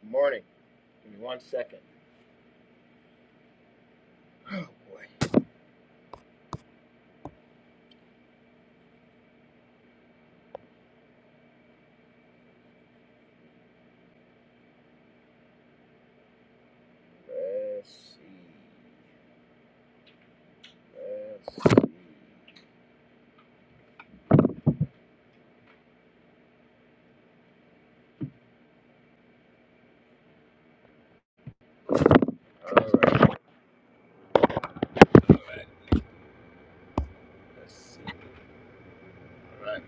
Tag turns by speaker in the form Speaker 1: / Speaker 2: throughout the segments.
Speaker 1: Good morning. Give me one second. Oh boy. Let's see. Let's see. All right. Let's see. All right.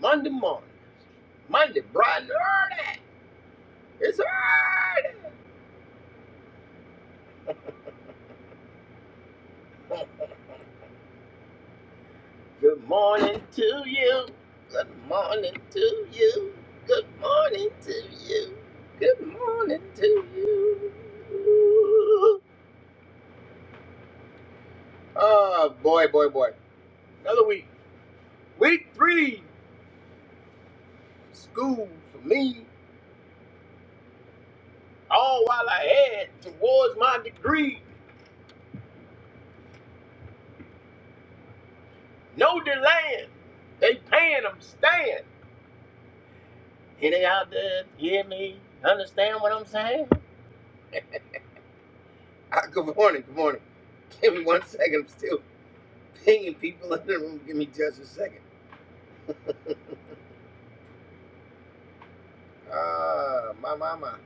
Speaker 1: Monday morning. Monday bright and early. It's early. Good morning to you. Good morning to you. Good morning to you. Good morning to you. Oh boy, boy, boy. Another week. Week three. School for me. All while I had towards my degree. No delaying. They paying them staying. Any they out there hear me? Understand what I'm saying? Ah, good morning, good morning. Give me one second, I'm still pinging people in the room. Give me just a second. Ah, my mama.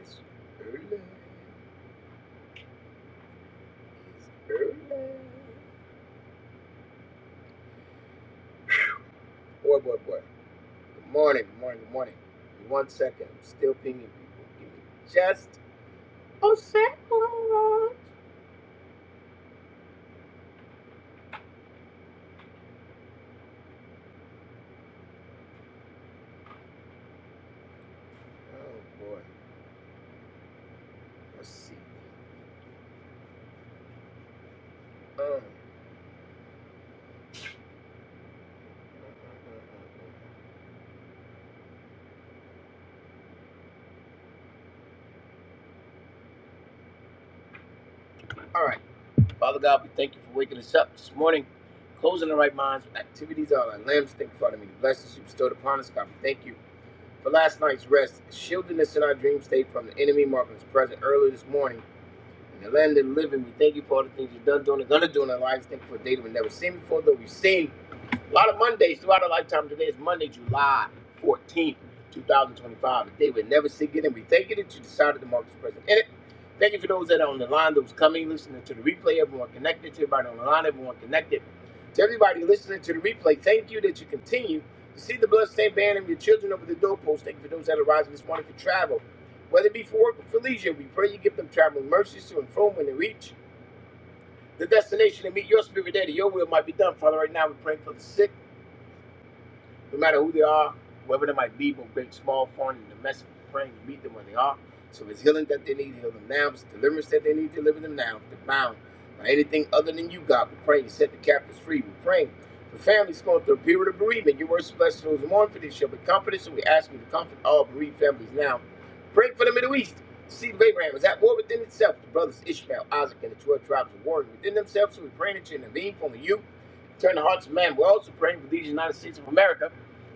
Speaker 1: It's early. It's early. Boy, boy, boy. Good morning, good morning, good morning. One second. I'm still pinging people. Give me just a second. Oh, boy. Let's see. Uh, uh, uh. All right. Father God, we thank you for waking us up this morning. Closing the right minds, with activities, all our limbs. Thank you, Father, me. The blessings you bestowed upon us, God. We thank you. For last night's rest, shielding us in our dream state from the enemy, marking us present early this morning. In the land of the living, we thank you for all the things you've done, doing, and gonna do in our lives. Thank you for a day that we've never seen before, though we've seen a lot of Mondays throughout our lifetime. Today is Monday, July 14th, 2025. A day we'll never see again. And we thank you that you decided to mark this present in it. Thank you for those that are on the line, those coming, listening to the replay, everyone connected to everybody on the line, everyone connected. To everybody listening to the replay, thank you that you continue to see the bloodstained banner of your children over the doorpost. Thank you for those that are rising this morning for travel. Whether it be for work or for leisure, we pray you give them traveling mercies to and from when they reach the destination and meet your spirit there. that Your will might be done, Father. Right now, we're praying for the sick no matter who they are, whoever they might be, both great, small, foreign, and domestic, praying to meet them where they are. So if it's healing that they need, heal them now. If it's deliverance that they need, deliver them now. If they're bound by anything other than you, God, we pray to set the captives free. We pray for families going through a period of bereavement. Your words blessed those who mourn for this shall be comforted. So we ask you to comfort all bereaved families now. Pray for the Middle East. The seed of Abraham is at war within itself. The brothers Ishmael, Isaac, and the 12 tribes are warring within themselves. So we pray that you intervene for only you. Turn the hearts of man. We're also praying for these United States of America.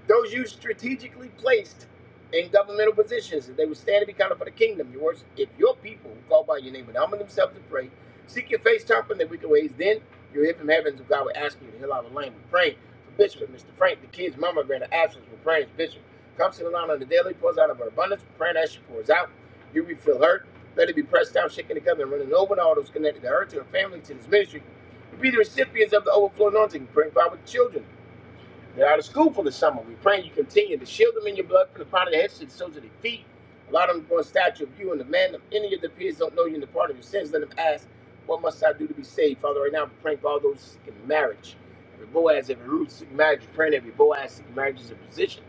Speaker 1: Those you strategically placed in governmental positions, that they would stand to be counted for the kingdom. Your words, if your people who call by your name and humble themselves and pray, seek your face, turn from their wicked ways, then you'll hear from heaven, and God will ask you to heal our land. We're praying for Bishop and Mr. Frank, the kids, mama, grand absence. We're praying as Bishop. Comes to the line on the daily, pours out of her abundance. We're praying as she pours out. You refill her. Let it be pressed down, shaken together, and running over to all those connected to her, to her family, to this ministry. Be the recipients of the overflow anointing. Praying for our children they're out of school for the summer. We pray you continue to shield them in your blood from the crown of their heads to the soles of their feet. Allow them to grow in stature of you and the man. If any of the peers don't know you and the part of your sins, let them ask, What must I do to be saved? Father, right now, we're praying for all those seeking marriage. Every Boaz, every Ruth seeking marriage, we're praying every Boaz seeking marriage is a position.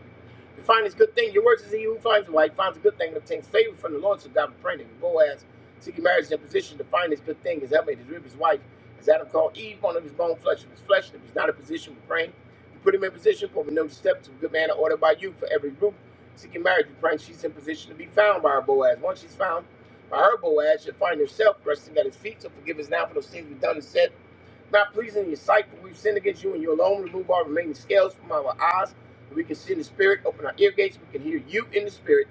Speaker 1: You find this good thing. Your words is he who finds a wife finds a good thing and obtains favor from the Lord. So God, we pray that every Boaz seeking marriage is in a position to find this good thing. His helpmate, his rib, his wife, as Adam called Eve, One of his bone, flesh of his flesh. And if he's not in a position, we're praying. You put him in position for no steps of good manner ordered by you for every group seeking marriage. You pray she's in position to be found by her Boaz. Once she's found by her Boaz, she'll find herself resting at his feet. So forgive us now for those things we've done and said not pleasing in your sight, for we've sinned against you and you alone. Remove our remaining scales from our eyes, that we can see in the spirit. Open our ear gates, we can hear you in the spirit,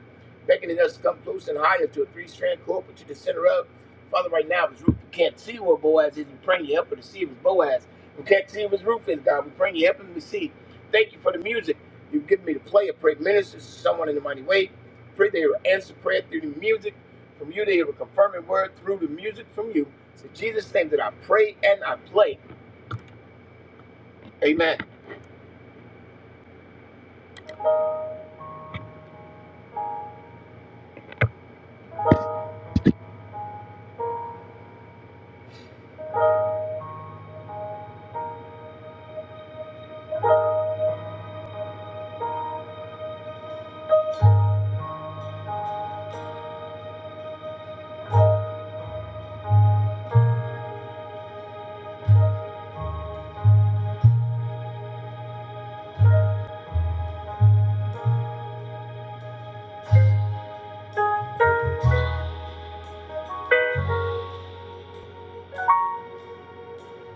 Speaker 1: beckoning us to come close and higher to a three-strand cord, put you the center of. Father, right now, if it's Ruth, who can't see where Boaz is, we pray you help her to see if it's Boaz. We can't see his roof is, God. We bring you help and we see. Thank you for the music. You've given me to play. I pray it ministers to someone in the mighty way. Pray they will answer prayer through the music from you. They will confirm a word through the music from you. It's in Jesus' name that I pray and I play. Amen.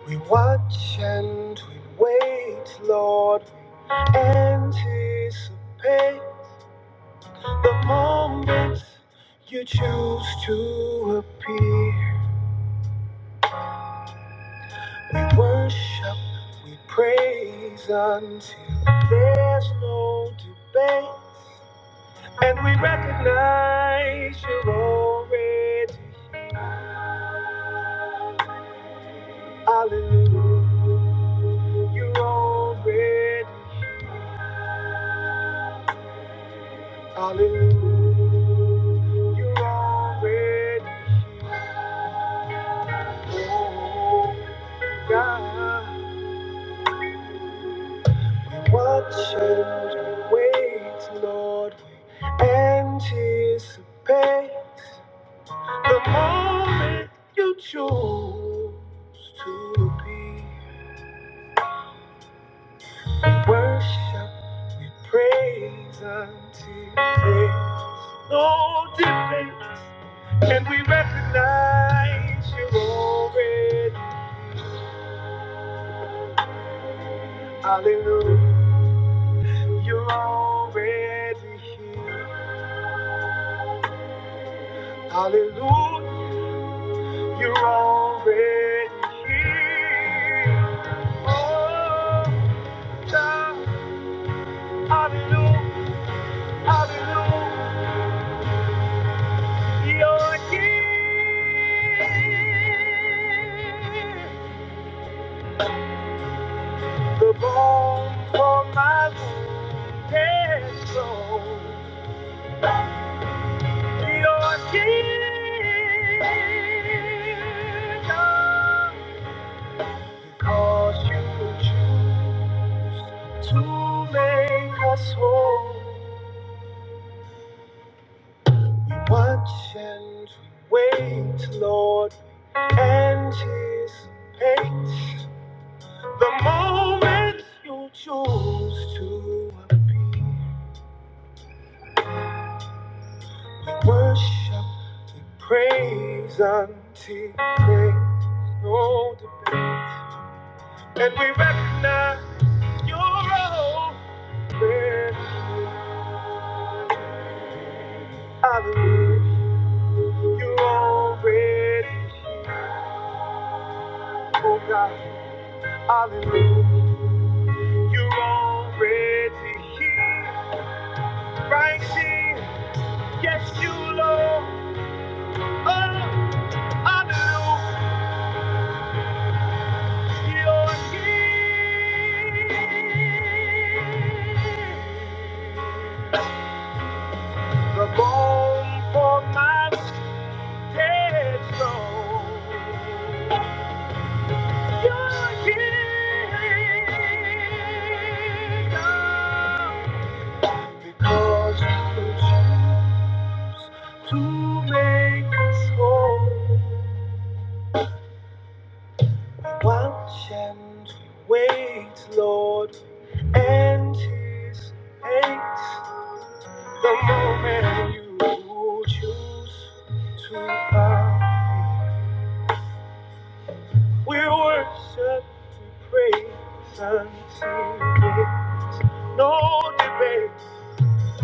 Speaker 1: We watch and we wait, Lord. We anticipate the moment you choose to appear. We worship, we praise until there's no debate. And we recognize you're already. Hallelujah, you're already. Hallelujah, you're already. Oh, God. We watch and we wait, Lord. We anticipate. The moment you chose to be worship with praise until there's no debate. And we recognize you're already, hallelujah, you're already here. Hallelujah, you're already here. Oh, God, hallelujah. Hallelujah. You're here. The bone for my wounded soul. You're here. God, Because you choose to make us whole. We watch and we wait, Lord, and anticipate. The moment you choose to be, we worship, we praise until praise no debate. And we recognize your role. Hallelujah, you're already, oh God. Hallelujah, you're already here. Right here, yes, you, Lord. Oh, hallelujah. You're King, the balm for my dead soul. You're King, because it's you to make us whole. Watch and wait, Lord, and his hate. The moment you choose to love me, we worship, we praise until there's no debate.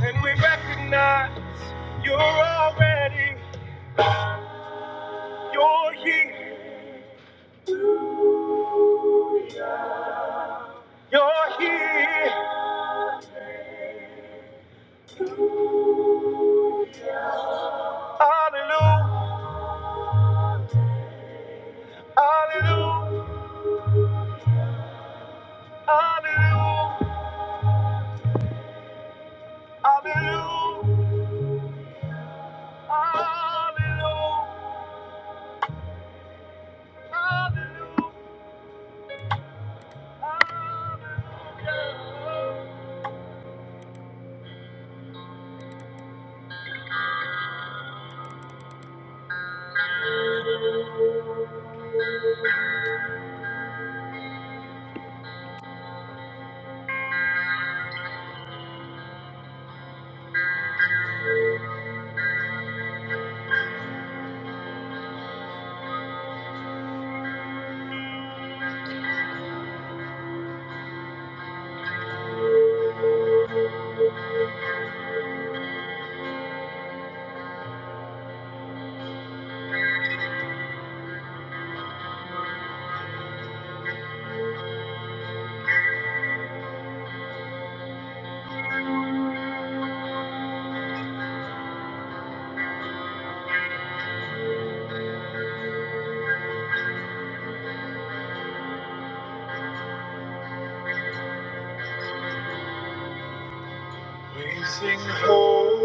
Speaker 1: And we recognize you're already, you're here, you're here. Hallelujah, hallelujah, hallelujah, hallelujah, hallelujah, hallelujah, hallelujah. We sing holy,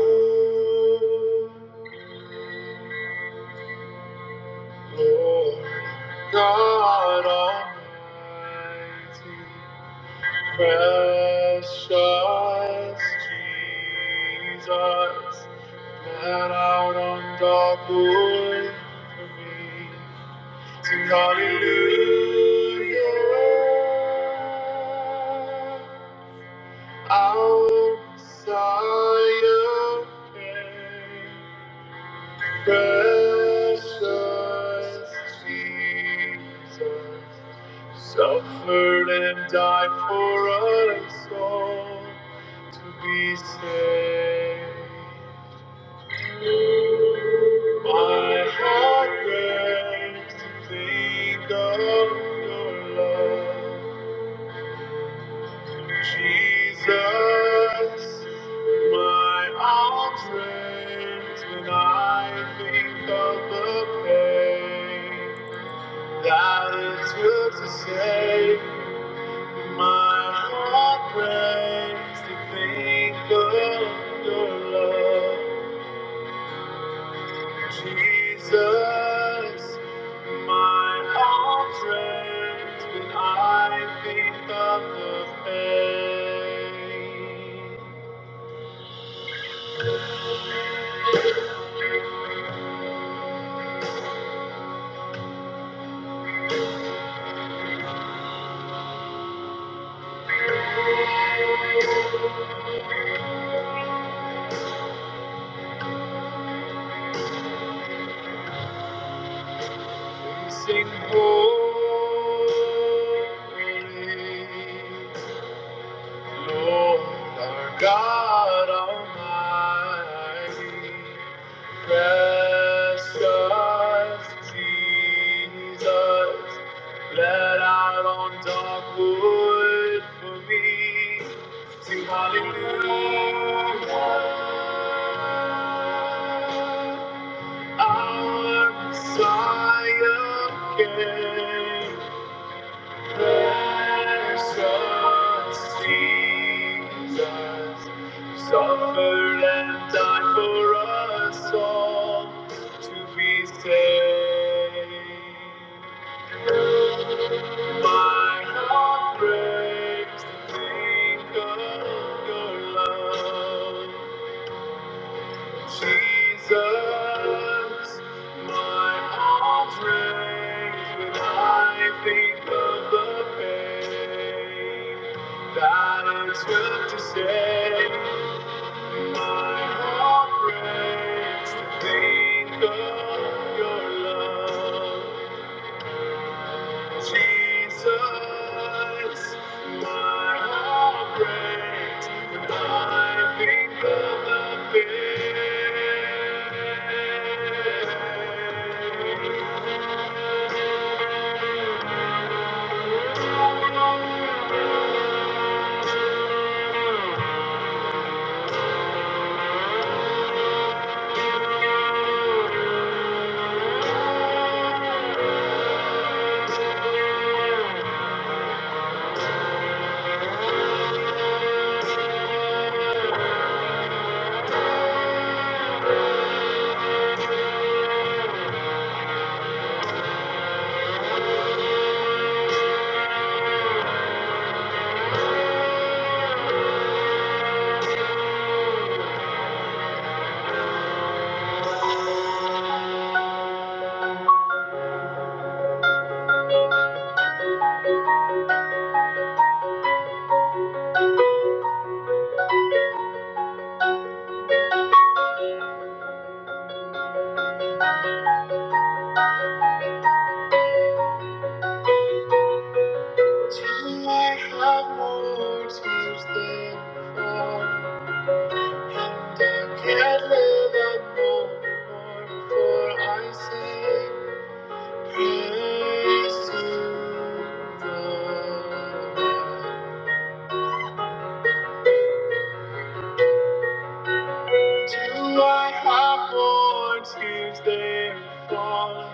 Speaker 1: Lord God Almighty, precious Jesus, bled out on the wood for me. Sing hallelujah. Outside of pain, precious Jesus suffered and died for us all to be saved. My heart breaks to think of your love. Jesus, my arms raised when I think of the pain that it took to say my heart breaks to think of your love. Jesus, my arms raised when I think of the pain. We sing holy, Lord our God Almighty, precious Jesus, bled out on dark wood for me. Sing hallelujah, our Messiah came. Jesus, Jesus, suffered and died for us all to be saved. My heart breaks to think of your love. Jesus, my arms raised when I think of the pain that I took to save. My heart breaks to think of your love, Jesus. My heart breaks when I think of the pain. Till I have more tears than before,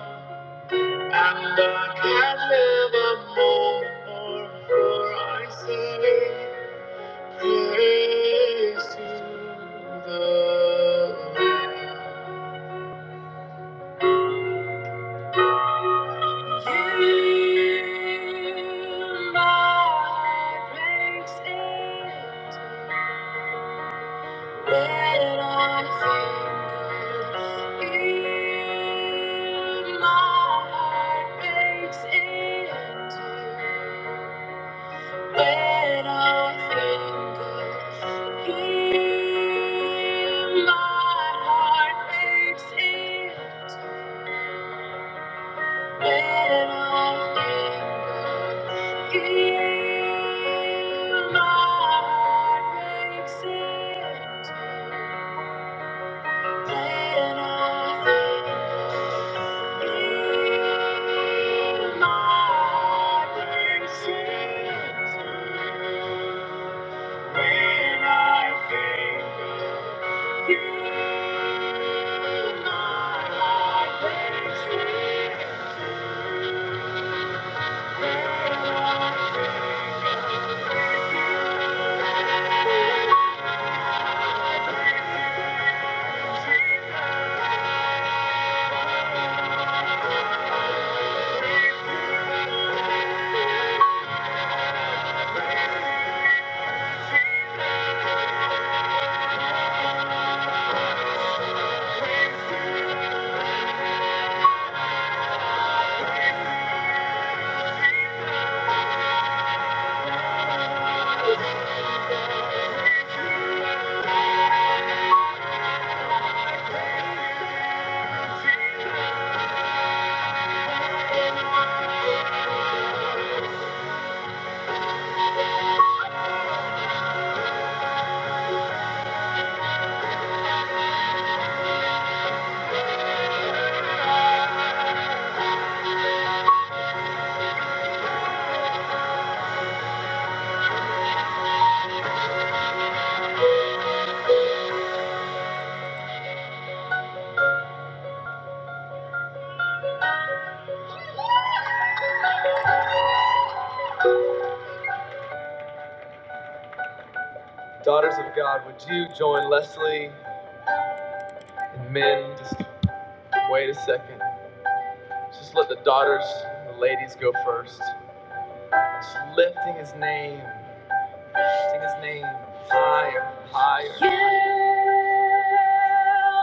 Speaker 1: and I can't live up no more, for I say, praise to God. Till I have more tears than before, and I can't live a moment more, for I say. Praise to the You, my breaks into when I think of you, my heart breaks into When I think of you, my heart aches it. When I think of you, my heart aches it. When I think of you, my heart aches it. Daughters of God, would you join Leslie and men? Just wait a second. Just let the daughters, the ladies go first. Just lifting his name, lifting his name higher, higher.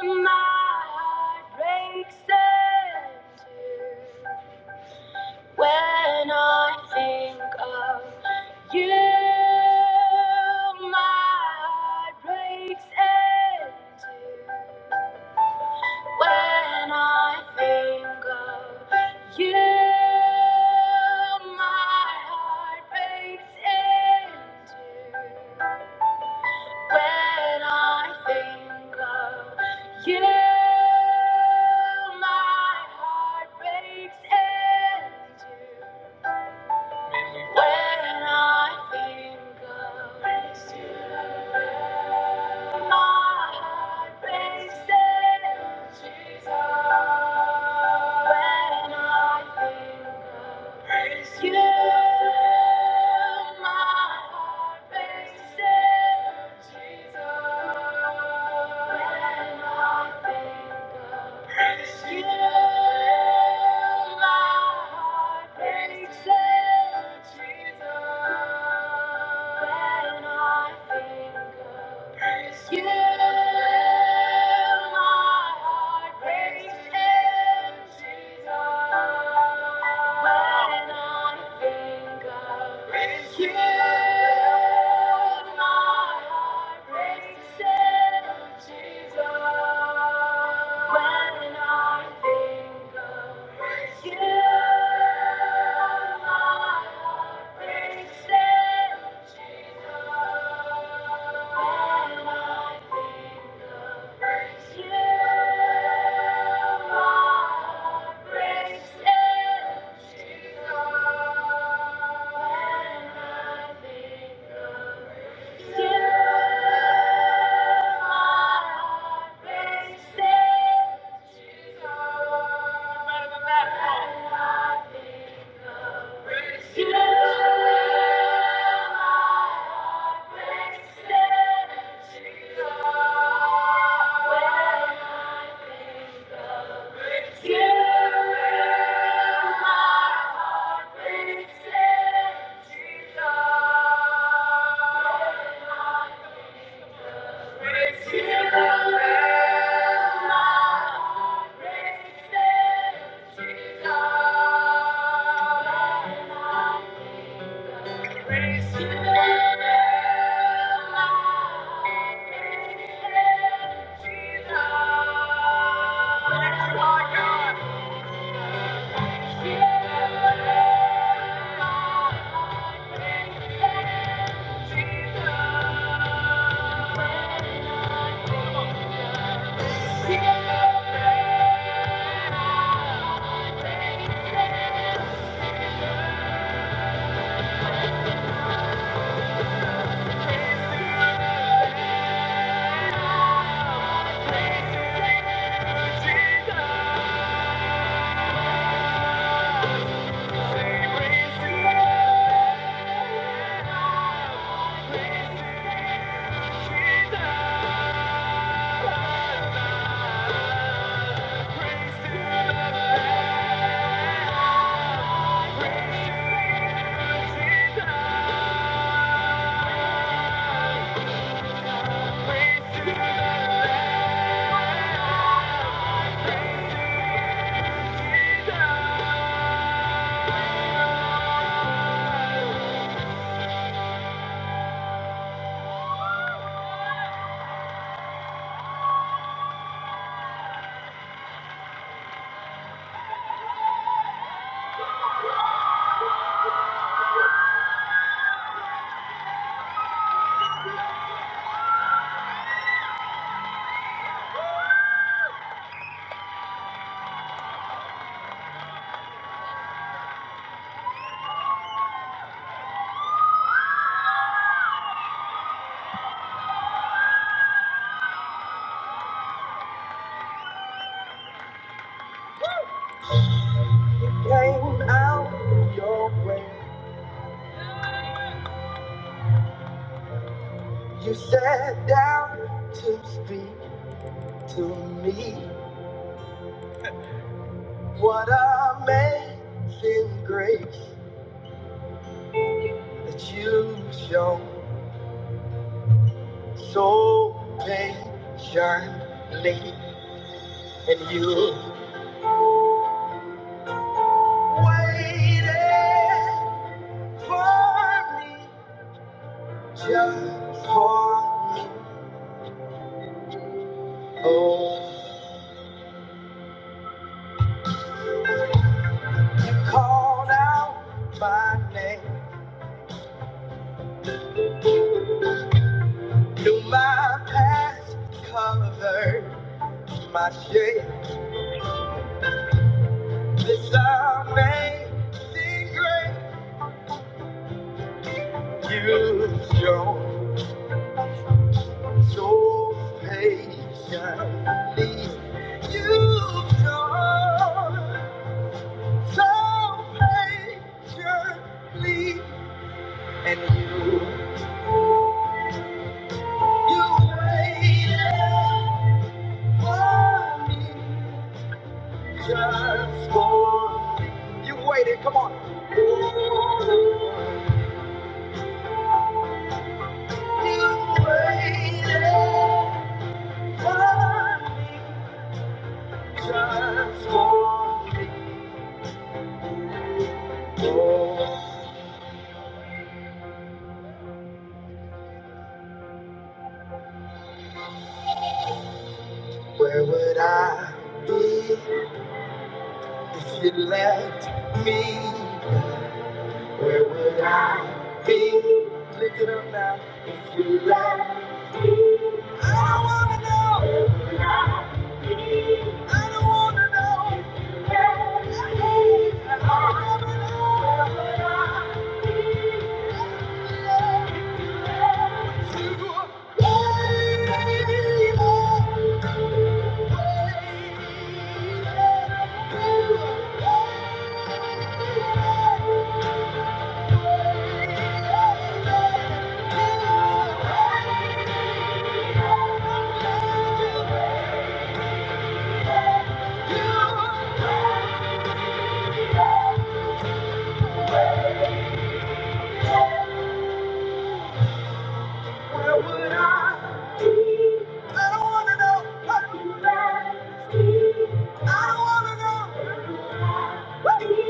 Speaker 1: You, my heart breaks into When I think of you, my heart breaks in two. When I think of you, my heart breaks in two. When I think of you, my heart breaks in two. When I think of you, Jesus. You my heart, praise Him, Jesus. When I think of Praise You, my heart, praise Him, Jesus. When I think of Praise You, my heart, praise Him, Jesus. Yeah. Jesus. Jesus. Jesus. Used to walk in grace that you shown so patiently, and you waited for me, just for me. Oh, you called out my name Knew my past covered my shame. This amazing grace you show so patiently. You show so patiently. You waited for me just for me. You waited, come on. You waited. I don't wanna know. I don't wanna know. You.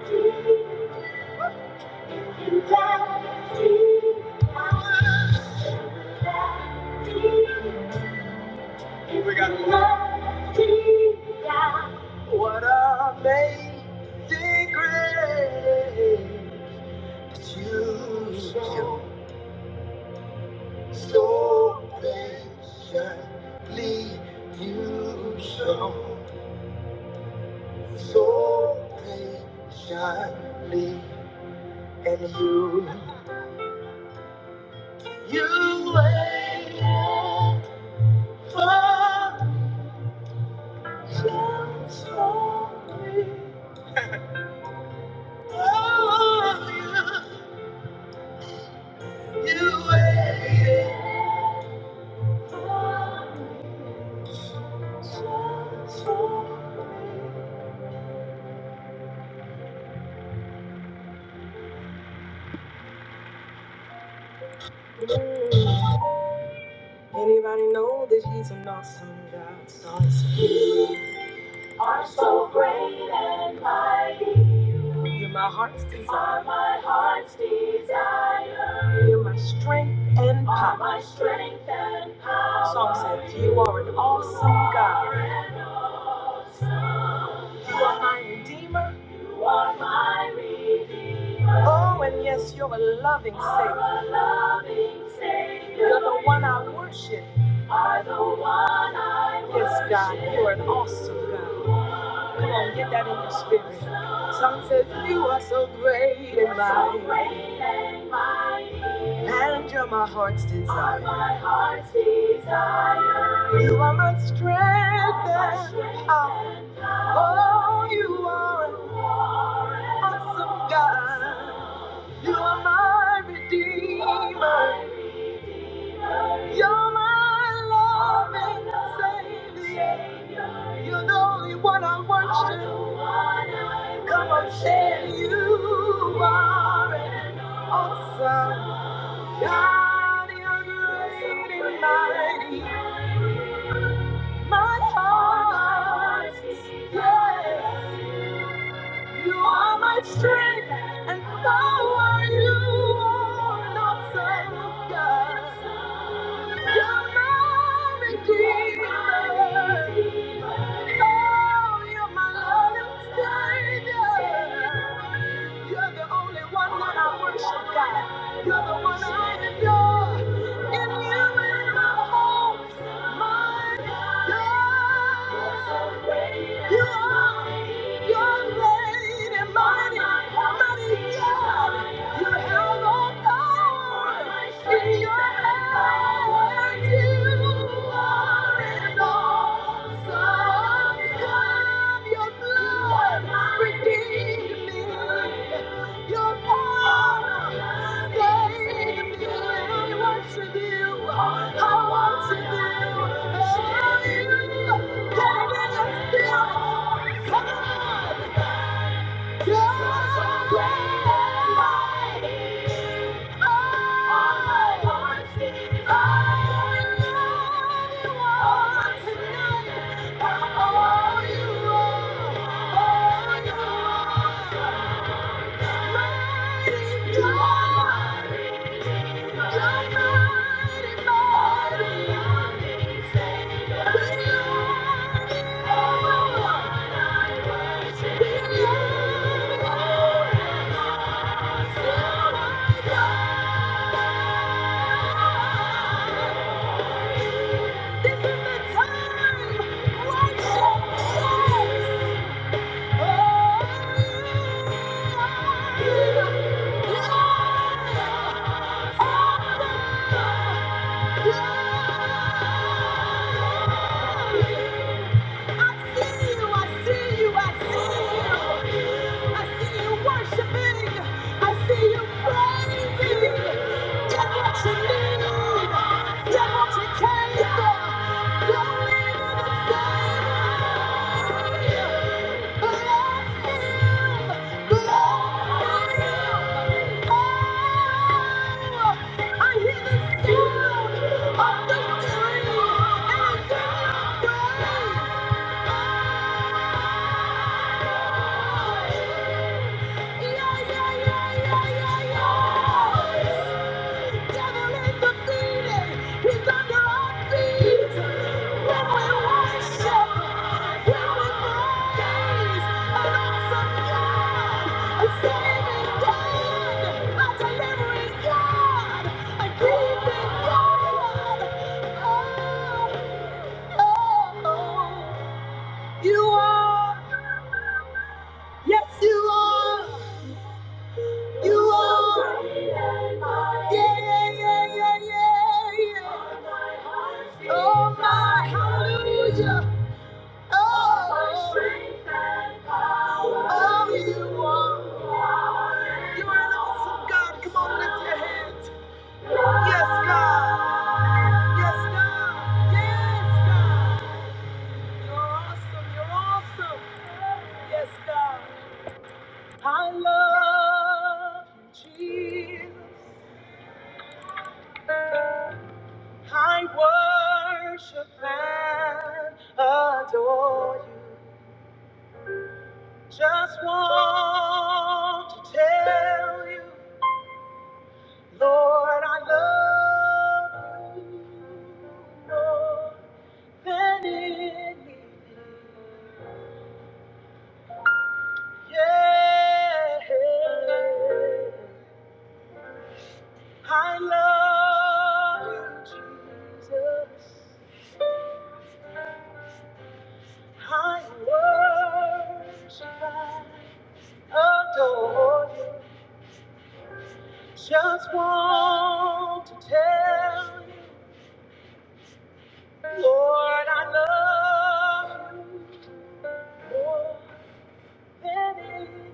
Speaker 1: Thank you. Here we gotta You show so patiently. You show so patiently, and you, you waited for just for me. Anybody know that he's an awesome God? So awesome. You're So great and mighty. You're my heart's desire. Are my heart's desire. You're my strength and power. Are my strength and Song says, You are an awesome God. You are my redeemer. Oh, and yes, you're a loving Savior. You're the one I worship. Yes, God, you are an awesome God. Come on, get that in your spirit. Song says, You are so great and mighty, and you're my heart's desire. You are my strength. and strength. Oh, you are an awesome God. You are my redeemer. You're my love and Savior. You're the only one I worship. Come on, say you are an awesome God. You're great and mighty. My heart, yes, you are my strength, and so are you. are An awesome God. You're my redeemer. Oh, you're my Lord Savior. You're the only one that I worship, God. You're the one I adore. In you is my hope, my God. You are, you're great and mighty, mighty God. You have all power in your hand. You are an awesome God. Your blood redeemed me. Your power saved me. I worship you. I worship you. Oh, you can be still. Come on. Thank you. This is the time. Worship first! Oh, yeah! Awesome! Yeah! I see you, I see you, I see you. I see you worshiping. I see you praising. Get what you need. Get what you came for. Don't even stay. Bless him. Bless him. I hear the sound of victory and I sing praise. Oh, oh, oh. You are, yes, you are, you are, yeah, yeah, yeah, yeah, yeah, yeah. Oh my, hallelujah. Oh, oh, you are. You're an awesome God. Come on, lift your hands. Yes, God. Yes, God. Yes, God. You're awesome. You're awesome. Yes, God. I love you, Jesus. I worship and adore you. Just want to tell you, Lord, I love you more than anything. Yeah, I love you, Jesus. I worship and adore you. Just want to tell you, Lord, I love you more than anything.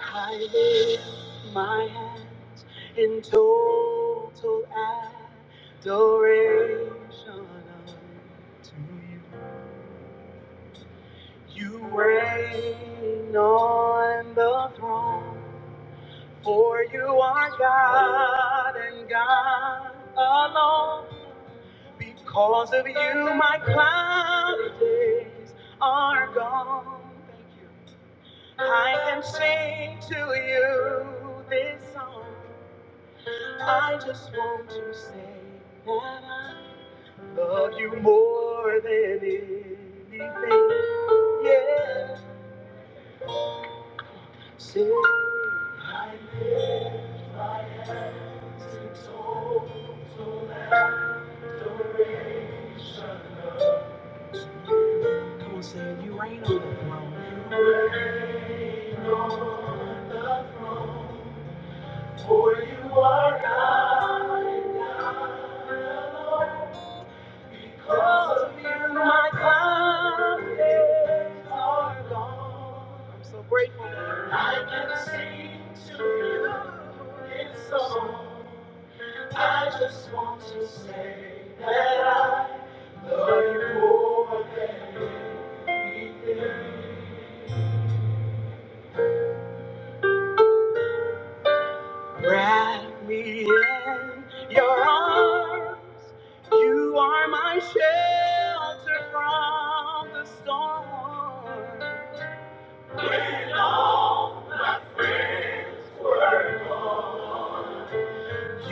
Speaker 1: I lift my hands in total adoration unto you. You reign on the throne. For you are God and God alone. Because of you, my cloudy days are gone. Thank you. I can sing to you this song. I just want to say that I love you more than anything. Yeah. Sing. I- Come on, sing. You reign on the throne. I'm so grateful. I can sing to you in song. I just want to say that. Wrap me in your arms. You are my shelter from the storm.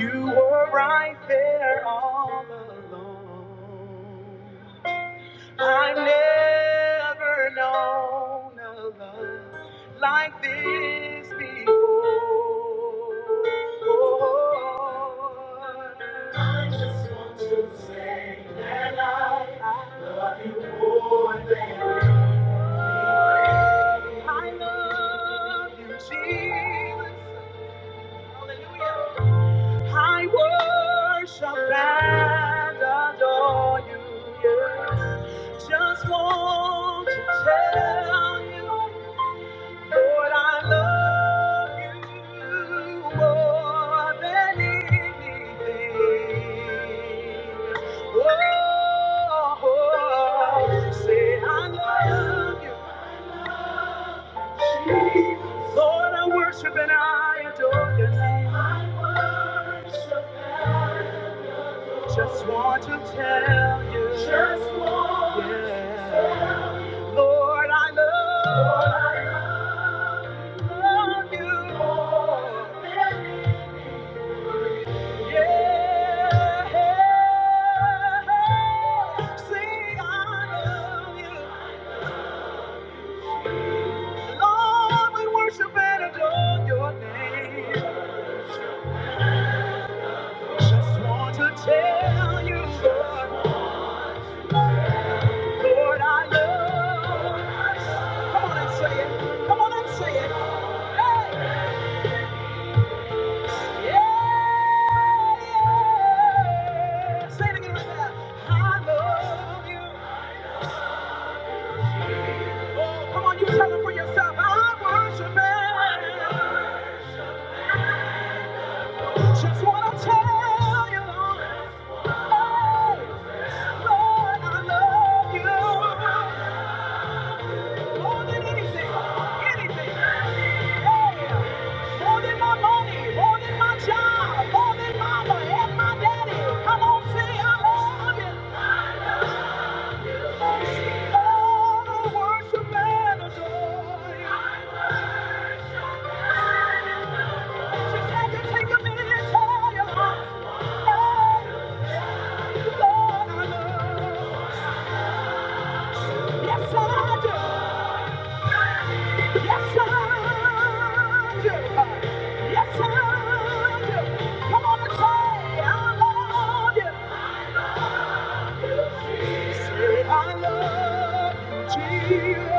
Speaker 1: You were right there all along. I've never known a love like this before. I just want to say that I love you more than anything. I love you, Jesus. Hallelujah. I worship and adore you. yeah. Just want to tell you, Lord, I love you more than anything. Oh, say I love you. Lord, I worship and I adore your name. Just want to tell you. Lord, I love you. Yeah. Sing, I love you. Lord, we worship and adore your name. Just want to tell you, Lord, Lord, I love you. Come on and say it. Come on and say it. Hey. yeah. Say it again with I love you. Come on, you tell it for yourself. I worship it. Just wanna tell you, oh, Lord, I love you. More than anything, anything. Yeah. More than my money, more than my job, more than mama and my daddy. Come on, say I love you. Oh, worship and adore you. Just had to take a minute and tell you, oh, Lord, love you. Yes, I do. Yes, I do. Yes, I do. Come on and say, I love you. Say, I love you, Jesus.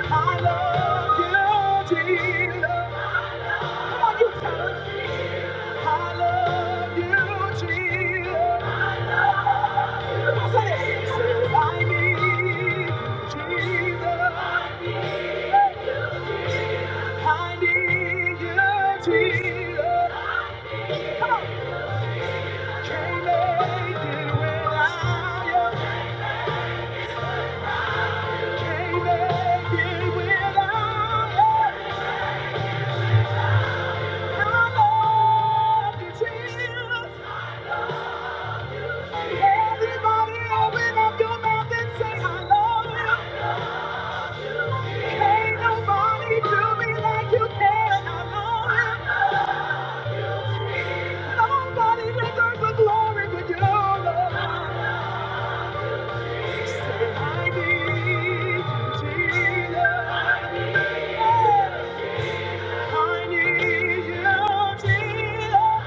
Speaker 1: I love you, Jesus. Come on, you I love you, Jesus. Come on, say it. I need Jesus. I need you, Jesus. Say I need you, Jesus. I need you, Jesus.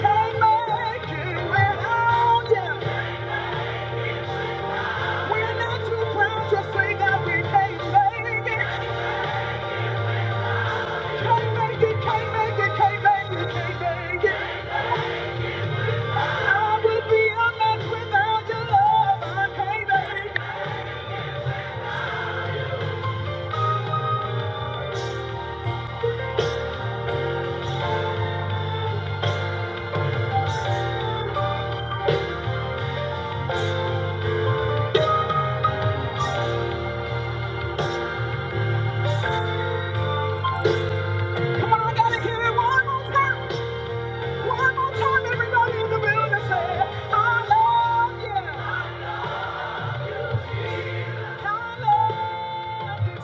Speaker 1: Can't make it without you. We're not too proud to say that we can't make it. Can't make it, can't make it, can't make it, can't make it. I would be a without your love. I can't make it. Come on, I gotta hear it one more time. One more time, everybody in the building say, I love you. I love you,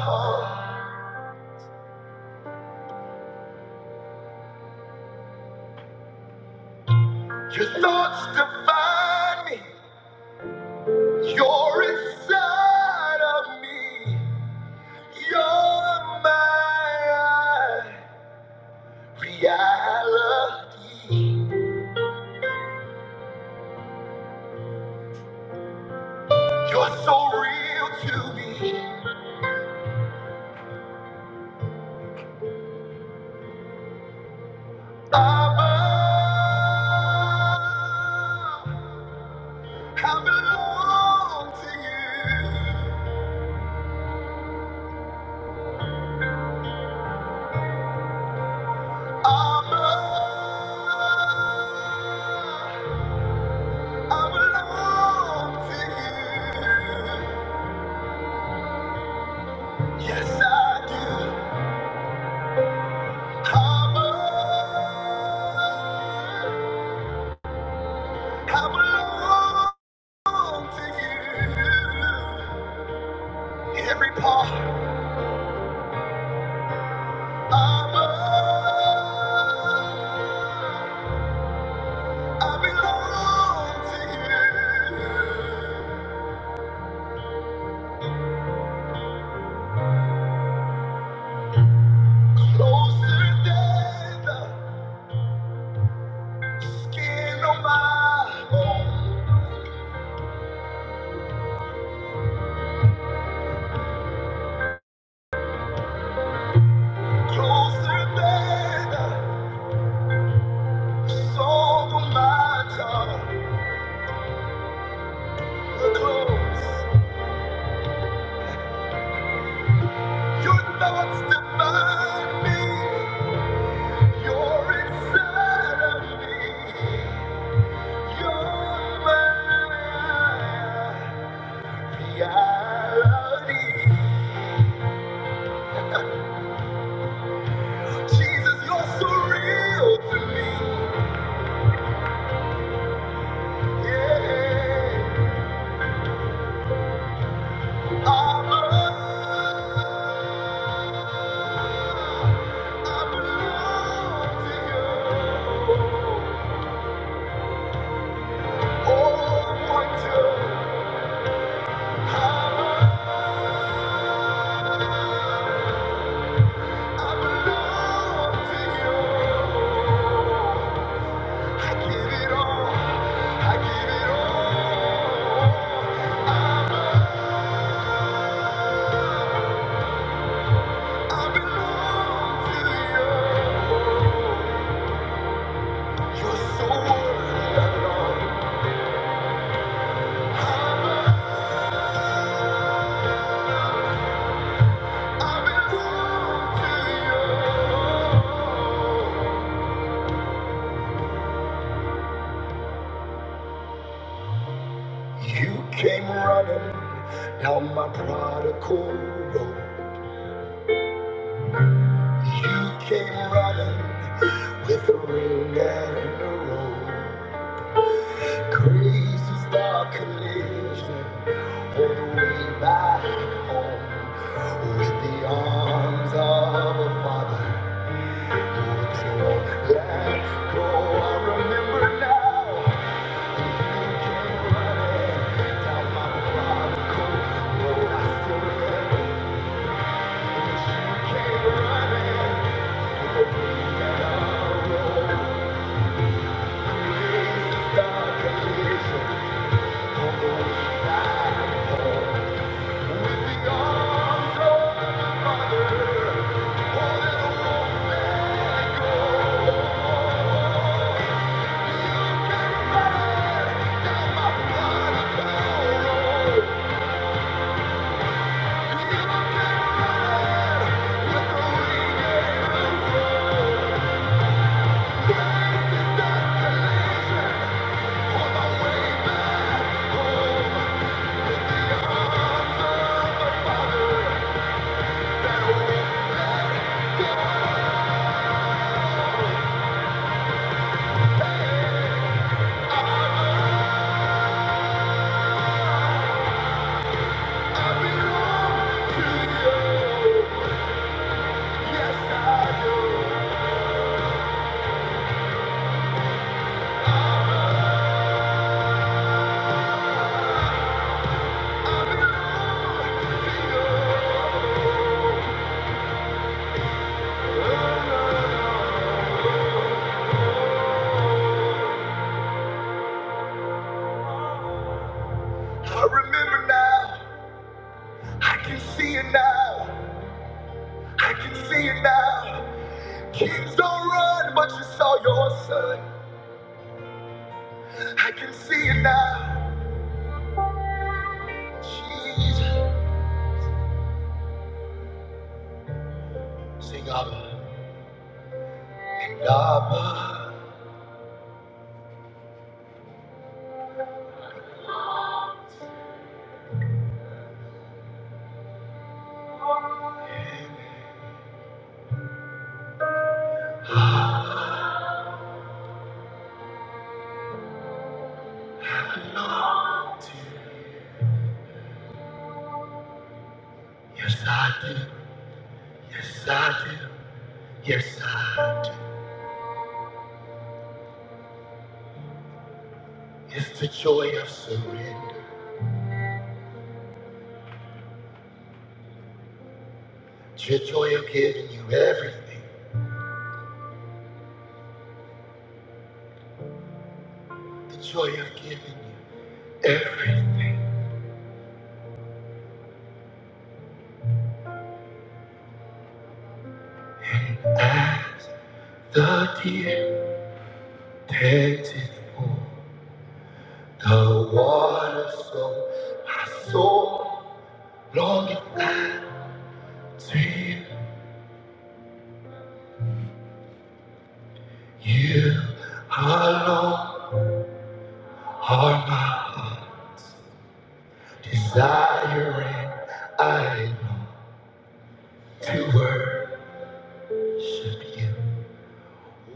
Speaker 1: Jesus. You're so real to me. Abba, I belong to you. Abba, I belong to you. Yes, I do. Abba, I belong to you. Every part. Abba. I belong to you. Yeah. I'm a- I belong to you. Oh, want to. I'm a- I belong to you. I give it all. I give it all. I'm a- I belong to you. you came running down my prodigal road. You came running with a ring and a roll. Crazy star collision on the way back home with the arms of a father. The joy of giving you everything. The joy of giving you everything. And As the deer panted for. The water so my soul longing back to you. You alone are my heart desiring. I long to worship you.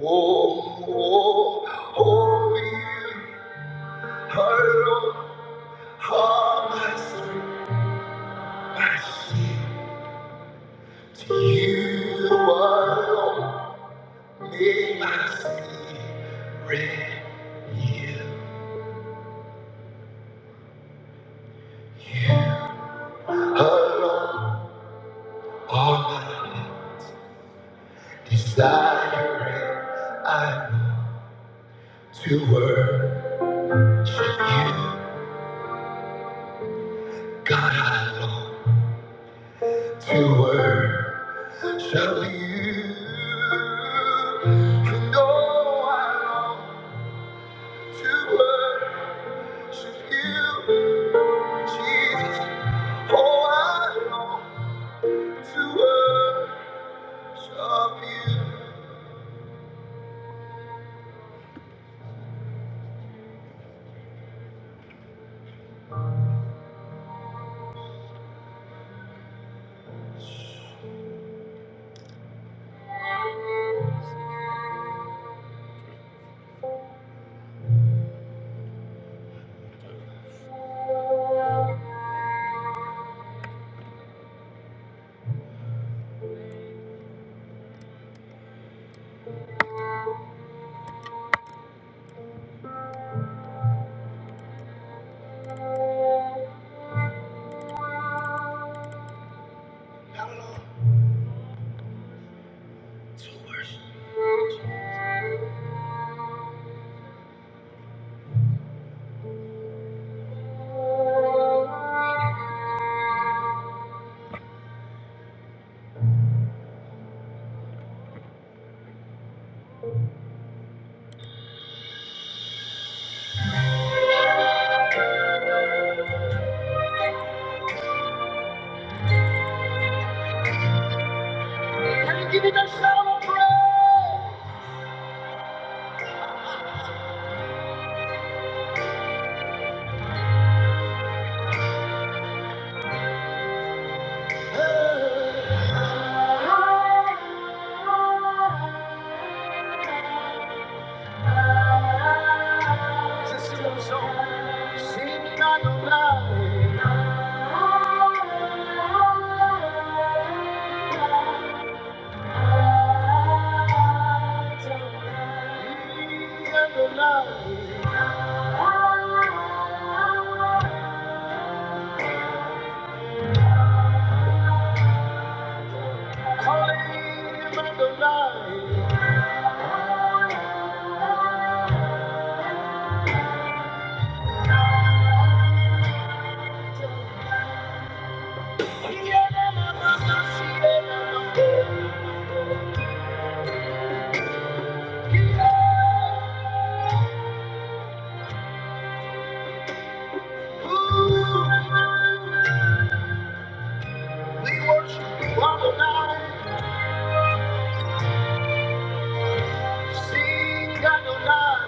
Speaker 1: Oh, oh, oh, you alone are my strength, my shield. To you alone. May must be ready. you alone. All my desire I long to worship you. God, I long to worship you. You know I long to worship you, Jesus. Oh, I long to sing We worship you all the night, sing at the night.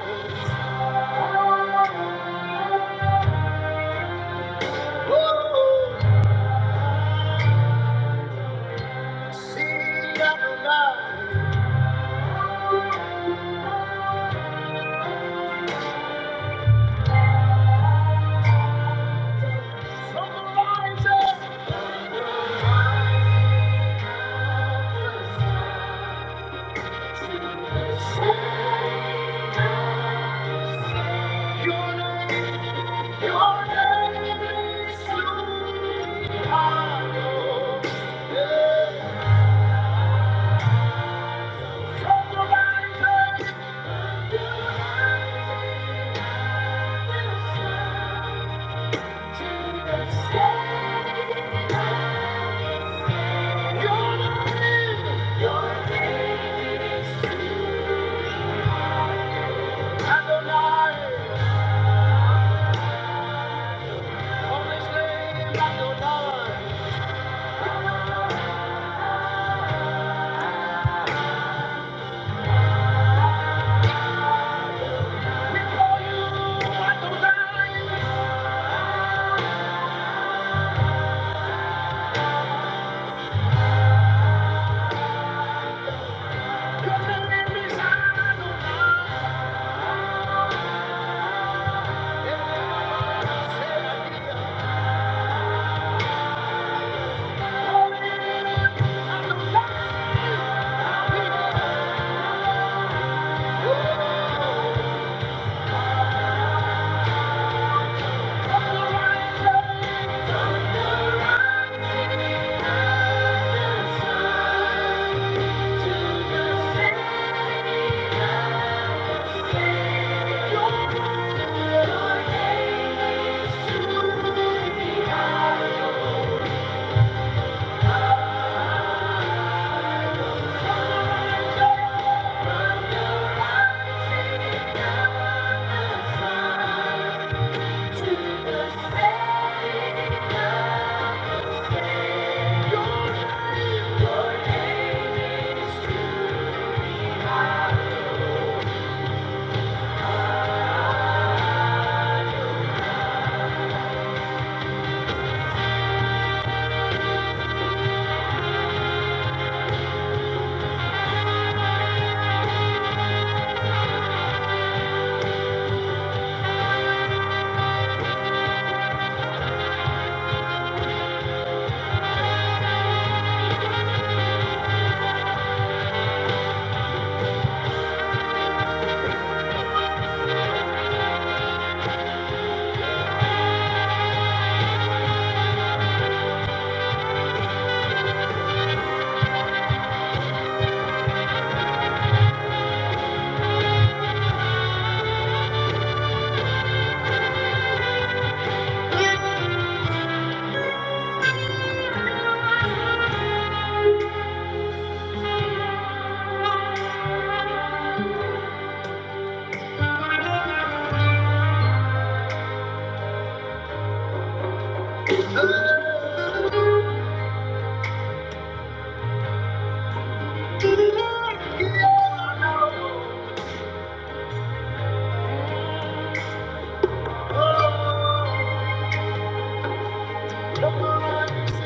Speaker 1: Oh, you're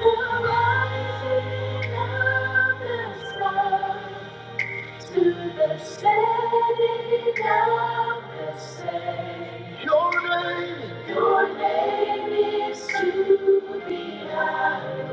Speaker 1: Your name is to be. honored.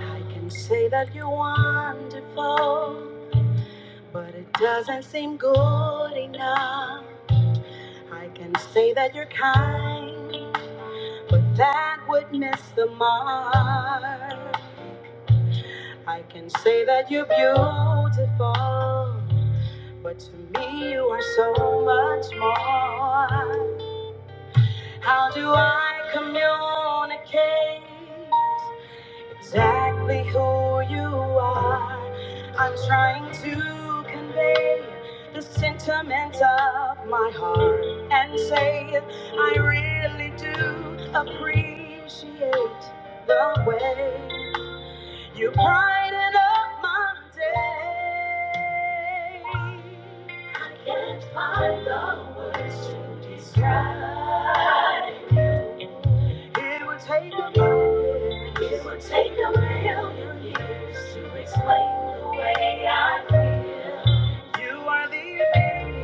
Speaker 1: I can say that you're wonderful, but it doesn't seem good enough. I can say that you're kind, but that would miss the mark. I can say that you're beautiful, but to me you are so much more. How do I communicate? exactly who you are. I'm trying to convey the sentiment of my heart and say I really do appreciate the way you brighten up my day. Can't find the words to describe. It would take a minute. It would take million years to explain the way I feel. You are the epitome.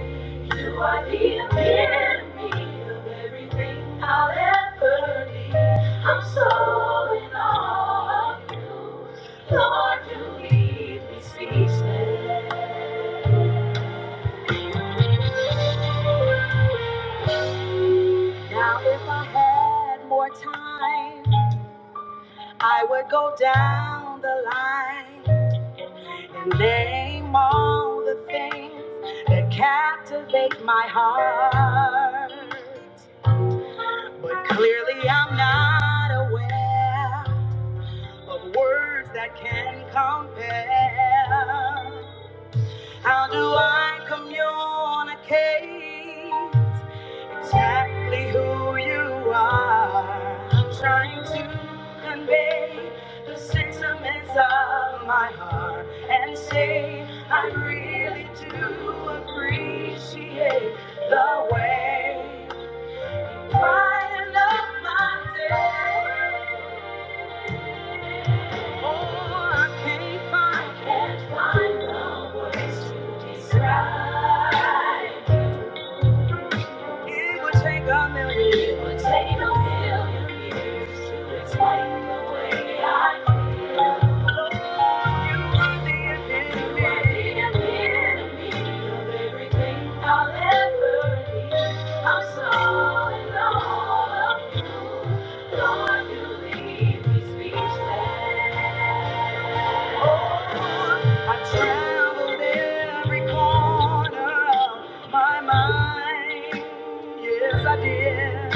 Speaker 1: Now, if I had more time, I would go down the line and name all the things that captivate my heart. But clearly, I'm not aware of words that can compare. How do I communicate exactly who you are? I'm trying to convey the sentiments of my heart and say I really do appreciate the way brighten up my day. Oh, I can't find, I can't find the words to describe. It would take a million. It would take a million years to explain the way I feel. You are the epitome. You are the epitome of everything I'll ever need. I'm so in love, Lord, you leave me speechless. I traveled every corner of my mind. Yes, I did.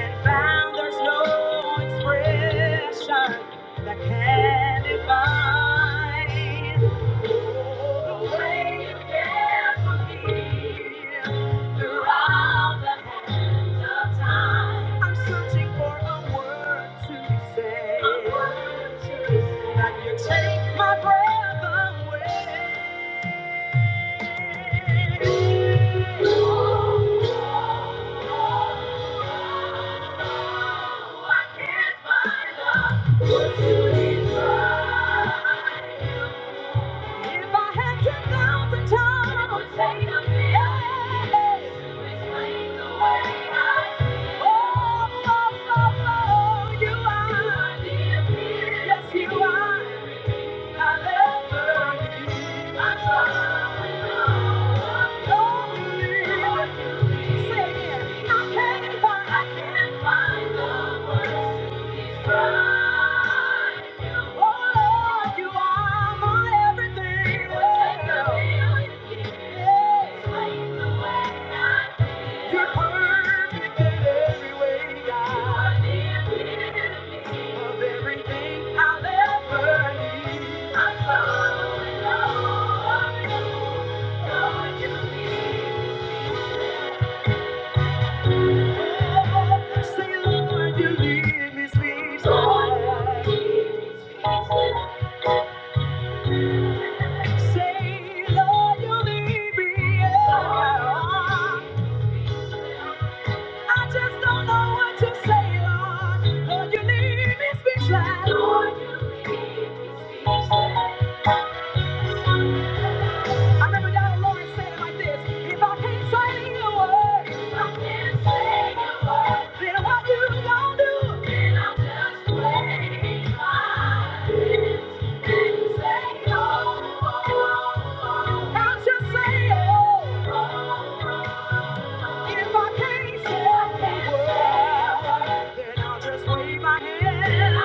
Speaker 1: And found there's no expression that can define. Oh, the way you care for me. Throughout the hands of time, I'm searching for a word to say. A word to say. That you take my breath away. If my love was to decline, if I had 10,000 times, it would take a million to explain the way I feel. Oh, oh, oh, oh, you are. You are the appeal. Yes, you are. I Everything. Take the Thank you. You're perfect in every way, Of everything I'll ever need. I'm so in love with you. Lord, you lead me. Say, Lord, you lead me, sweet. Say, Lord, you lead me. Yeah. I just don't know what to say, Lord. Lord, you leave me speechless. Lord, you leave me speechless. I remember Donald Lawrence said it like this: If I can't say a word, if I can't say a word, then what you gonna do? Then I'll just wait my lips and say, oh, oh, oh. oh. I'll just say, oh. If I can't stop the world, then I'll just wave my hand.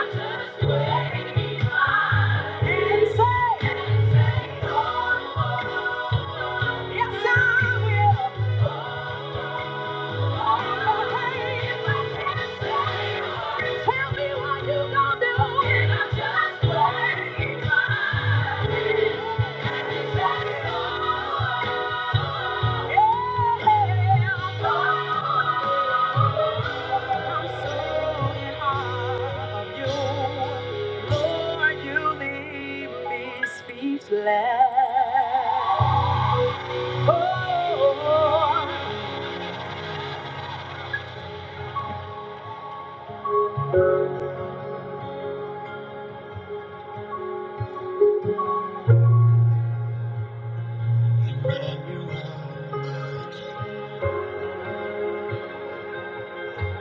Speaker 1: And say, and say, oh, yes I will. Oh, if I can't stop the world, tell me what you gonna do. Then I'll just wave my hand. And say, oh. What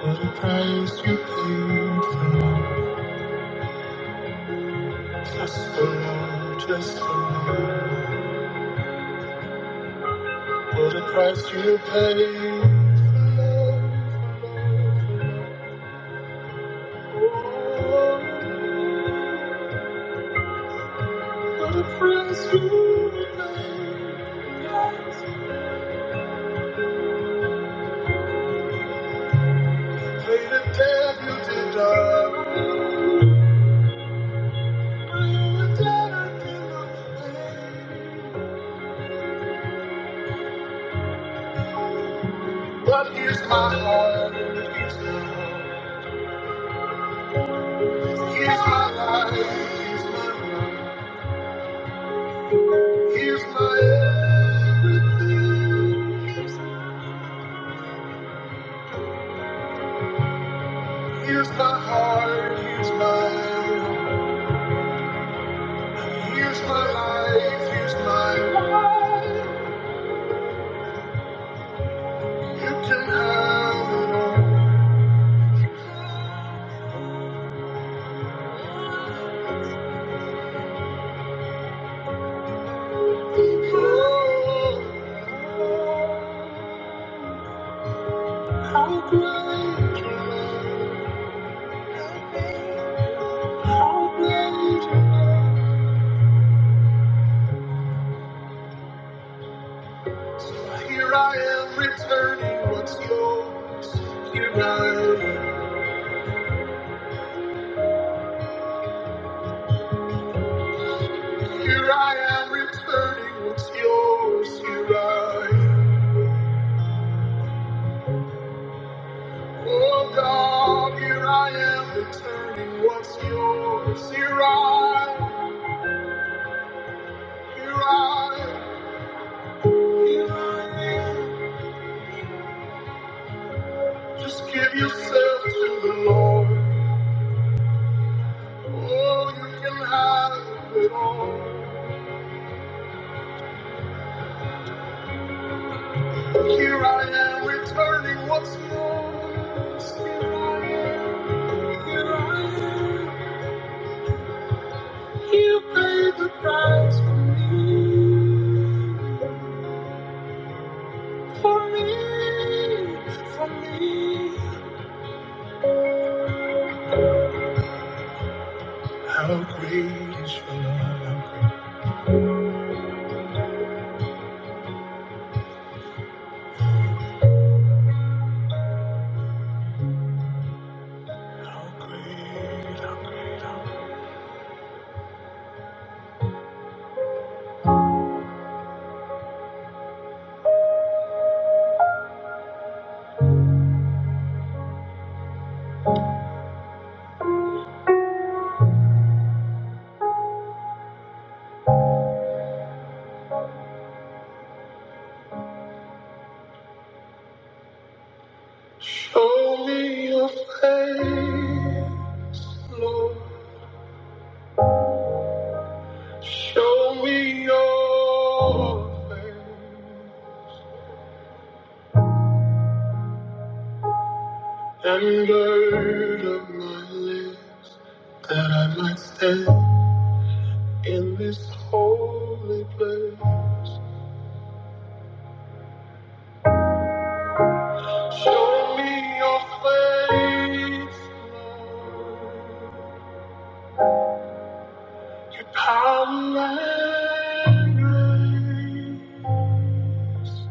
Speaker 1: a price you paid for love, just the love. What a price you paid for love. What friends price you paid. Paid a debt you did not owe. A debt I did not But here's my heart, here's my heart, here's my life, here's my life, here's my everything. Here's here's my heart, here's my, here's my life, here's my life. How great You can have it How great, you are. Here I am returning what's yours. Here I, am, here I am returning what's yours. Here I am. Oh God, here I am returning what's yours. Here I, am. here I am. Just give yourself to the Lord. Oh, you can have it all. Here I am returning what's yours. Here I am. Here I am. You paid the price for me. How great is your love? How great, how great, how great. Show me your face, Lord. Show me your face and bird of my lips that I might stand in this holy place. Show me your face, Lord, your power and grace.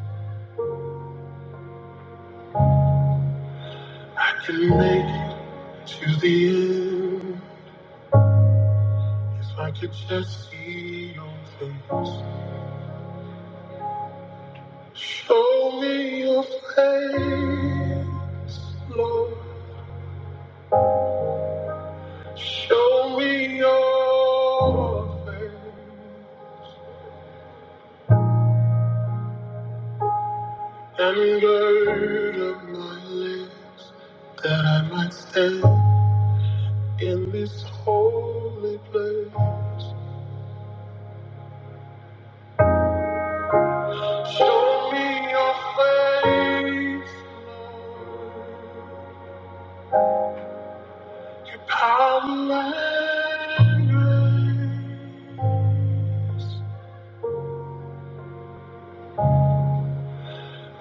Speaker 1: I can make it to the end if I could just see your face. Show me your face, Lord. Show me your face. And gird my lips that I might stand in this holy place. Show me your face, Lord. Your power and grace.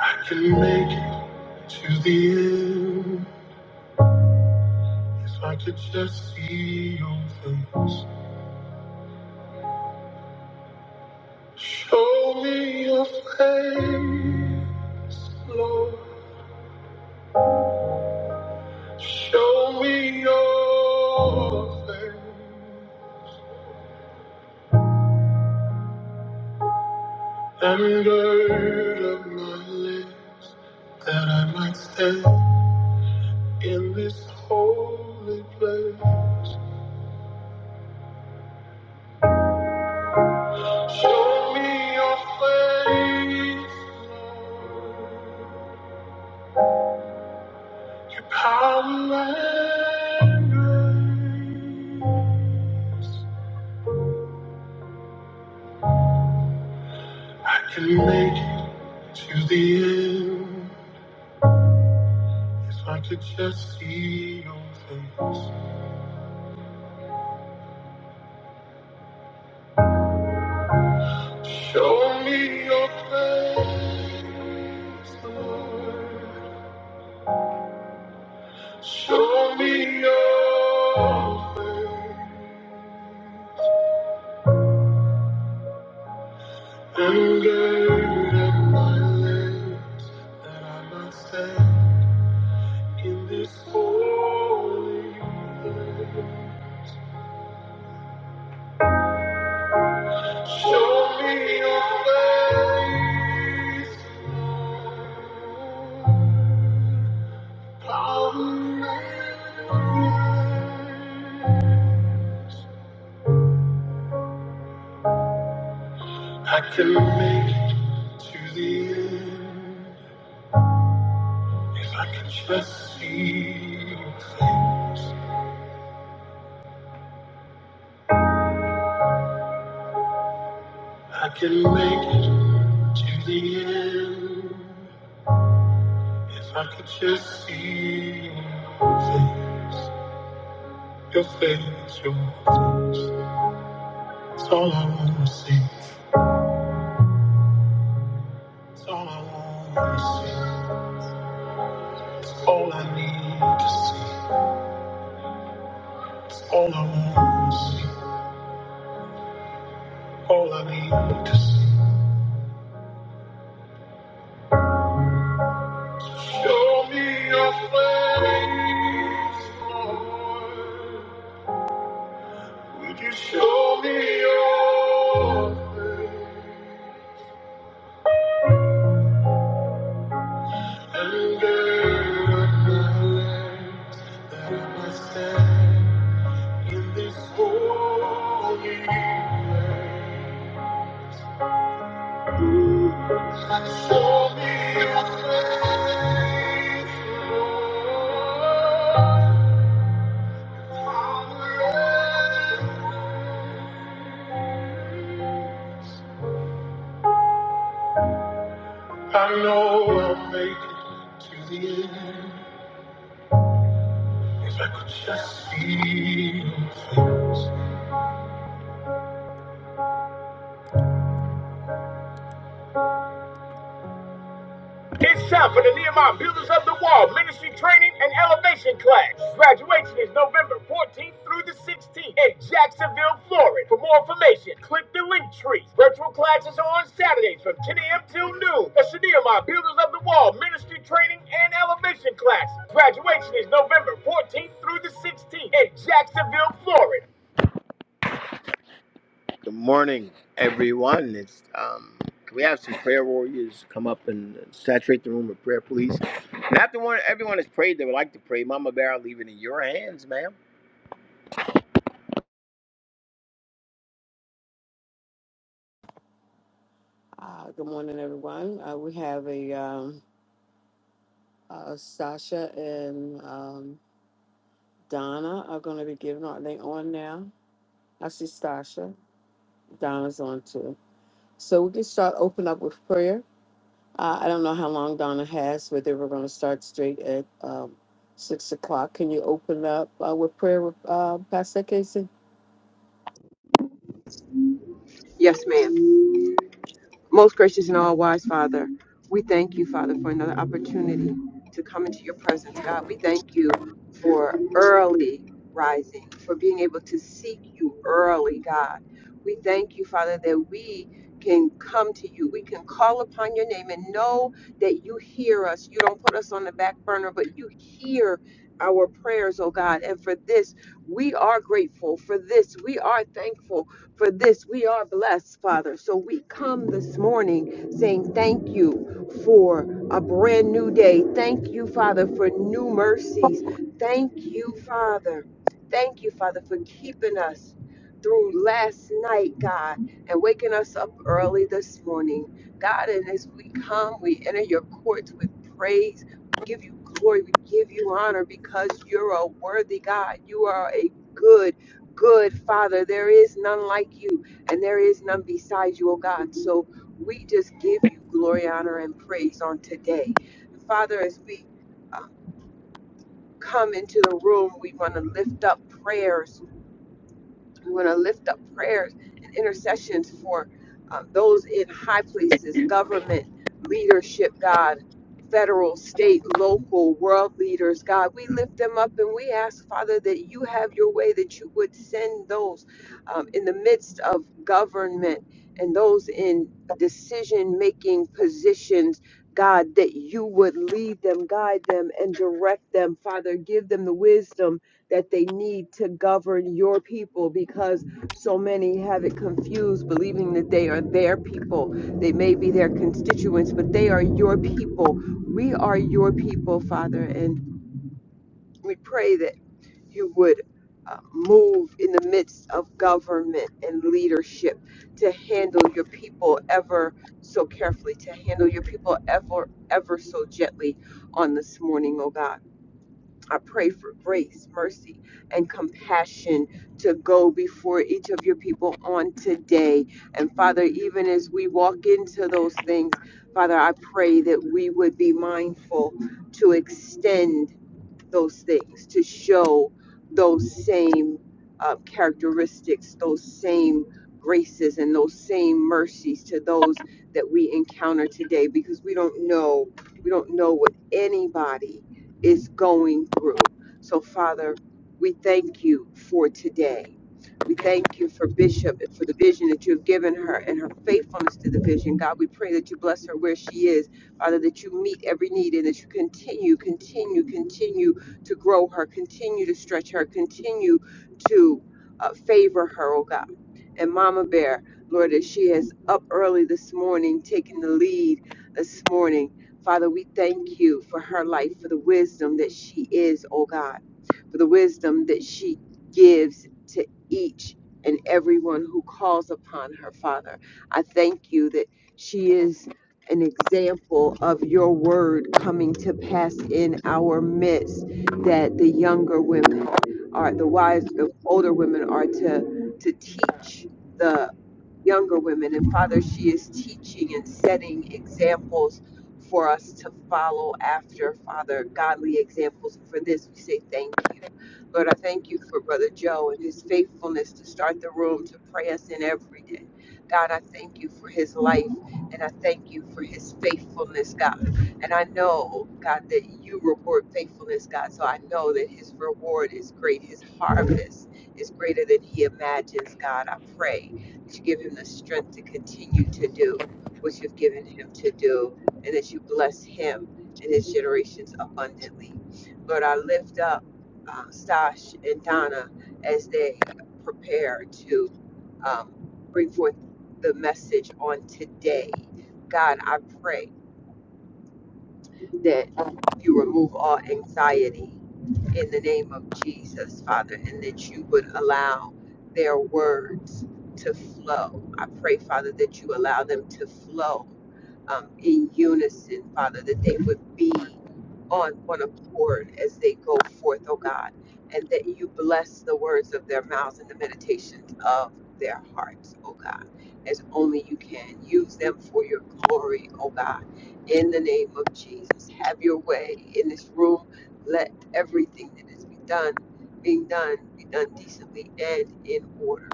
Speaker 1: I can make it to the end if I could just see your face. Show me your face, Lord. Show me your face. And gird up my lips that I might stand in this holy place. Show me your face, Lord. Your power and grace. I can make it to the end if I could just see your face. Show me your face, Lord. Show me your face. and gird up my legs that I must stand in this holy place. Show me your face, I can make it to the end if I can just see you. I can make it to the end if I could just see your face, your face, your face. It's all I wanna see. It's all I wanna see. All I need to see, all I want to see, all I need to see. Show me your face, Lord. Would you show me your and there would know that I might stand in this holy room? Show me your face, Lord. I know I'll make it to the end. If I could just feel things. It's time for the Nehemiah Builders of the Wall Ministry Training and Elevation Class. Graduation is November 14th through the 16th in Jacksonville, Florida. For more information, click the link tree. Virtual classes are on Saturdays from 10 a.m. till noon. That's the Nehemiah Builders of the Wall Ministry Training and Elevation Class. Graduation is November 14th through the 16th in Jacksonville, Florida. Good morning, everyone. It's um, can we have some prayer warriors come up and saturate the room with prayer, please? And after one, everyone has prayed, they would like to pray. Mama Bear, I'll leave it in your hands, ma'am.
Speaker 2: Uh, good morning, everyone. Uh, we have a um, uh, Sasha and um, Donna are going to be giving. Are they on now? I see Sasha. Donna's on too. So we can start open up with prayer. Uh, I don't know how long Donna has, whether we're going to start straight at um, six o'clock. Can you open up uh, with prayer, with, uh, Pastor Casey?
Speaker 3: Yes, ma'am. Most gracious and all wise Father, we thank you, Father, for another opportunity to come into your presence. God, we thank you for early rising, for being able to seek you early, God. We thank you, Father, that we can come to you. We can call upon your name and know that you hear us. You don't put us on the back burner, but you hear our prayers, oh God. And for this, we are grateful. For this, we are thankful for this, we are blessed, Father. So we come this morning saying thank you for a brand new day. Thank you, Father, for new mercies. Thank you, Father. Thank you, Father, for keeping us through last night, God, and waking us up early this morning. God, and as we come, we enter your courts with praise. We give you glory. We give you honor because you're a worthy God. You are a good good Father. There is none like you, and there is none beside you, O God. So we just give you glory, honor, and praise on today. Father, as we uh, come into the room, we want to lift up prayers we want to lift up prayers and intercessions for um, those in high places, government, leadership, God, federal, state, local, world leaders, God. We lift them up and we ask, Father, that you have your way, that you would send those um, in the midst of government and those in decision making positions. God, that you would lead them, guide them, and direct them. Father, give them the wisdom that they need to govern your people because so many have it confused, believing that they are their people. They may be their constituents, but they are your people. We are your people, Father, and we pray that you would. Uh, move in the midst of government and leadership to handle your people ever so carefully, to handle your people ever, ever so gently on this morning, oh God. I pray for grace, mercy, and compassion to go before each of your people on today. And Father, even as we walk into those things, Father, I pray that we would be mindful to extend those things, to show those same uh, characteristics, those same graces, and those same mercies to those that we encounter today, because we don't know, we don't know what anybody is going through. So, Father, we thank you for today. We thank you for Bishop and for the vision that you have given her and her faithfulness to the vision. God, we pray that you bless her where she is. Father, that you meet every need and that you continue, continue, continue to grow her, continue to stretch her, continue to uh, favor her, oh God. And Mama Bear, Lord, as she is up early this morning, taking the lead this morning, Father, we thank you for her life, for the wisdom that she is, oh God, for the wisdom that she gives to each and everyone who calls upon her, Father. I thank you that she is an example of your word coming to pass in our midst that the younger women are the wives of older women are to to teach the younger women. And Father, she is teaching and setting examples for us to follow after, Father, godly examples. And for this, we say thank you. Lord, I thank you for Brother Joe and his faithfulness to start the room, to pray us in every day. God, I thank you for his life and I thank you for his faithfulness, God. And I know, God, that you reward faithfulness, God. So I know that his reward is great. His harvest is greater than he imagines, God. I pray to give him the strength to continue to do what you've given him to do, and that you bless him and his generations abundantly. Lord, I lift up uh, Stash and Donna as they prepare to um, bring forth the message on today. God, I pray that you remove all anxiety in the name of Jesus, Father, and that you would allow their words to flow. I pray, Father, that you allow them to flow um, in unison, Father, that they would be on one accord as they go forth, oh God, and that you bless the words of their mouths and the meditations of their hearts, oh God, as only you can. Use them for your glory, oh God in the name of Jesus. Have your way in this room. Let everything that is be done, being done, be done decently and in order.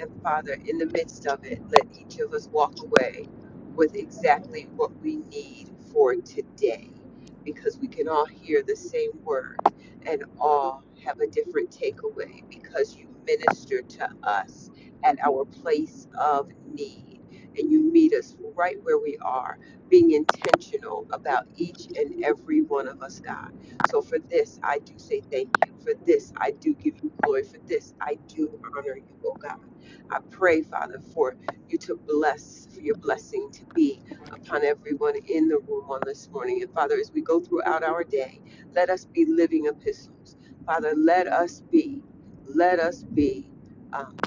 Speaker 3: And Father, in the midst of it, let each of us walk away with exactly what we need for today, because we can all hear the same word and all have a different takeaway because you minister to us at our place of need and you meet us right where we are being intentional about each and every one of us, God. So for this, I do say thank you. For this, I do give you glory. For this, I do honor you, oh God. I pray, Father, for you to bless, for your blessing to be upon everyone in the room on this morning. And Father, as we go throughout our day, let us be living epistles. Father, let us be, let us be um,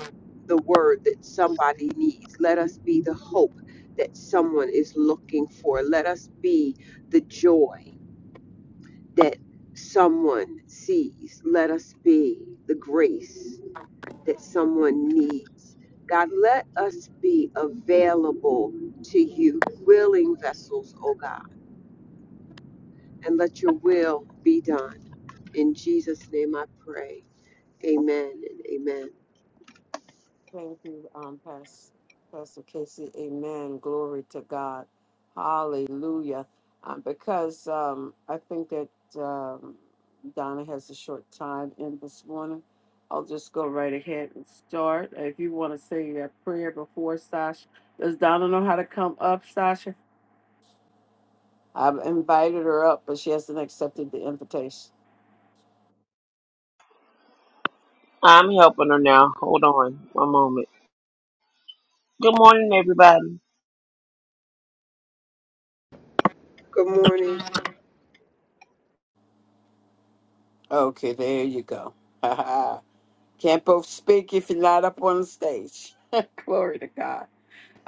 Speaker 3: the word that somebody needs. Let us be the hope that someone is looking for. Let us be the joy that someone sees. Let us be the grace that someone needs. God, let us be available to you, willing vessels, oh God, and let your will be done. In Jesus' name I pray. Amen and amen.
Speaker 2: Thank you, um, Pastor, Pastor Casey. Amen. Glory to God. Hallelujah. Um, because um, I think that um, Donna has a short time in this morning. I'll just go right ahead and start. If you want to say that prayer before Sasha, does Donna know how to come up, Sasha? I've invited her up, but she hasn't accepted the invitation.
Speaker 4: I'm helping her now. Hold on one moment. Good morning, everybody.
Speaker 3: Good morning.
Speaker 2: Okay, there you go. Can't both speak if you're not up on the stage. Glory to God.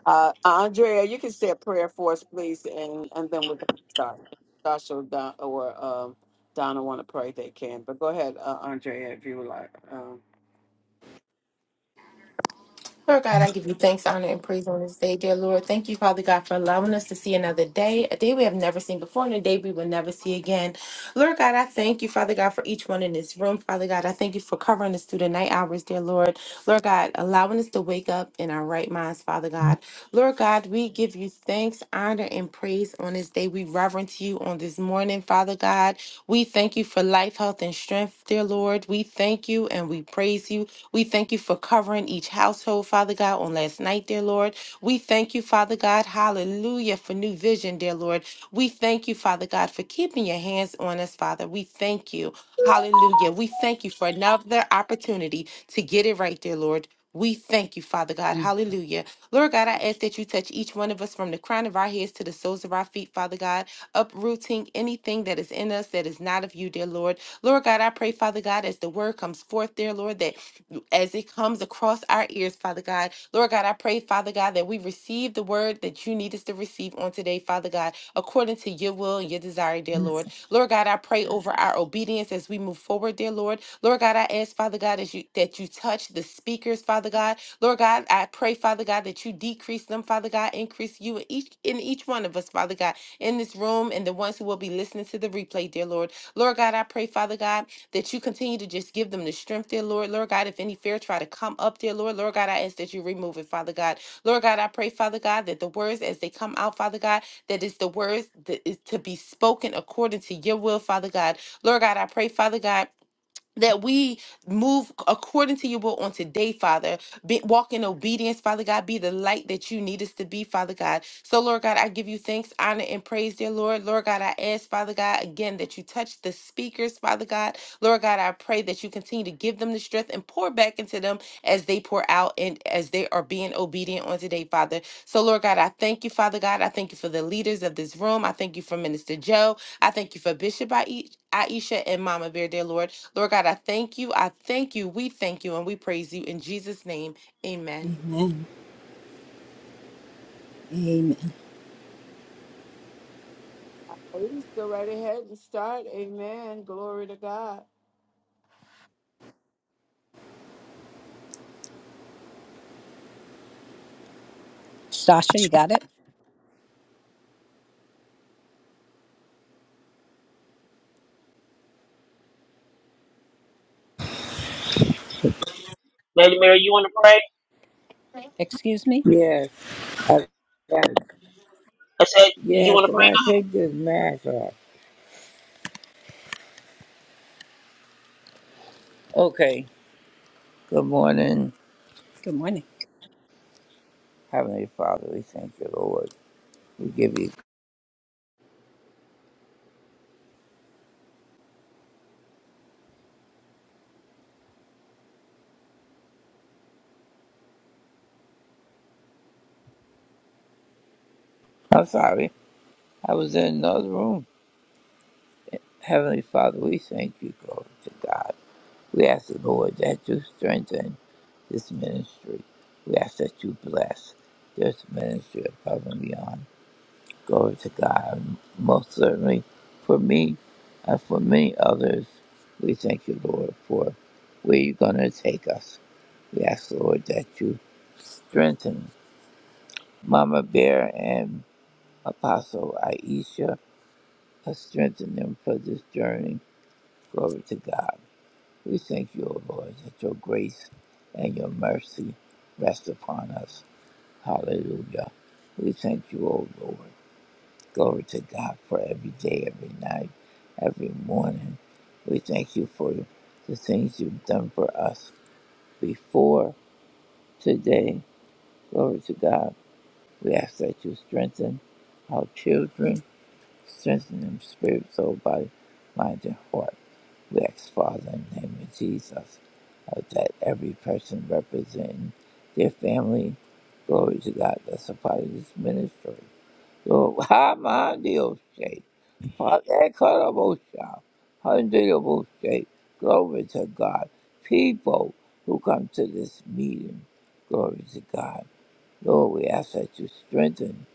Speaker 2: Uh, Andrea, you can say a prayer for us, please, and, and then we're going to start. Dasha Don, or um, Donna want to pray, they can. But go ahead, uh, Andrea, if you would like. Um,
Speaker 5: Lord God, I give you thanks, honor, and praise on this day, dear Lord. Thank you, Father God, for allowing us to see another day, a day we have never seen before, and a day we will never see again. Lord God, I thank you, Father God, for each one in this room. Father God, I thank you for covering us through the night hours, dear Lord. Lord God, allowing us to wake up in our right minds, Father God. Lord God, we give you thanks, honor, and praise on this day. We reverence you on this morning, Father God. We thank you for life, health, and strength, dear Lord. We thank you and we praise you. We thank you for covering each household, Father God, on last night, dear Lord. We thank you, Father God, hallelujah, for new vision, dear Lord. We thank you, Father God, for keeping your hands on us, Father. We thank you. Hallelujah. We thank you for another opportunity to get it right, dear Lord. We thank you, Father God. Hallelujah. Lord God, I ask that you touch each one of us from the crown of our heads to the soles of our feet, Father God, uprooting anything that is in us that is not of you, dear Lord. Lord God, I pray, Father God, as the word comes forth, dear Lord, that as it comes across our ears, Father God, Lord God, I pray, Father God, that we receive the word that you need us to receive on today, Father God, according to your will and your desire, dear
Speaker 6: Yes.
Speaker 5: Lord. Lord God, I pray over our obedience as we move forward, dear Lord. Lord God, I ask, Father God, as you that you touch the speakers, Father God. Lord God, I pray, Father God, that you decrease them, Father God, increase you in each in each one of us, Father God, in this room and the ones who will be listening to the replay, dear Lord. Lord God, I pray, Father God, that you continue to just give them the strength, dear Lord. Lord God, if any fear try to come up, dear Lord, Lord God, I ask that you remove it, Father God. Lord God, I pray, Father God, that the words as they come out, Father God, that is the words that is to be spoken according to your will, Father God. Lord God, I pray, Father God that we move according to your will on today, Father. Be, walk in obedience, Father God. Be the light that you need us to be, Father God. So, Lord God, I give you thanks, honor, and praise, dear Lord. Lord God, I ask, Father God, again that you touch the speakers, Father God. Lord God, I pray that you continue to give them the strength and pour back into them as they pour out and as they are being obedient on today, Father. So, Lord God, I thank you, Father God. I thank you for the leaders of this room. I thank you for Minister Joe. I thank you for Bishop Ai- Aisha and Mama Bear, dear Lord. Lord God, I thank you. I thank you. We thank you and we praise you in Jesus' name. Amen.
Speaker 6: Amen. Amen.
Speaker 2: please go right ahead and start. Amen. Glory to God.
Speaker 6: Sasha, you got it?
Speaker 4: Lady Mary, you want to pray?
Speaker 6: Excuse me?
Speaker 7: Yes. I got,
Speaker 4: I said, did you want to
Speaker 7: yes, I
Speaker 4: pray?
Speaker 7: gotta take this mask off. Okay. Good morning,
Speaker 6: Good morning.
Speaker 7: Heavenly Father. We thank you, Lord. We give you. I'm sorry. I was in another room. Heavenly Father, we thank you, glory to God. We ask the Lord that you strengthen this ministry. We ask that you bless this ministry above and beyond. Glory to God. Most certainly for me and for many others, we thank you, Lord, for where you're going to take us. We ask, Lord, that you strengthen Mama Bear and Apostle Aisha, uh, strengthen them for this journey. Glory to God. We thank you, O Lord, that your grace and your mercy rest upon us. Hallelujah. We thank you, O Lord. Glory to God for every day, every night, every morning. We thank you for the things you've done for us before today. Glory to God. We ask that you strengthen our children, strengthen them spirit, soul, body, mind, and heart. We ask, Father, in the name of Jesus, uh, that every person representing their family, glory to God, that's a part of this ministry. So, how my deal say, Father, Karabosha, Hundredable say, glory to God. People who come to this meeting, glory to God. Lord, we ask that you strengthen.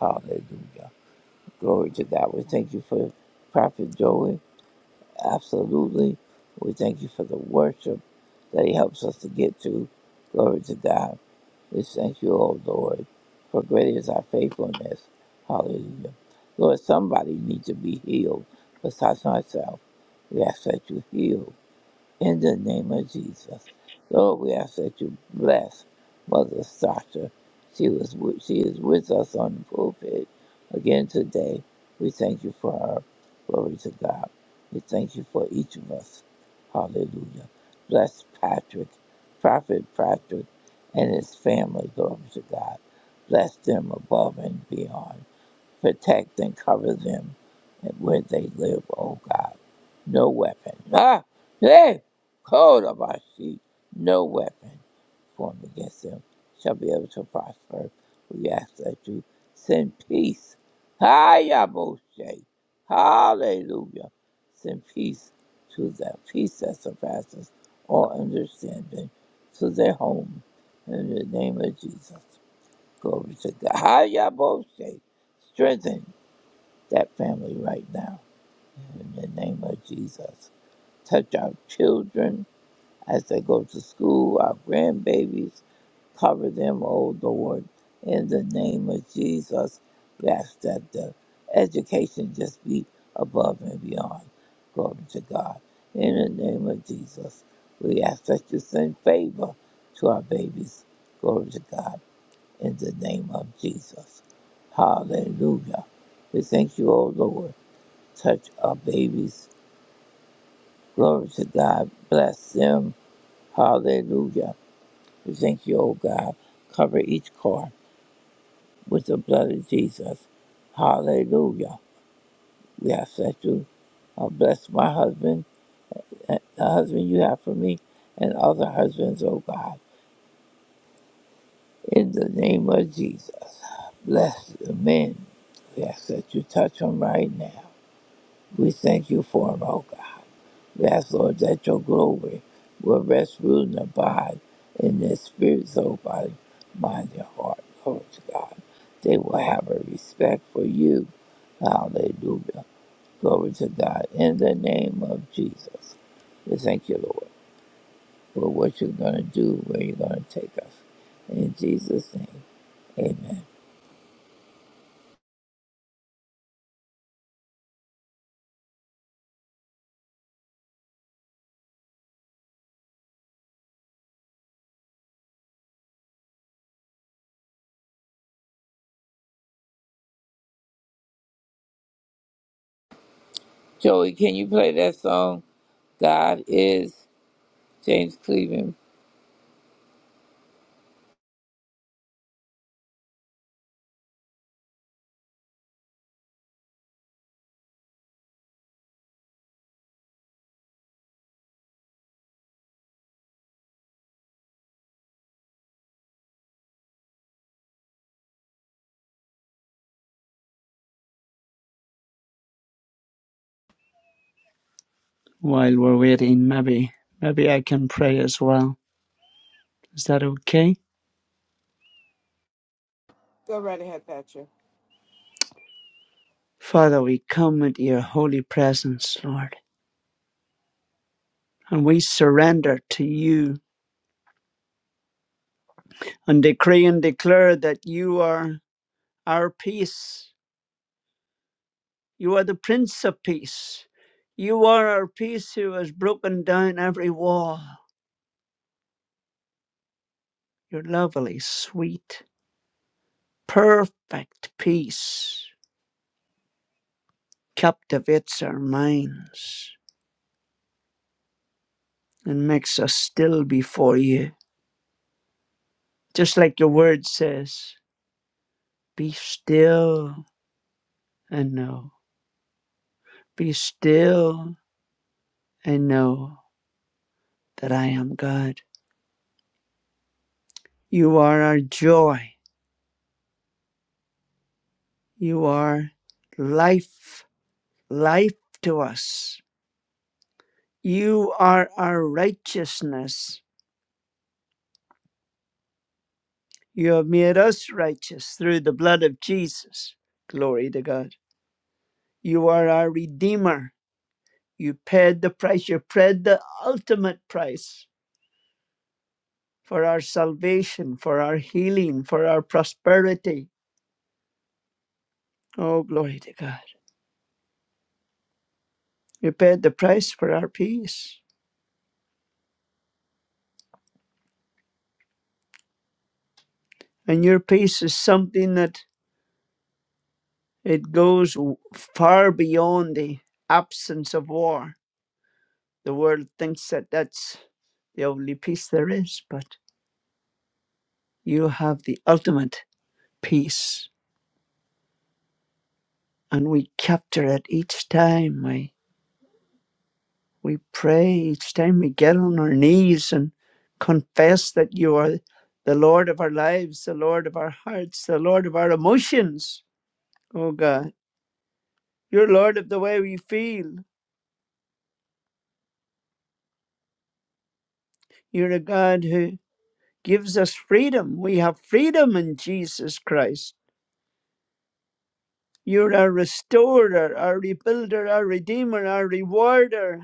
Speaker 7: Hallelujah. Glory to God. We thank you for Prophet Joey. Absolutely. We thank you for the worship that he helps us to get to. Glory to God. We thank you, O Lord, for great is our faithfulness. Hallelujah. Lord, somebody needs to be healed besides myself. We ask that you heal in the name of Jesus. Lord, we ask that you bless Mother Sasha. She was with, she is with us on the pulpit again today. We thank you for her. Glory to God. We thank you for each of us. Hallelujah. Bless Patrick, Prophet Patrick, and his family. Glory to God. Bless them above and beyond. Protect and cover them and where they live, oh God. No weapon. Ah, hey, cold of our sheep. No weapon formed against them shall be able to prosper. We ask that you send peace. Hayaboshe. Hallelujah. Send peace to them. Peace that surpasses all understanding to their home. In the name of Jesus. Glory to God. How y'all both say, strengthen that family right now. In the name of Jesus. Touch our children as they go to school, our grandbabies. Cover them, oh Lord. In the name of Jesus. We ask that the education just be above and beyond. Glory to God. In the name of Jesus. We ask that you send favor to our babies. Glory to God in the name of Jesus. Hallelujah. We thank you, O Lord. Touch our babies. Glory to God. Bless them. Hallelujah. We thank you, O God. Cover each car with the blood of Jesus. Hallelujah. We ask that you uh, bless my husband, and the husband you have for me, and other husbands, O God. In the name of Jesus. Bless the men. We ask that you touch them right now. We thank you for him, oh God. We ask, Lord, that your glory will rest, rule, and abide in their spirit, soul, body, mind, and heart. Lord God, they will have a respect for you. Hallelujah. Glory to God. In the name of Jesus. We thank you, Lord, for what you're going to do, where you're going to take us. In Jesus' name, amen. Joey, can you play that song? God is James Cleveland.
Speaker 8: While we're waiting, maybe, maybe I can pray as well. Is that okay?
Speaker 2: Go right ahead, Patrick.
Speaker 8: Father, we come into your holy presence, Lord, and we surrender to you and decree and declare that you are our peace. You are the Prince of Peace. You are our peace who has broken down every wall. Your lovely, sweet, perfect peace captivates our minds and makes us still before you. Just like your word says, be still and know. Be still and know that I am God. You are our joy. You are life, life to us. You are our righteousness. You have made us righteous through the blood of Jesus. Glory to God. You are our Redeemer. You paid the price. You paid the ultimate price for our salvation, for our healing, for our prosperity. Oh, glory to God. You paid the price for our peace. And your peace is something that it goes w- far beyond the absence of war. The world thinks that that's the only peace there is, but you have the ultimate peace. And we capture it each time we We pray each time we get on our knees and confess that you are the Lord of our lives, the Lord of our hearts, the Lord of our emotions. Oh God, you're Lord of the way we feel. You're a God who gives us freedom. We have freedom in Jesus Christ. You're our restorer, our rebuilder, our redeemer, our rewarder.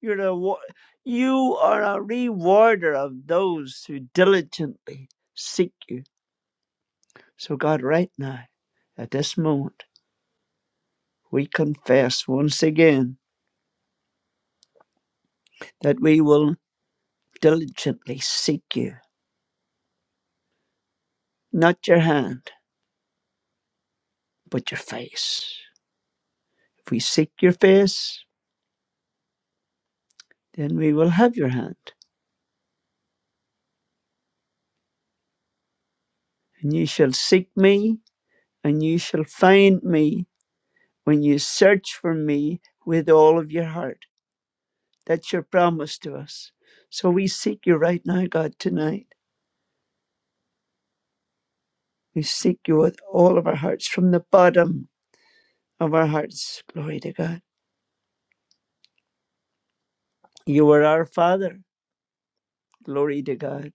Speaker 8: You're a, wa- you are a rewarder of those who diligently seek you. So, God, right now, at this moment, we confess once again that we will diligently seek you, not your hand, but your face. If we seek your face, then we will have your hand. And you shall seek me, and you shall find me when you search for me with all of your heart. That's your promise to us. So we seek you right now, God, tonight. We seek you with all of our hearts, from the bottom of our hearts. Glory to God. You are our Father. Glory to God.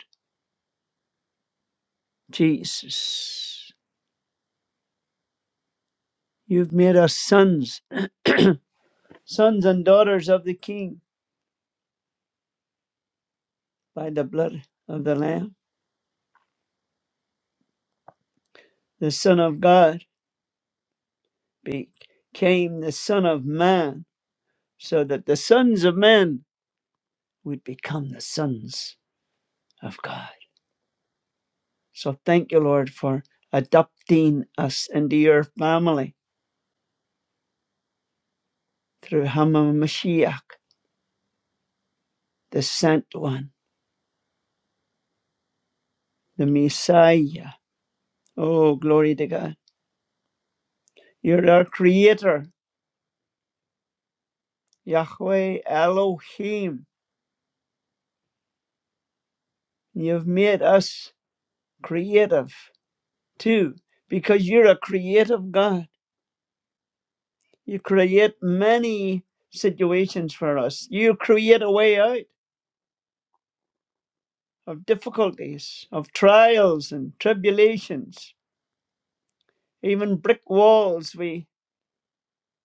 Speaker 8: Jesus, you've made us sons, sons and daughters of the King by the blood of the Lamb. The Son of God became the Son of Man so that the sons of men would become the sons of God. So thank you, Lord, for adopting us into your family through Hamashiach, the Sent One, the Messiah. Oh, glory to God. You're our creator, Yahweh Elohim. You've made us creative too, because you're a creative God. You create many situations for us. You create a way out of difficulties, of trials and tribulations, even brick walls we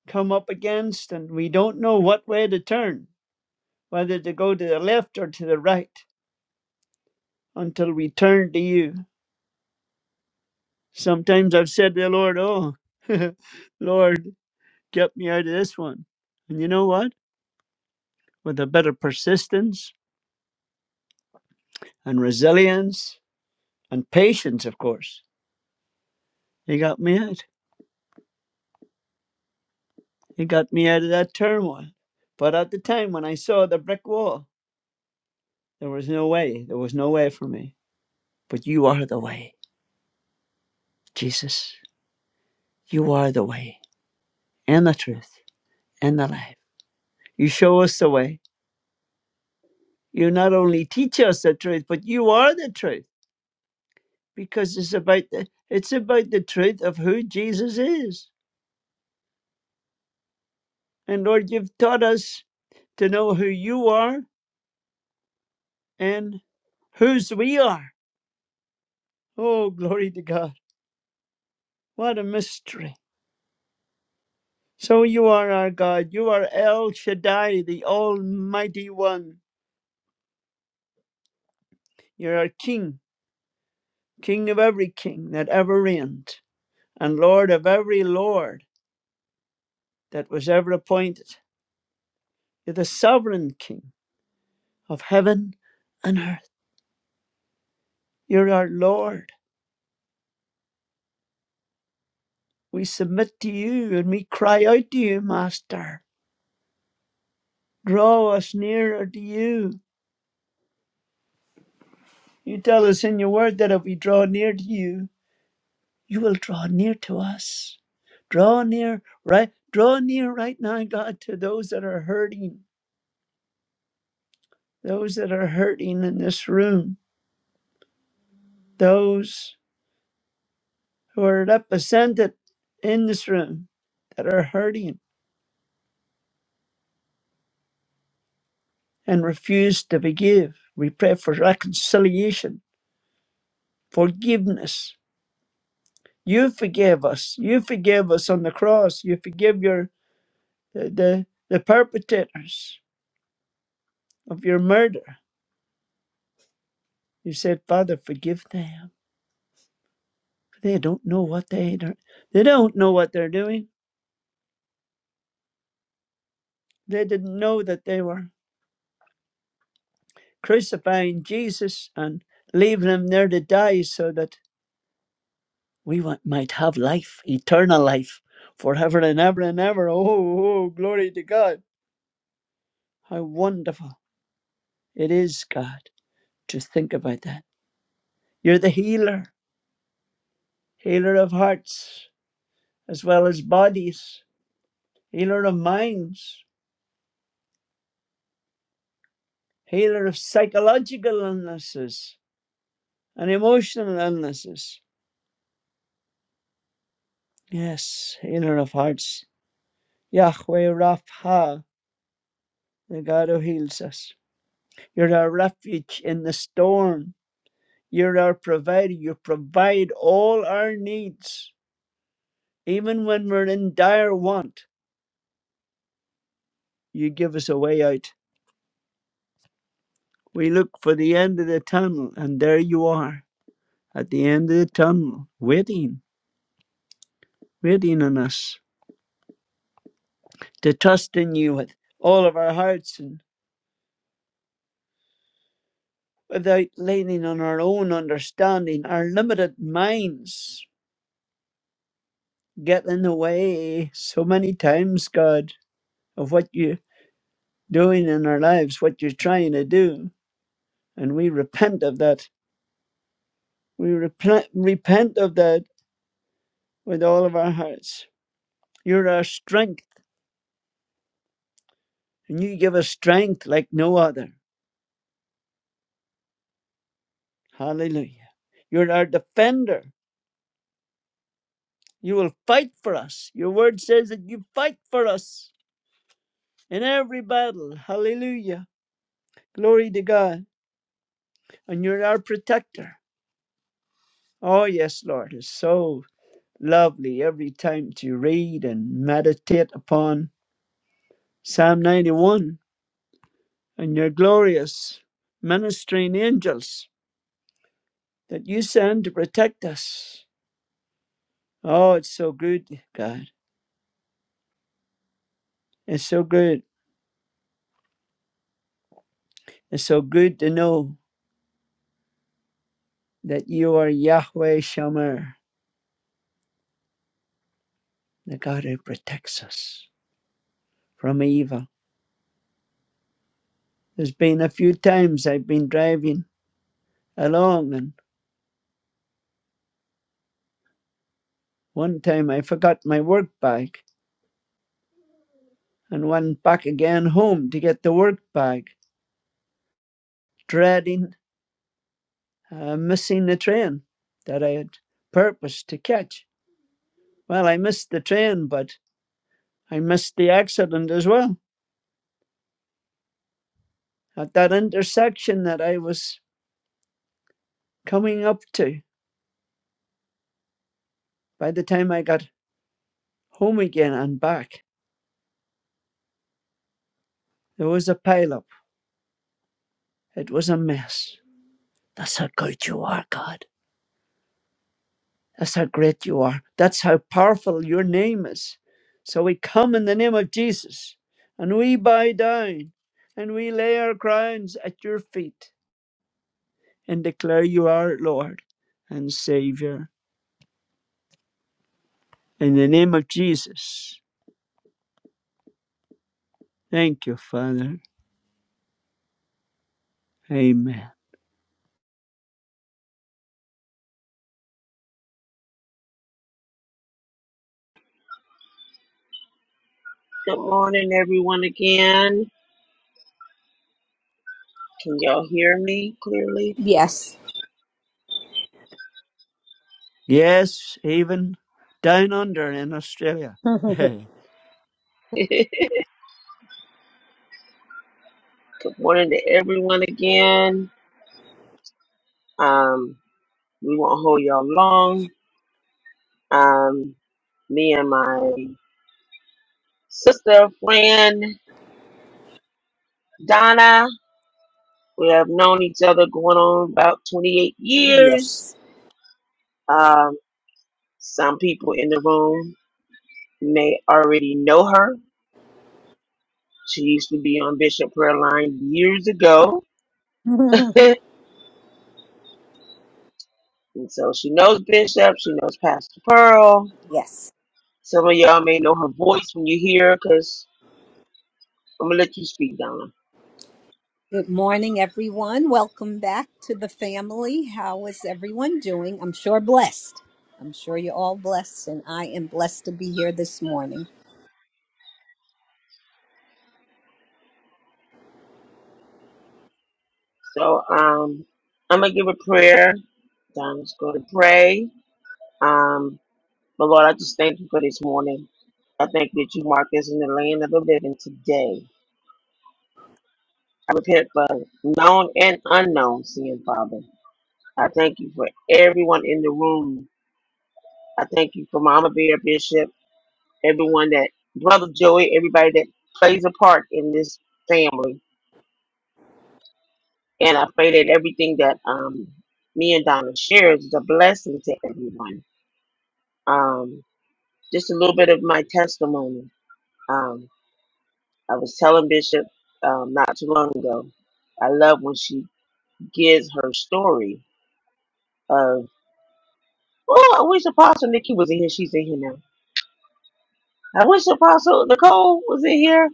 Speaker 8: come up against, and we don't know what way to turn, whether to go to the left or to the right, until we turn to you. Sometimes I've said to the Lord, Oh, Lord, get me out of this one. And you know what? With a bit of persistence and resilience and patience, of course, He got me out. He got me out of that turmoil. But at the time when I saw the brick wall, there was no way. There was no way for me. But you are the way, Jesus. You are the way and the truth and the life. You show us the way. You not only teach us the truth, but you are the truth. because it's about the, it's about the truth of who Jesus is. And Lord, you've taught us to know who you are and whose we are. Oh, glory to God. What a mystery. So you are our God. You are El Shaddai, the Almighty One. You're our King, King of every king that ever reigned, and Lord of every Lord that was ever appointed. You're the sovereign King of heaven and earth. You're our Lord. We submit to you and we cry out to you, Master. Draw us nearer to you. You tell us in your word that if we draw near to you, you will draw near to us. Draw near, right? Draw near right now, God, to those that are hurting, those that are hurting in this room, those who are represented in this room that are hurting and refuse to forgive. We pray for reconciliation, forgiveness, You forgive us. You forgive us on the cross. You forgive your the the, the perpetrators of your murder. You said, Father, forgive them. They don't know what they do- they don't know what they're doing. They didn't know that they were crucifying Jesus and leaving him there to die, so that we wa- might have life, eternal life, forever and ever and ever. Oh, oh, glory to God! How wonderful it is, God, to think about that. You're the healer. healer of hearts as well as bodies, healer of minds, healer of psychological illnesses and emotional illnesses. Yes, healer of hearts. Yahweh Rapha, the God who heals us. You're our refuge in the storm. You're our provider. You provide all our needs. Even when we're in dire want, you give us a way out. We look for the end of the tunnel, and there you are at the end of the tunnel, waiting, waiting on us to trust in you with all of our hearts and without leaning on our own understanding, our limited minds get in the way so many times, God, of what you're doing in our lives, what you're trying to do. And we repent of that. We repent, repent of that with all of our hearts. You're our strength, and you give us strength like no other. Hallelujah. You're our defender You will fight for us. Your word says that you fight for us in every battle. Hallelujah. Glory to God. And you're our protector. Oh, yes, Lord. It's so lovely every time to read and meditate upon Psalm 91 and your glorious ministering angels that you send to protect us. Oh, it's so good, God. It's so good. It's so good to know that you are Yahweh Shamar. The God who protects us from evil. There's been a few times I've been driving along, and one time I forgot my work bag and went back again home to get the work bag, dreading uh, missing the train that I had purposed to catch. Well, I missed the train, but I missed the accident as well at that intersection that I was coming up to. By the time I got home again and back, there was a pile up. It was a mess. That's how good you are, God. That's how great you are. That's how powerful your name is. So we come in the name of Jesus and we bow down and we lay our crowns at your feet and declare you are Lord and Savior. In the name of Jesus. Thank you, Father. Amen.
Speaker 4: Good morning, everyone, again. Can y'all hear me clearly?
Speaker 6: Yes.
Speaker 8: Yes, even down under in Australia.
Speaker 4: Good morning to everyone again. Um, we won't hold y'all long. Um, me and my sister, friend, Donna, we have known each other going on about 28 years.
Speaker 6: yes.
Speaker 4: Um, some people in the room may already know her She used to be on Bishop Prayer Line years ago. and so she knows Bishop, she knows Pastor Pearl.
Speaker 6: yes.
Speaker 4: Some of y'all may know her voice when you hear her because I'm going to let you speak, Donna.
Speaker 6: Good morning, everyone. Welcome back to the family. How is everyone doing? I'm sure blessed. I'm sure you're all blessed, and I am blessed to be here this morning.
Speaker 4: So um, I'm going to give a prayer. Donna's going to pray. Um, but Lord, I just thank you for this morning. I thank you that you mark us in the land of the living today. I repent for known and unknown sin, Father. I thank you for everyone in the room. I thank you for Mama Bear Bishop. everyone that brother Joey, everybody that plays a part in this family. And I pray that everything that um me and Donna shares is a blessing to everyone. Um, just a little bit of my testimony. Um, I was telling Bishop um, not too long ago. I love when she gives her story of, oh, I wish Apostle Nikki was in here. She's in here now. I wish Apostle Nicole was in here.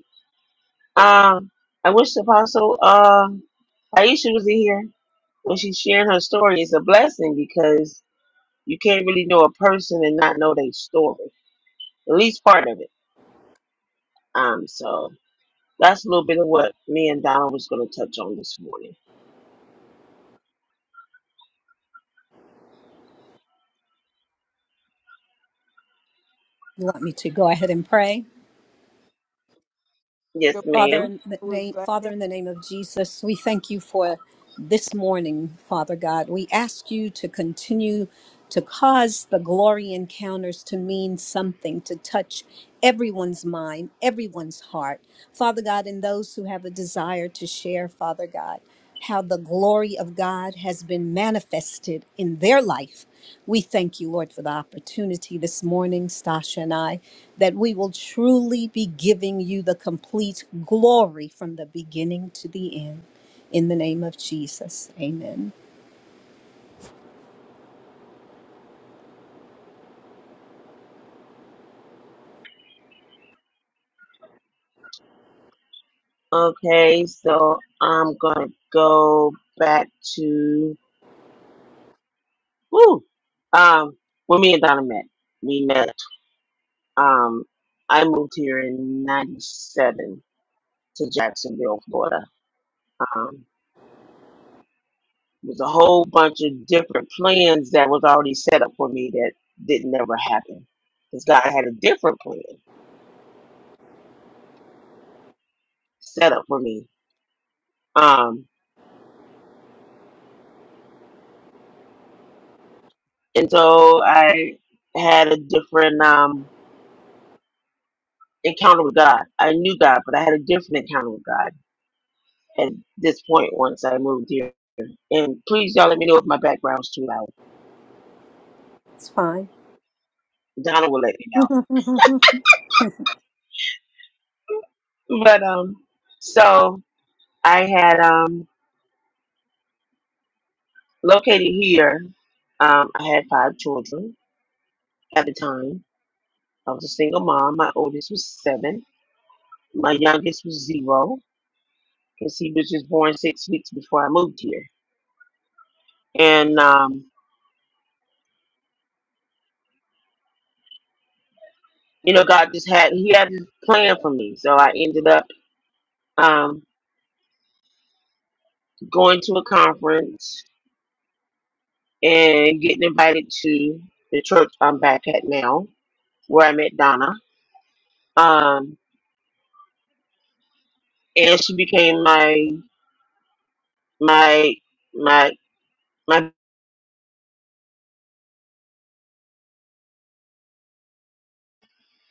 Speaker 4: Um, I wish Apostle uh, Aisha was in here. when she's sharing her story it's a blessing because you can't really know a person and not know their story, at least part of it. Um, so that's a little bit of what me and Donald was going to touch on this morning.
Speaker 6: You want me to go ahead and pray?
Speaker 4: Yes,
Speaker 2: Good morning.
Speaker 6: Father,
Speaker 4: ma'am.
Speaker 6: in the
Speaker 2: We're
Speaker 6: name,
Speaker 2: glad.
Speaker 6: Father,
Speaker 2: to
Speaker 6: in the name of Jesus, we thank you for this morning, Father God. We ask you to continue to cause the glory encounters to mean something, to touch everyone's mind, everyone's heart. Father God, and those who have a desire to share, Father God how the glory of God has been manifested in their life. We thank you, Lord, for the opportunity this morning, Stasha and I, that we will truly be giving you the complete glory from the beginning to the end. In the name of Jesus, amen.
Speaker 4: Okay, so I'm going to go back to woo, um, when me and Donna met. We met. Um, I moved here in '97 to Jacksonville, Florida. Um. was a whole bunch of different plans that was already set up for me that didn't ever happen because God had a different plan set up for me. Um, and so I had a different um, encounter with God. I knew God, but I had a different encounter with God at this point once I moved here. And please, y'all, let me know if my background's too loud.
Speaker 6: It's fine.
Speaker 4: Donna will let me
Speaker 6: you
Speaker 4: know. But um, so I had um located here. Um, I had five children at the time I was a single mom. My oldest was seven. My youngest was zero because he was just born six weeks before I moved here. And um, you know, God just had He had this plan for me. So I ended up um, going to a conference and getting invited to the church I'm back at now, where I met Donna. Um, and she became my my my my.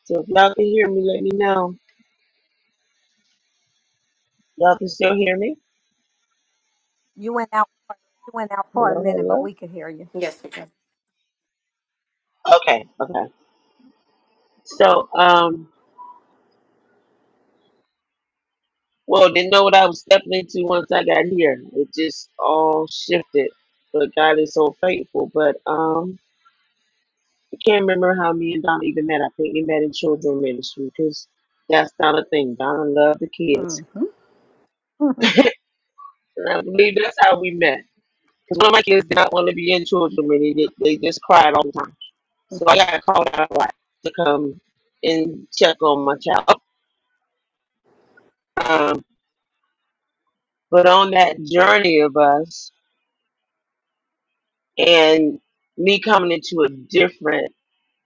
Speaker 4: So if y'all can hear me, let me know. Y'all can still hear me.
Speaker 6: went out. You went out for
Speaker 4: Hello,
Speaker 6: a minute, but
Speaker 4: hello.
Speaker 6: we could hear you.
Speaker 5: Yes, ma'am.
Speaker 4: Okay, okay. So, um, well, didn't know what I was stepping into once I got here. It just all shifted. But God is so faithful. But um, I can't remember how me and Donna even met. I think we met in children ministry because that's not a thing. Donna loved the
Speaker 6: hmm
Speaker 4: kids. And I believe that's how we met. Because one of my kids did not want to be in children ministry. They, they just cried all the time. So I got called out a lot to come and check on my child. Um, but on that journey of us, and me coming into a different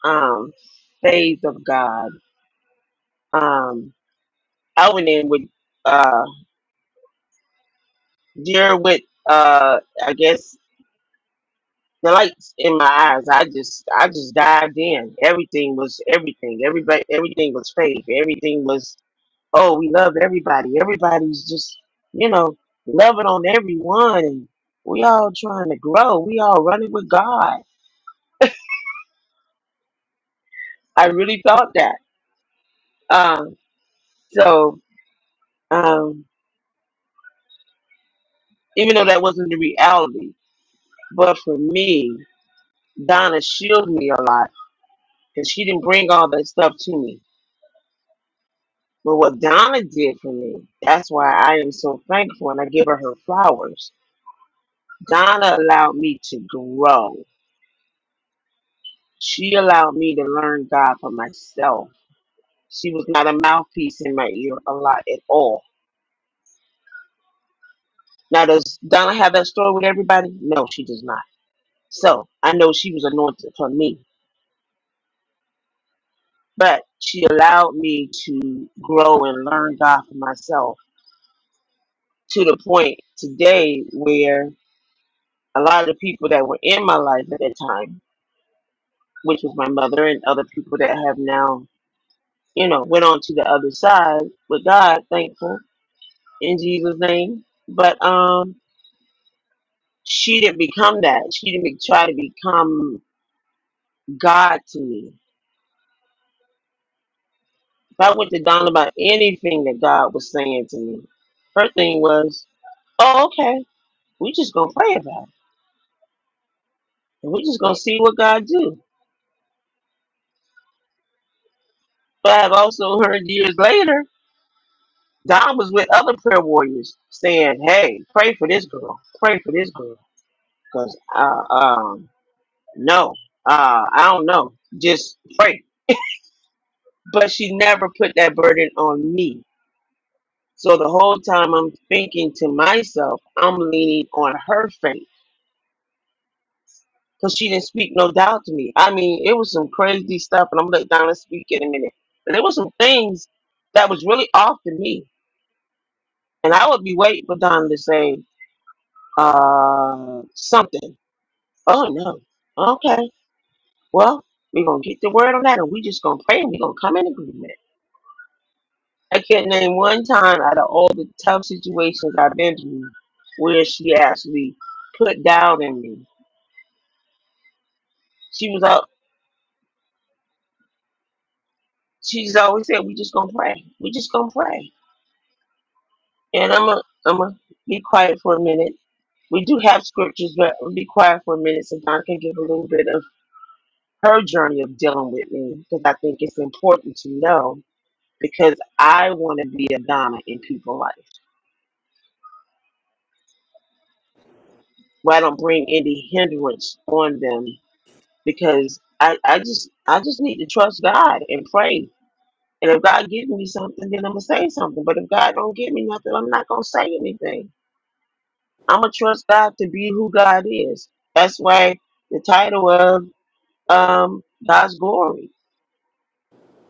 Speaker 4: um phase of God. Um I went in with uh dear with uh I guess the lights in my eyes. I just I just dived in. Everything was everything. Everybody everything was faith. Everything was oh we love everybody. Everybody's just, you know, loving on everyone and we all trying to grow. We all running with God. I really thought that. Um so um even though that wasn't the reality. But for me, Donna shielded me a lot because she didn't bring all that stuff to me. But what Donna did for me, that's why I am so thankful and I give her her flowers. Donna allowed me to grow. She allowed me to learn God for myself. She was not a mouthpiece in my ear a lot at all. Now, does Donna have that story with everybody? No, she does not. So I know she was anointed for me but she allowed me to grow and learn God for myself to the point today where a lot of the people that were in my life at that time, which was my mother and other people that have now, you know, went on to the other side with God, thankful in Jesus' name. But um, she didn't become that. She didn't be- try to become God to me. If I went to Don about anything that God was saying to me, her thing was, "Oh, okay, we just gonna pray about it." And we're just gonna see what God do. But I've also heard years later, God was with other prayer warriors saying, "Hey, pray for this girl. Pray for this girl, because uh, um, no, uh, I don't know. Just pray." But she never put that burden on me. So the whole time I'm thinking to myself, I'm leaning on her faith because she didn't speak no doubt to me. I mean, it was some crazy stuff, and I'm gonna let Donna speak in a minute. But there was some things that was really off to me And I would be waiting for Don to say uh, something. Oh no. Okay. Well, we're gonna get the word on that, and we just gonna pray, and we're gonna come in agreement. I can't name one time out of all the tough situations I've been through where she actually put doubt in me. She was up. She's always said, "We just gonna pray. We just gonna pray." And I'm gonna I'm gonna be quiet for a minute. We do have scriptures, but I'll be quiet for a minute so Don can give a little bit of her journey of dealing with me because I think it's important to know because I want to be a Donna in people's life where I don't bring any hindrance on them because I, I just I just need to trust God and pray. And if God gives me something, then I'm gonna say something. But if God don't give me nothing, I'm not gonna say anything. I'm gonna trust God to be who God is. That's why the title of um, God's glory.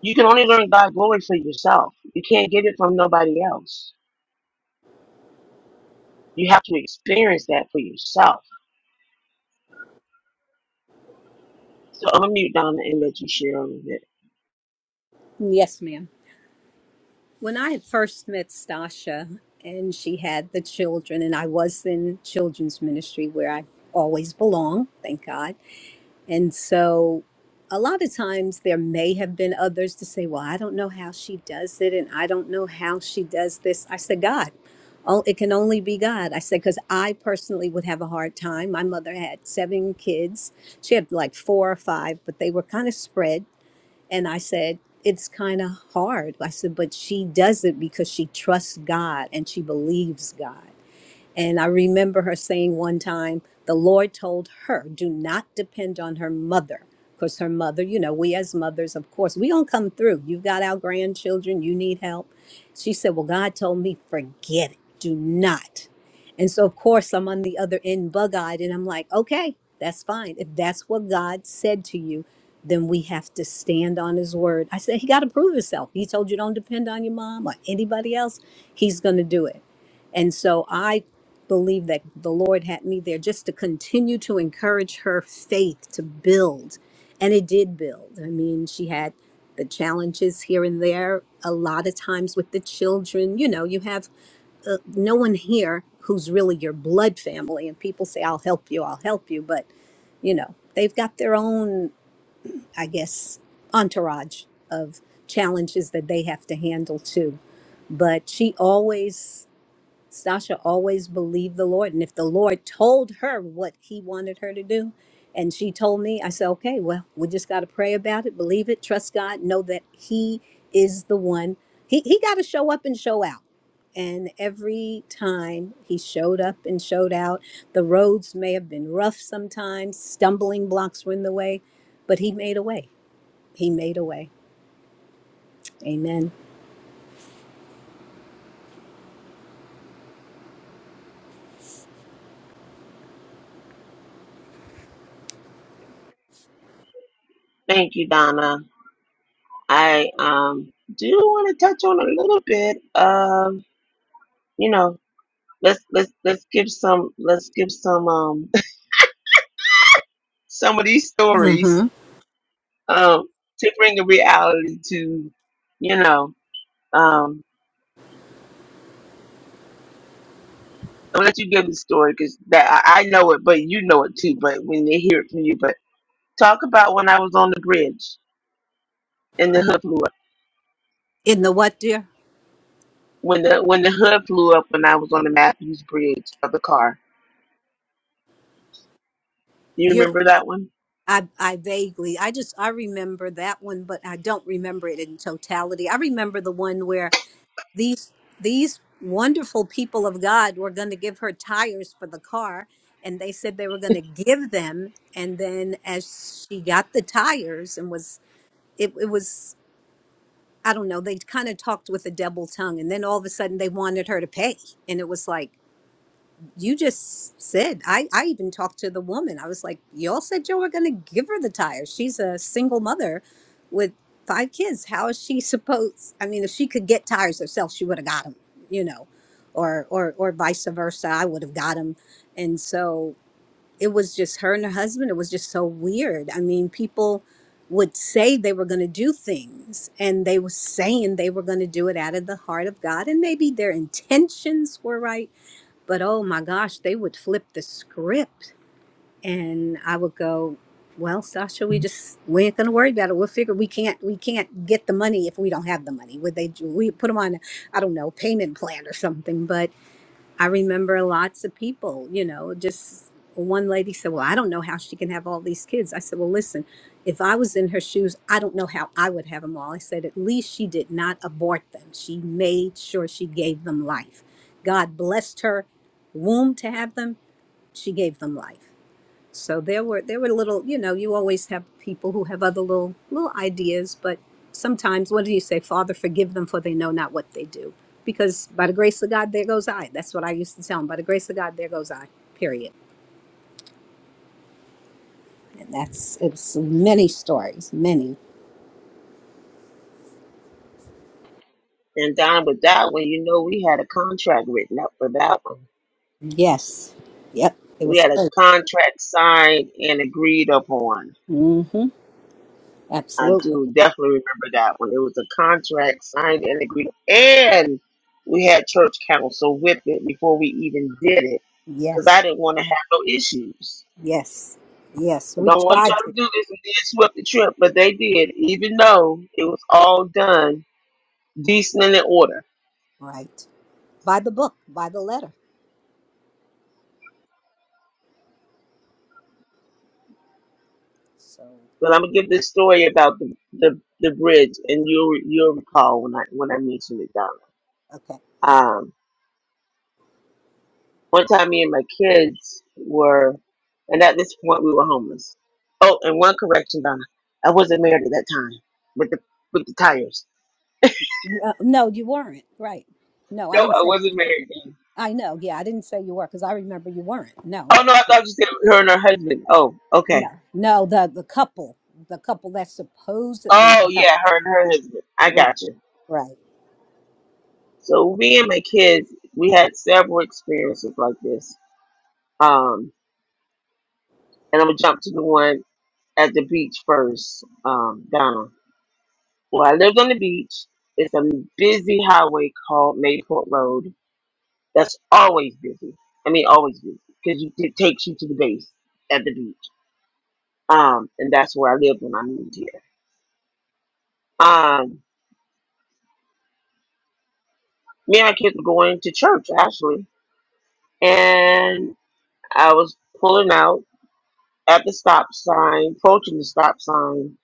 Speaker 4: You can only learn God's glory for yourself. You can't get it from nobody else You have to experience that for yourself. So I'm gonna mute Donna and let you share a little bit.
Speaker 6: Yes, madam When I had first met Stasha and she had the children, and I was in children's ministry where I always belong, thank God. And so a lot of times there may have been others to say, Well, I don't know how she does it, and I don't know how she does this. I said, God. Oh, it can only be God. I said, because I personally would have a hard time. My mother had seven kids. She had like four or five, but they were kind of spread. And I said, it's kind of hard. I said, but she does it because she trusts God and she believes God. And I remember her saying one time, the Lord told her, do not depend on her mother. Because her mother, you know, we as mothers, of course, we don't come through. You've got our grandchildren, you need help. She said, Well, God told me, forget it, do not. And so, of course, I'm on the other end, bug eyed, and I'm like, Okay, that's fine. If that's what God said to you, then we have to stand on his word. I said, He got to prove himself. He told you don't depend on your mom or anybody else. He's going to do it. And so I believe that the Lord had me there just to continue to encourage her faith to build. And it did build. I mean, she had the challenges here and there, a lot of times with the children. You know, you have uh, no one here who's really your blood family, and people say, I'll help you, I'll help you. But, you know, they've got their own, I guess, entourage of challenges that they have to handle too but she always Sasha always believed the Lord. And if the Lord told her what he wanted her to do, and she told me, I said, okay, well, we just got to pray about it, believe it, trust God, know that he is the one. He, he got to show up and show out. And every time he showed up and showed out, the roads may have been rough sometimes, stumbling blocks were in the way, but he made a way. He made a way. Amen.
Speaker 4: Thank you, Donna. I um do want to touch on a little bit of you know let's let's let's give some let's give some um some of these stories
Speaker 6: hmm
Speaker 4: um to bring a reality to you know um I'll let you give the story because that I, I know it but you know it too but when they hear it from you but talk about when I was on the bridge in the hood
Speaker 6: In the what, dear?
Speaker 4: When the when the hood flew up when I was on the Matthews Bridge of the car. You remember that one?
Speaker 6: I I vaguely I just I remember that one, but I don't remember it in totality. I remember the one where these these wonderful people of God were going to give her tires for the car, and they said they were going to give them, and then as she got the tires and was it it was I don't know they kind of talked with a double tongue, and then all of a sudden they wanted her to pay, and it was like you just said I, I even talked to the woman i was like y'all said y'all were going to give her the tires she's a single mother with five kids how is she supposed i mean if she could get tires herself she would have got them you know or or or vice versa i would have got them and so it was just her and her husband it was just so weird i mean people would say they were going to do things and they were saying they were going to do it out of the heart of god and maybe their intentions were right but oh my gosh, they would flip the script. And I would go, well, Sasha, we just, we ain't going to worry about it. We'll figure we can't, we can't get the money if we don't have the money. Would they, we put them on, I don't know, payment plan or something. but." I remember lots of people, you know, just one lady said, Well, I don't know how she can have all these kids. I said, Well, listen, if I was in her shoes, I don't know how I would have them all. I said, At least she did not abort them. She made sure she gave them life. God blessed her womb to have them. She gave them life. So there were there were little, you know, you always have people who have other little little ideas, but sometimes what do you say, Father, forgive them for they know not what they do. Because by the grace of God there goes I. That's what I used to tell them. By the grace of God there goes I. Period. And that's it's many stories, many.
Speaker 4: And down with that one, you know, we had a contract written up for that one.
Speaker 6: Yes. Yep. It
Speaker 4: We
Speaker 6: was
Speaker 4: had a
Speaker 6: crazy.
Speaker 4: contract signed and agreed upon.
Speaker 6: Mhm.
Speaker 4: I
Speaker 6: Absolutely.
Speaker 4: do definitely remember that one. It was a contract signed and agreed, and we had church council with it before we even did it, because
Speaker 6: Yes.
Speaker 4: I didn't want to have no issues.
Speaker 6: Yes. Yes,
Speaker 4: I
Speaker 6: we
Speaker 4: don't want
Speaker 6: tried
Speaker 4: y'all
Speaker 6: to,
Speaker 4: to do this and then swept the trip, but they did, even though it was all done decent and in order.
Speaker 6: right? By the book, by the letter. So,
Speaker 4: But I'm gonna give this story about the the, the bridge, and you'll you'll recall when I when I mentioned it, Donna.
Speaker 6: okay.
Speaker 4: Um, one time, me and my kids were, and at this point, we were homeless. Oh, and one correction, Donna, I wasn't married at that time with the with the tires.
Speaker 6: Uh, no, you weren't. Right. No, I
Speaker 4: No,
Speaker 6: didn't
Speaker 4: I
Speaker 6: say.
Speaker 4: wasn't married. Then.
Speaker 6: I know. Yeah, I didn't say you were because I remember you weren't. No,
Speaker 4: Oh no, I thought you said her and her husband. Oh,
Speaker 6: no,
Speaker 4: okay.
Speaker 6: no. The the couple, the couple that supposedly
Speaker 4: Oh
Speaker 6: were helped.
Speaker 4: yeah, her and her husband. I
Speaker 6: Right,
Speaker 4: got you.
Speaker 6: right.
Speaker 4: So me and my kids, we had several experiences like this. Um, and I'm gonna jump to the one at the beach first, um, Donna. Well, I lived on the beach. It's a busy highway called Mayport Road. That's always busy. I mean, always busy because it takes you to the base at the beach. Um, and that's where I lived when I moved here. Um, me and my kids were going to church actually, and I was pulling out at the stop sign, approaching the stop sign,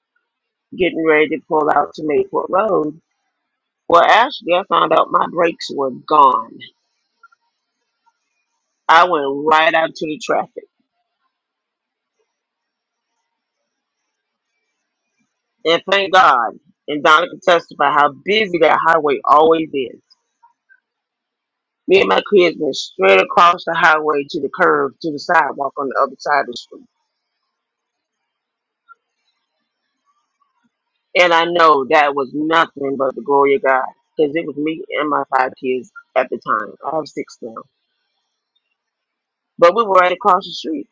Speaker 4: getting ready to pull out to Mayport Road Well, actually, I found out my brakes were gone. I went right out to the traffic. And thank God. And Donna can testify how busy that highway always is. Me and my kids went straight across the highway to the curb, to the sidewalk on the other side of the street. And I know that was nothing but the glory of God because it was me and my five kids at the time. I have six now. But we were right across the street.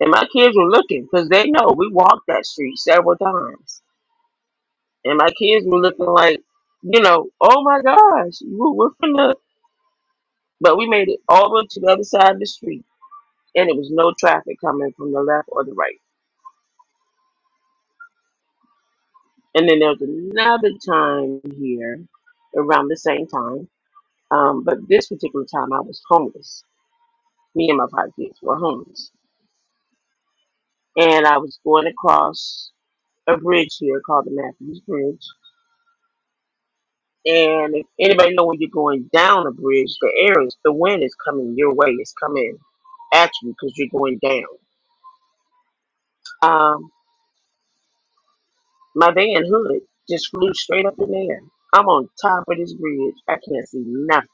Speaker 4: And my kids were looking because they know we walked that street several times. and my kids were looking like, you know, oh my gosh, we're, we're from the, but we made it all the way to the other side of the street, and it was no traffic coming from the left or the right. And then there was another time here, around the same time, um, but this particular time I was homeless. Me and my five kids were homeless, and I was going across a bridge here called the Matthews Bridge, And if anybody know when you're going down a bridge, the air is the wind is coming your way. It's coming at you because you're going down. Um, my van hood just flew straight up in the air. I'm on top of this bridge. I can't see nothing.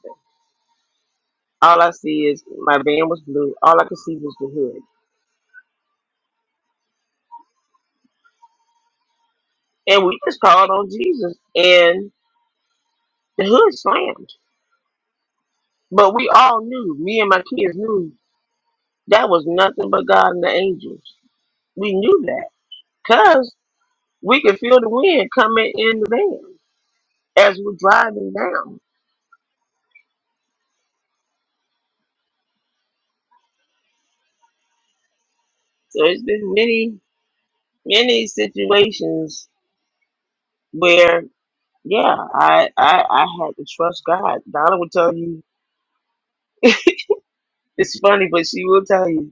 Speaker 4: All I see is my van was blue. All I could see was the hood. And we just called on Jesus, and the hood slammed. But we all knew, me and my kids knew, that was nothing but God and the angels. We knew that. we can feel the wind coming in the van as we're driving down. So it's been many, many situations where, yeah, I, I, I had to trust God. Donna will tell you, it's funny, but she will tell you,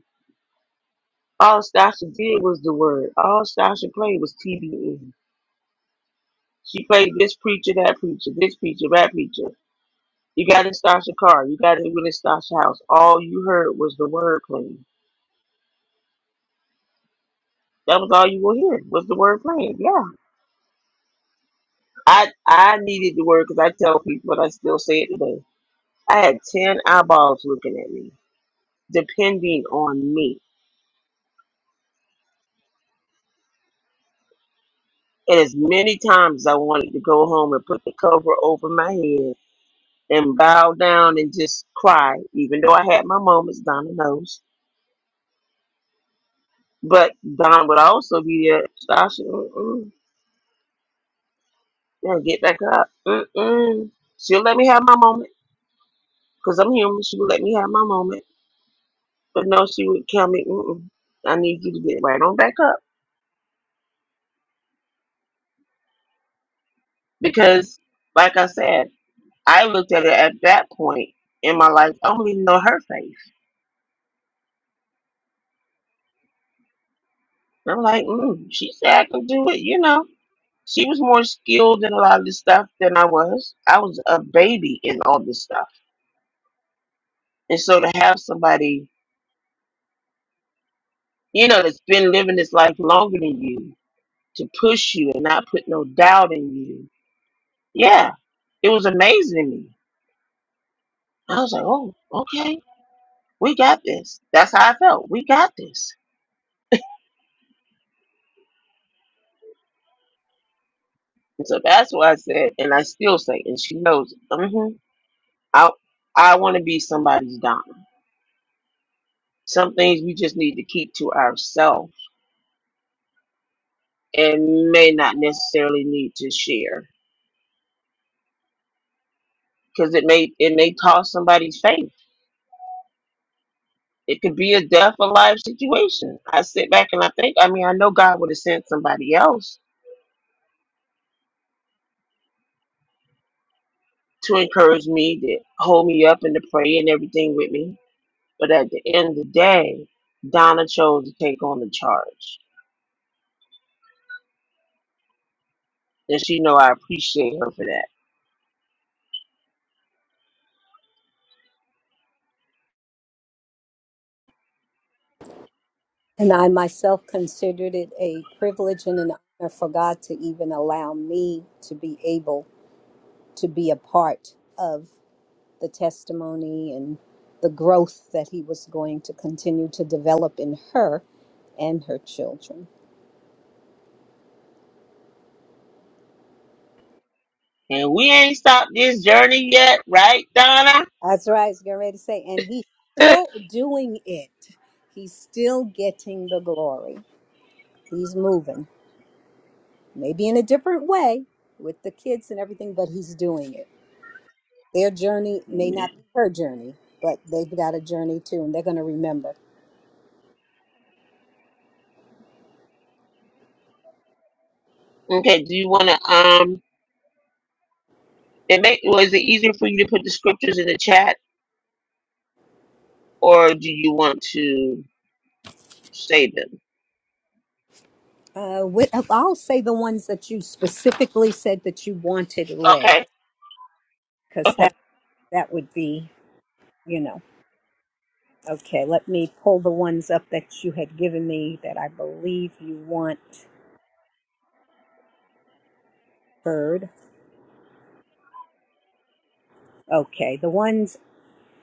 Speaker 4: all Stasha did was the word. All Stasha played was TBN. She played this preacher, that preacher, this preacher, that preacher. You got in Stasha car, you got in in Stasha house. All you heard was the word playing. That was all you were hearing was the word playing. Yeah I I needed the word because I tell people, but I still say it today. I had ten eyeballs looking at me, depending on me. And as many times I wanted to go home and put the cover over my head and bow down and just cry, even though I had my moments, Donna knows. But Don would also be there. Stasha, mm-mm, now get back up. Mm-mm. She'll let me have my moment because I'm human. She would let me have my moment. But no, she would tell me, mm-mm, I need you to get right on back up. because like I said, I looked at it at that point in my life. I don't even know her face. I'm like, mm, she said I can do it. You know, she was more skilled in a lot of this stuff than I was. I was a baby in all this stuff, and so to have somebody, you know, that's been living this life longer than you to push you and not put no doubt in you, yeah, it was amazing to me. I was like, oh, okay, we got this. That's how I felt. We got this So that's what I said, and I still say, and she knows, mm-hmm, I I want to be somebody's dom. Some things we just need to keep to ourselves and may not necessarily need to share because it may it may cost somebody's faith. It could be a death or life situation. I sit back and I think. I mean, I know God would have sent somebody else to encourage me, to hold me up, and to pray and everything with me. But at the end of the day, Donna chose to take on the charge then she know I appreciate her for that.
Speaker 6: And I myself considered it a privilege and an honor for God to even allow me to be able to be a part of the testimony and the growth that He was going to continue to develop in her and her children.
Speaker 4: And we ain't stopped this journey yet, right, Donna?
Speaker 6: That's right. I was getting ready to say, and he's still doing it. He's still getting the glory. He's moving, maybe in a different way with the kids and everything, but he's doing it. Their journey may
Speaker 4: Amen.
Speaker 6: not be her journey, but they've got a journey too, and they're going to remember.
Speaker 4: okay, do you want to, um, it make, was it easier for you to put the scriptures in the chat or do you want to say them?
Speaker 6: Uh, with, I'll say the ones that you specifically said that you wanted read,
Speaker 4: Okay,
Speaker 6: because
Speaker 4: okay.
Speaker 6: that that would be, you know. Okay, let me pull the ones up that you had given me that I believe you want heard. Okay, the ones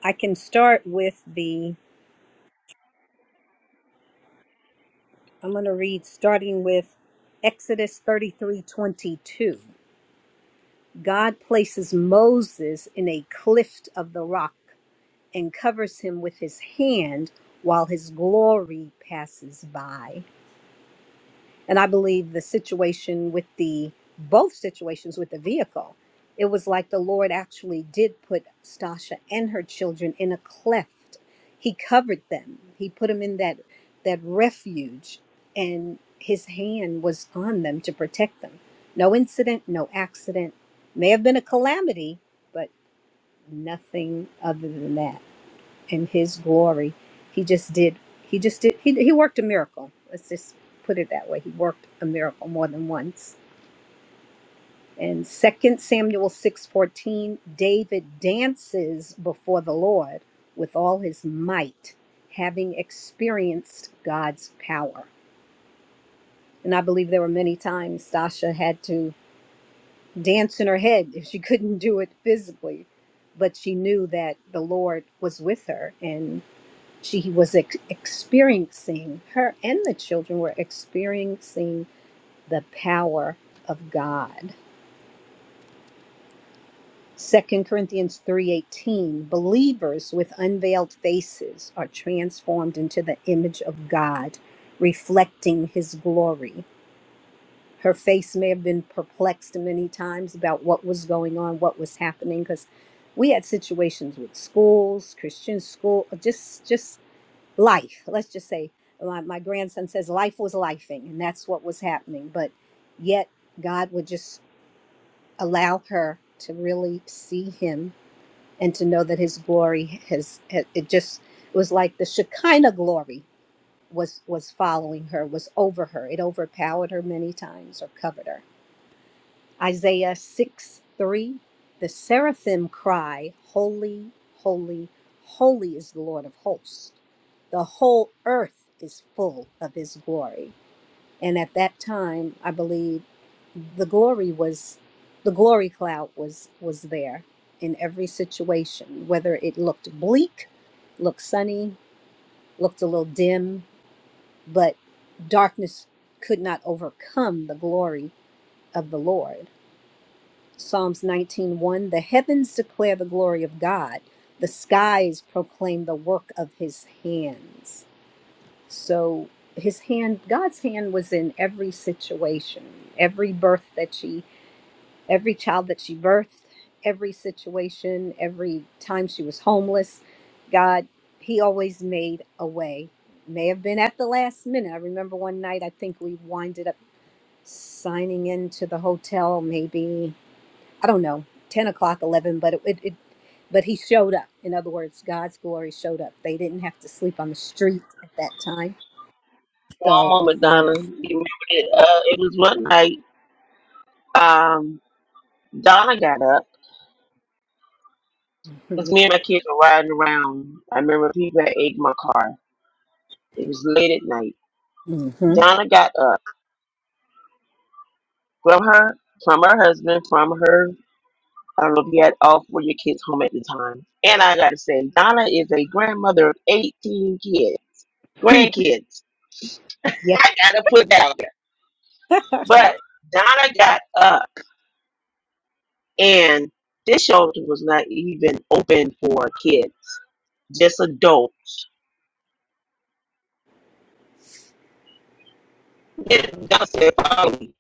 Speaker 6: I can start with the I'm going to read starting with Exodus 33:22. God places Moses in a cleft of the rock and covers him with his hand while his glory passes by. And I believe the situation with the both situations with the vehicle, it was like the Lord actually did put Stasha and her children in a cleft. He covered them. He put them in that that refuge and his hand was on them to protect them. No incident, no accident. May have been a calamity, but nothing other than that and his glory. He just did. He just did. He, he worked a miracle. Let's just put it that way. He worked a miracle more than once. And Second Samuel 6:14, David dances before the Lord with all his might, having experienced God's power. And I believe there were many times Stasha had to dance in her head if she couldn't do it physically, but she knew that the Lord was with her and. she was ex- experiencing, her and the children were experiencing the power of God. Second Corinthians 3:18 Believers with unveiled faces are transformed into the image of God, reflecting his glory. Her face may have been perplexed many times about what was going on, what was happening cuz we had situations with schools, Christian school, just just life. Let's just say my, my grandson says life was lifing, and that's what was happening. But yet, God would just allow her to really see Him and to know that His glory has. ha- It just was like the Shekinah glory was was following her, was over her. It overpowered her many times or covered her Isaiah 6 3, the seraphim cry, Holy, holy, holy is the Lord of hosts. The whole earth is full of his glory. And at that time, I believe the glory was the glory cloud was was there in every situation, whether it looked bleak, looked sunny, looked a little dim, but darkness could not overcome the glory of the Lord Psalms 19:1 The heavens declare the glory of God. The skies proclaim the work of his hands. So his hand God's hand was in every situation, every birth that she every child that she birthed, every situation, every time she was homeless, God he always made a way. May have been at the last minute. I remember one night I think we winded up signing into the hotel maybe I don't know, 10 o'clock, 11, but it, it, it- but he showed up. In other words, God's glory showed up. They didn't have to sleep on the street at that time.
Speaker 4: One
Speaker 6: So
Speaker 4: moment,
Speaker 6: God,
Speaker 4: Donna. You remember it, uh, it was one night, um, Donna got up
Speaker 6: mhm,
Speaker 4: because me and my kids were riding around. I remember people had ate my car. It was late at night.
Speaker 6: mhm,
Speaker 4: Donna got up from her, from her husband, from her I don't know if you had all four of your kids home at the time. And I gotta say, Donna is a grandmother of 18 kids, grandkids.
Speaker 6: yeah,
Speaker 4: I gotta put that out there. But Donna got up, and this shelter was not even open for kids, just adults. And Donna said, "Follow me."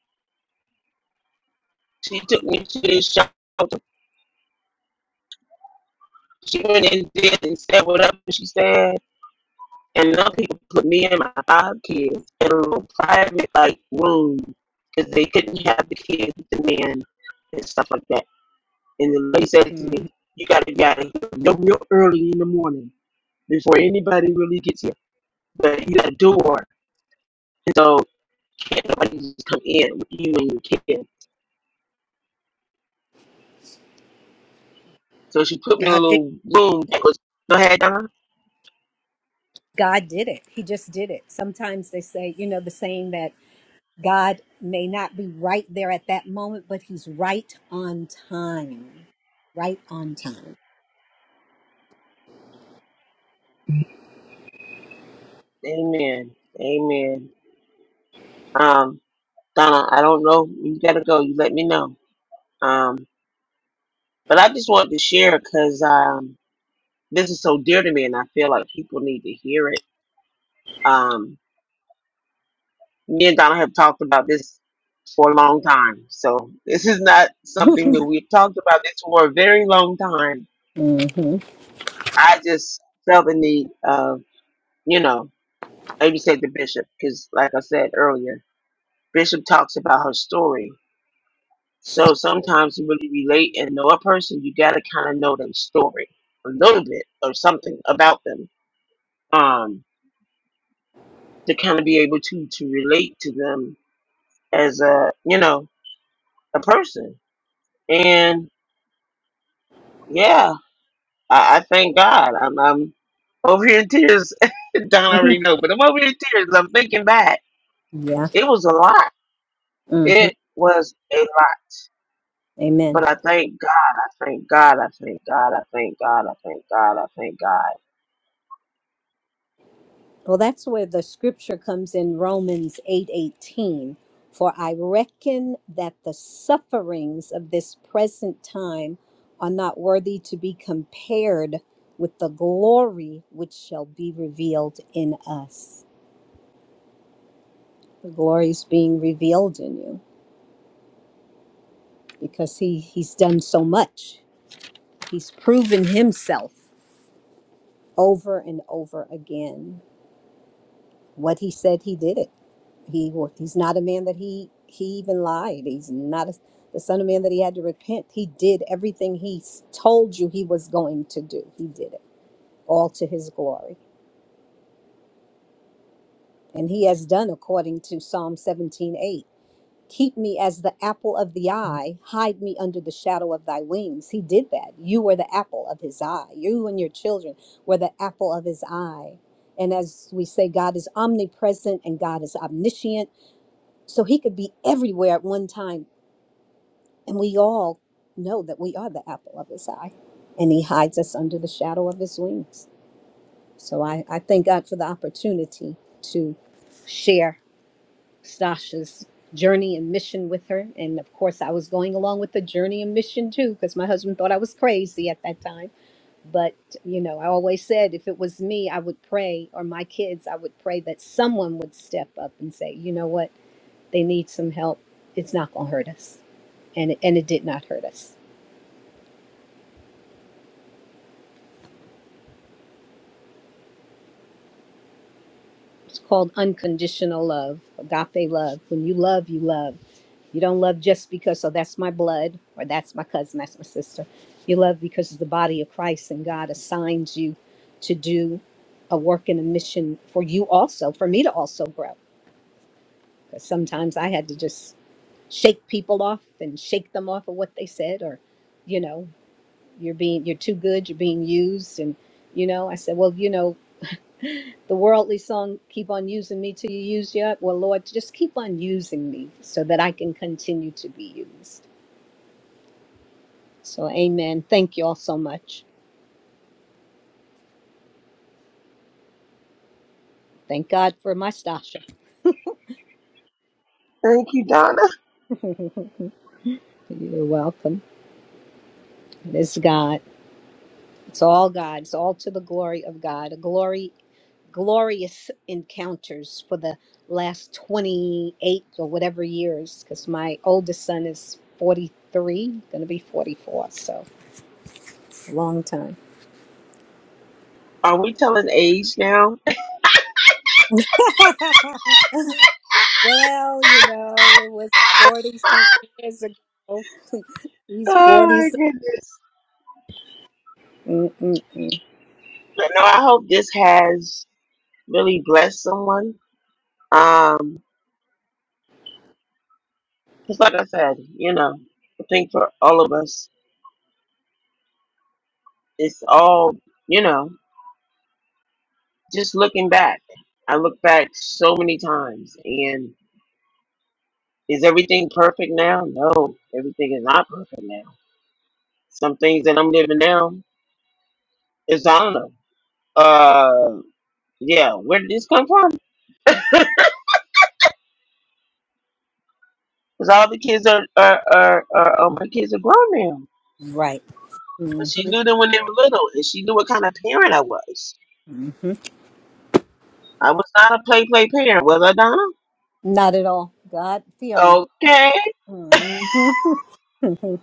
Speaker 4: She took me to this shelter. She went in there and said, "What up?" And She said. And some people put me and my five kids in a little private like room because they couldn't have the kids with the man and stuff like that. And the lady said to me,
Speaker 6: Mhm.
Speaker 4: "You got to get out of here real, real early in the morning before anybody really gets here. But you got to do it, and so can't nobody just come in with you and your kids." So she put me in a
Speaker 6: God did,
Speaker 4: little room that was go ahead, Donna.
Speaker 6: God did it. He just did it. Sometimes they say, you know, the saying that God may not be right there at that moment, but he's right on time, right on time.
Speaker 4: Amen. Amen. Um, Donna, I don't know. You gotta go. You let me know. Um. But I just wanted to share because um, this is so dear to me, and I feel like people need to hear it. Um, me and Donna have talked about this for a long time, so this is not something that we've talked about this for a very long time.
Speaker 6: hmm
Speaker 4: I just felt the need of, you know, maybe say the bishop, because like I said earlier, Bishop talks about her story. So sometimes to really relate and know a person, you got to kind of know their story a little bit or something about them. Um, to kind of be able to to relate to them as a you know a person and yeah i, I thank god i'm i'm over here in tears don already know but i'm over here in tears i'm thinking back
Speaker 6: Yeah.
Speaker 4: it was a lot
Speaker 6: hmm
Speaker 4: it was a lot
Speaker 6: Amen.
Speaker 4: but i thank god thank god i thank god i thank god i thank god i thank god
Speaker 6: Well, that's where the scripture comes in Romans 8:18, for I reckon that the sufferings of this present time are not worthy to be compared with the glory which shall be revealed in us. The glory is being revealed in you because he he's done so much. He's proven himself over and over again. What he said, he did it. he wa- he's not a man that he he even lied he's not a, the son of man that he had to repent he did everything he s- told you he was going to do he did it all to his glory and he has done according to psalm 17 8. keep me as the apple of the eye hide me under the shadow of thy wings he did that you were the apple of his eye you and your children were the apple of his eye and as we say god is omnipresent and god is omniscient so he could be everywhere at one time And we all know that we are the apple of his eye, and he hides us under the shadow of his wings. So I, I thank God for the opportunity to share Stasha's journey and mission with her. And of course, I was going along with the journey and mission too, because my husband thought I was crazy at that time. But, you know, I always said if it was me, I would pray, or my kids, I would pray that someone would step up and say, you know what, they need some help. It's not going to hurt us. And it, and it did not hurt us. It's called unconditional love, agape love. When you love, you love. You don't love just because, oh, that's my blood, or that's my cousin, that's my sister. You love because the body of Christ and God assigns you to do a work and a mission for you also, for me to also grow. Because sometimes I had to just shake people off and shake them off of what they said or you know you're being you're too good you're being used and you know i said well you know the worldly song keep on using me till you use you up well lord just keep on using me so that i can continue to be used so amen thank you all so much thank god for my stasha
Speaker 4: thank you donna
Speaker 6: you're welcome it's god it's all god it's all to the glory of god a glory glorious encounters for the last 28 or whatever years because my oldest son is 43 going to be 44 so long time
Speaker 4: are we telling age now
Speaker 6: Well, you know, it was 40 something years ago. He's
Speaker 4: oh
Speaker 6: 40
Speaker 4: my
Speaker 6: something.
Speaker 4: goodness
Speaker 6: Mm-mm-mm.
Speaker 4: but no i hope this has really blessed someone um Because, like I said, you know, I think for all of us, it's all, you know, just looking back. I look back so many times, and is everything perfect now? No, everything is not perfect now. Some things that I'm living now is, I don't know. Uh, yeah, where did this come from? Because all the kids are, are, are, are, oh, my kids are grown now.
Speaker 6: Right. hmm
Speaker 4: But she knew them when they were little, and she knew what kind of parent I was.
Speaker 6: hmm
Speaker 4: I was not a play play parent, was I, Donna?
Speaker 6: Not at all. God fearing.
Speaker 4: Okay.
Speaker 6: hmm hmm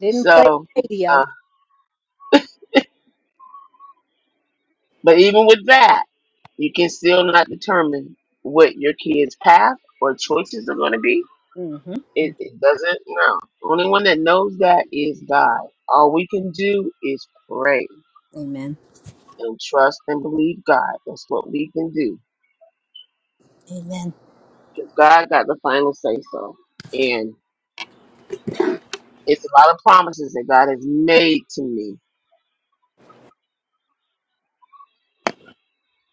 Speaker 6: Didn't play the
Speaker 4: So, uh,
Speaker 6: radio.
Speaker 4: but even with that, you can still not determine what your kid's path or choices are going to be.
Speaker 6: hmm
Speaker 4: It, it doesn't know. Only one that knows that is God. All we can do is pray
Speaker 6: Amen.
Speaker 4: and trust and believe God. That's what we can do
Speaker 6: Amen.
Speaker 4: because God got the final say so. And it's a lot of promises that God has made to me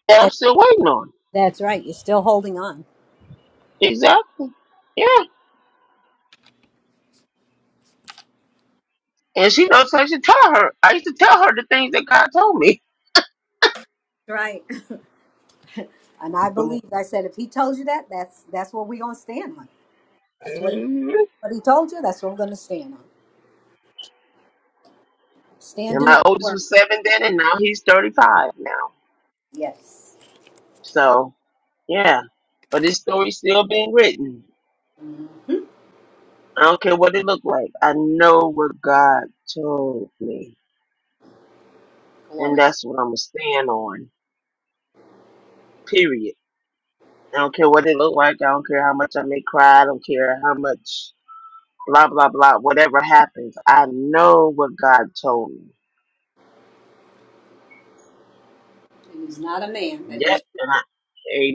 Speaker 4: that I'm
Speaker 6: That,
Speaker 4: still waiting on.
Speaker 6: that's right. You're still holding on.
Speaker 4: Exactly. Yeah. And she knows, so I should tell her. I used to tell her the things that God told me.
Speaker 6: Right. And I
Speaker 4: Mhm.
Speaker 6: believe I said if he told you that, that's that's what we're gonna stand on. That's what he what he told you, that's what we're gonna stand on.
Speaker 4: And
Speaker 6: Standing on
Speaker 4: my
Speaker 6: the
Speaker 4: oldest
Speaker 6: word.
Speaker 4: was seven then, and now he's 35 now.
Speaker 6: Yes.
Speaker 4: So, yeah. But this story's still being written.
Speaker 6: Mhm.
Speaker 4: I don't care what it looked like. I know what God told me. And
Speaker 6: Glory.
Speaker 4: that's what I'm going to stand on, period. I don't care what it looked like. I don't care how much I may cry. I don't care how much blah, blah, blah, whatever happens. I know what God told me.
Speaker 6: And he's not a man that he
Speaker 4: Yep.
Speaker 6: should
Speaker 4: And
Speaker 6: lie.
Speaker 4: I,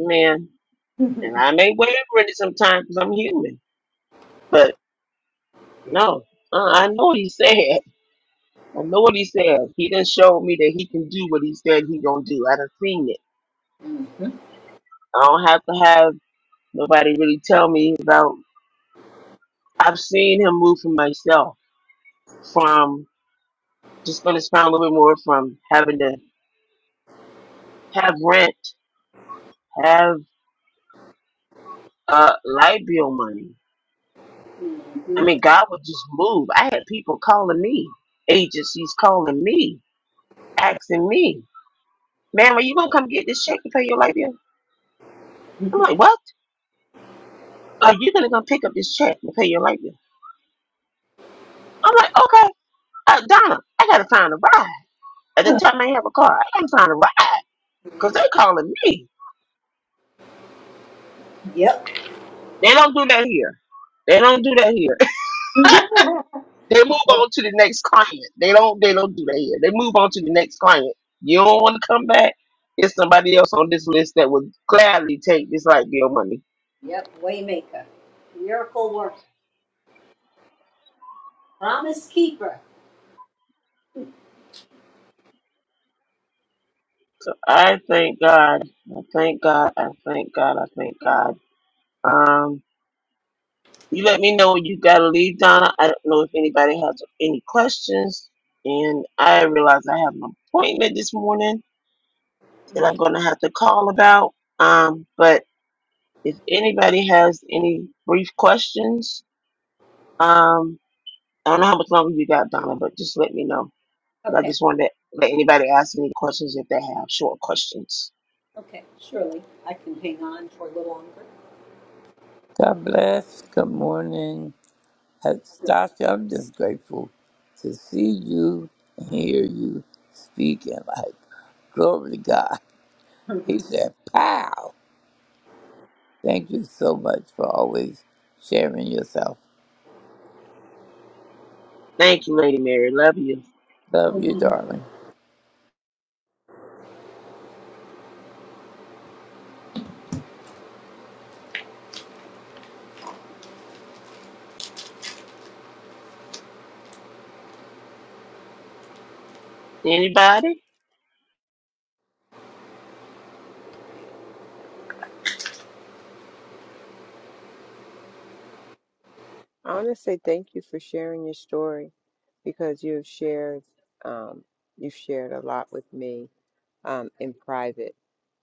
Speaker 4: amen. And I may waver in it sometimes because I'm human. but. No, uh, I know what he said. I know what he said. He done showed me that he can do what he said he gonna do. I done seen it.
Speaker 6: Mhm.
Speaker 4: I don't have to have nobody really tell me about. I've seen him move for myself from just gonna expound a little bit more from having to have rent, have uh light bill money. I
Speaker 6: Mhm.
Speaker 4: mean, God would just move. I had people calling me, agencies calling me, asking me, "Man, are you gonna come get this check to pay your light bill?" I'm like, "What?" Are you really gonna pick up this check and pay your light bill? I'm like, okay, uh, Donna, I gotta find a ride. At the time I have a car, I gotta find a ride because they calling me.
Speaker 6: Yep.
Speaker 4: They don't do that here. They don't do that here. they move on to the next client. They don't. They don't do that here. They move on to the next client. You don't want to come back. There's somebody else on this list that would gladly take this light bill money.
Speaker 6: yep. Waymaker. Miracle worker. Promise keeper.
Speaker 4: So I thank God. I thank God. I thank God. I thank God. Um, You let me know when you got to leave, Donna. I don't know if anybody has any questions. And I realize I have an appointment this morning that I'm going to have to call about. Um, but if anybody has any brief questions, um, I don't know how much longer you got, Donna, but just let me know. 'Cause I
Speaker 6: Okay.
Speaker 4: just wanted to let anybody ask any questions if they have short questions.
Speaker 6: Okay. Surely I can hang on for a
Speaker 7: God bless. Good morning. At Stasha, I'm just grateful to see you and hear you speak and like, glory to God.
Speaker 6: little
Speaker 7: He said, pow. Thank you so much for always sharing yourself.
Speaker 4: Thank you, Lady Mary. Love you.
Speaker 7: Love you,
Speaker 6: longer.
Speaker 7: darling.
Speaker 4: Anybody?
Speaker 3: I want to say thank you for sharing your story because you've shared um, you've shared a lot with me um, in private,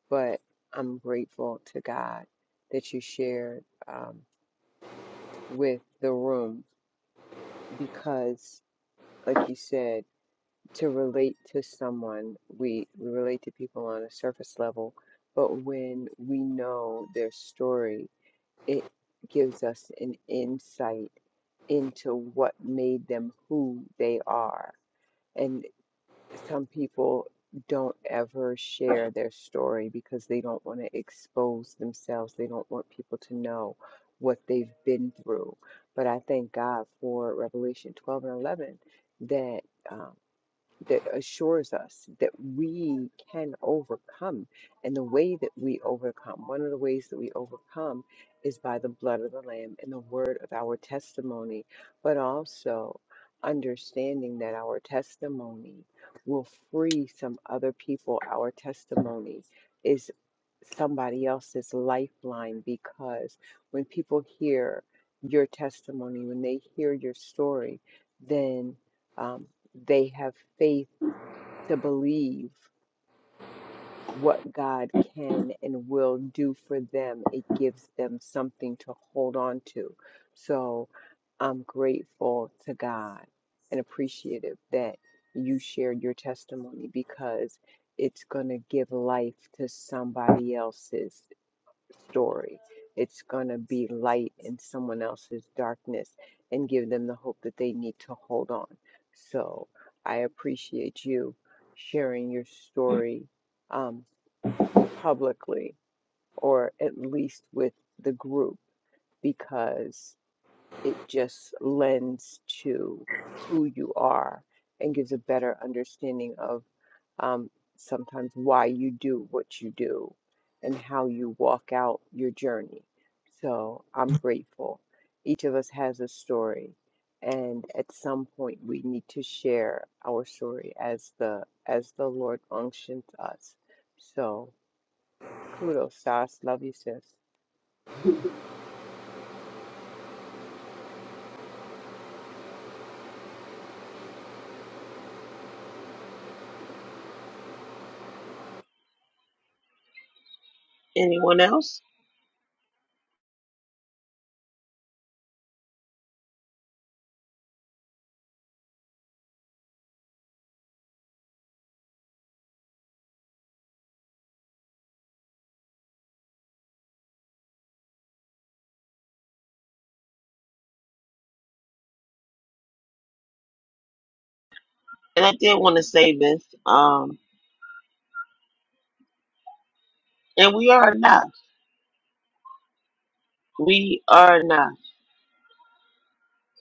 Speaker 3: but I'm grateful to God that you shared um, with the room because, like you said, to relate to someone, we, we relate to people on a surface level, but when we know their story, it gives us an insight into what made them who they are. And some people don't ever share their story because they don't want to expose themselves. They don't want people to know what they've been through. But I thank God for Revelation 12 and 11 that. uh, that assures us that we can overcome. And the way that we overcome, one of the ways that we overcome is by the blood of the Lamb and the word of our testimony, but also understanding that our testimony will free some other people. Our testimony is somebody else's lifeline because when people hear your testimony, when they hear your story, then um, they have faith to believe what God can and will do for them. It gives them something to hold on to. So I'm grateful to God and appreciative that you shared your testimony because it's going to give life to somebody else's story. It's going to be light in someone else's darkness and give them the hope that they need to hold on. So I appreciate you sharing your story um, publicly or at least with the group because it just lends to who you are and gives a better understanding of um, sometimes why you do what you do and how you walk out your journey. So I'm grateful. Each of us has a story, and at some point we need to share our story as the as the Lord unctions us. So kudos, Stas. Love you, sis.
Speaker 4: Anyone else? And I did want to say this. Um, and we are not. We are not.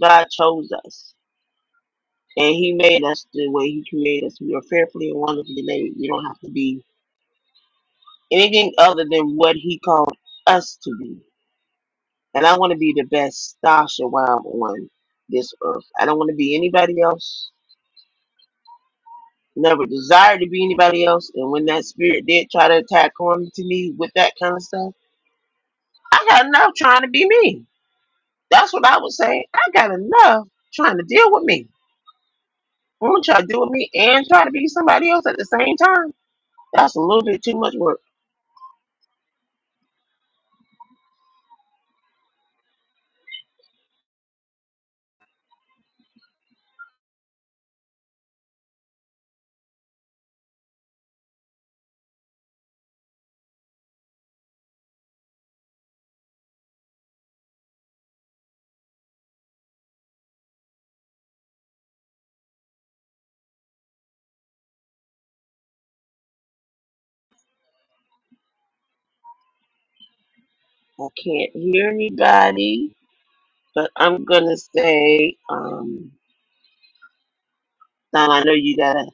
Speaker 4: God chose us, and He made us the way He created us. We are fearfully and wonderfully made. We don't have to be anything other than what He called us to be. And I want to be the best Stasha while I'm on this earth. I don't want to be anybody else. Never desired to be anybody else. And when that spirit did try to attack on to me with that kind of stuff, I got enough trying to be me. That's what I would say. I got enough trying to deal with me. I'm gonna try to deal with me and try to be somebody else at the same time. That's a little bit too much work. I can't hear anybody, but I'm gonna say, um, Don, I know you gotta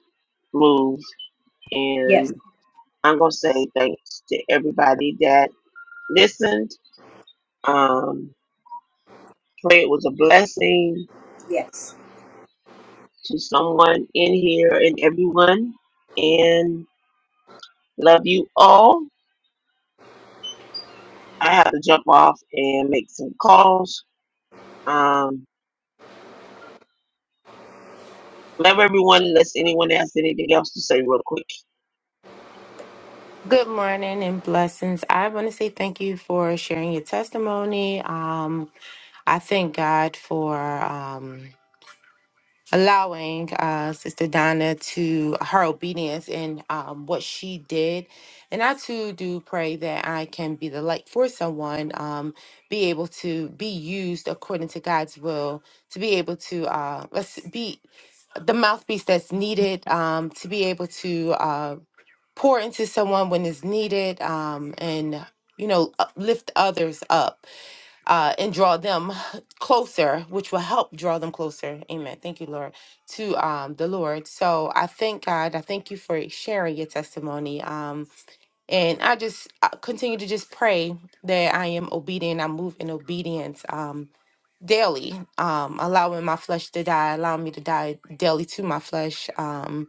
Speaker 4: move,
Speaker 6: yes.
Speaker 4: and I'm gonna say thanks to everybody that listened. Um, pray it was a blessing
Speaker 6: Yes.
Speaker 4: to someone in here and everyone, and love you all. I have to jump off and make some calls. Um, Love everyone unless anyone has anything else to say real quick.
Speaker 5: Good morning and blessings. I want to say thank you for sharing your testimony. Um, I thank God for um, allowing uh, Sister Donna to her obedience in um, what she did. And I too do pray that I can be the light for someone, um, be able to be used according to God's will, to be able to uh, let's be the mouthpiece that's needed um, to be able to uh, pour into someone when it's needed um, and you know up- lift others up uh, and draw them closer which will help draw them closer amen thank you lord to um, the lord so i thank god i thank you for sharing your testimony um, and i just uh, continue to just pray that i am obedient i move in obedience um, daily um allowing my flesh to die allowing me to die daily to my flesh um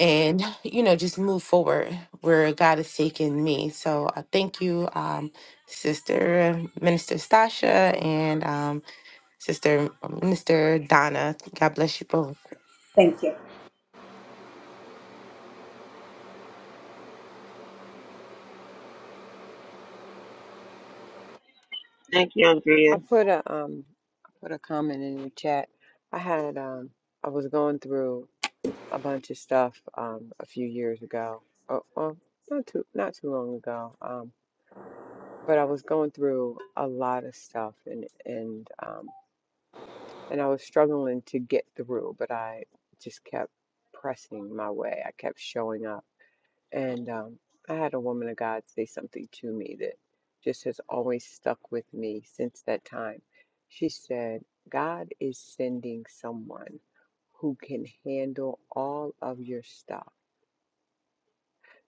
Speaker 5: and you know just move forward where god has taken me so i thank you um sister minister stasha and um sister minister donna god bless you both
Speaker 6: Thank you.
Speaker 4: Thank you, Andrea.
Speaker 3: I put a um I put a comment in the chat. I had um I was going through a bunch of stuff um a few years ago. Oh, well, not too not too long ago. Um, but um and I just kept praying up and um I had it just has always stuck with that time. She said, God one who can handle all of that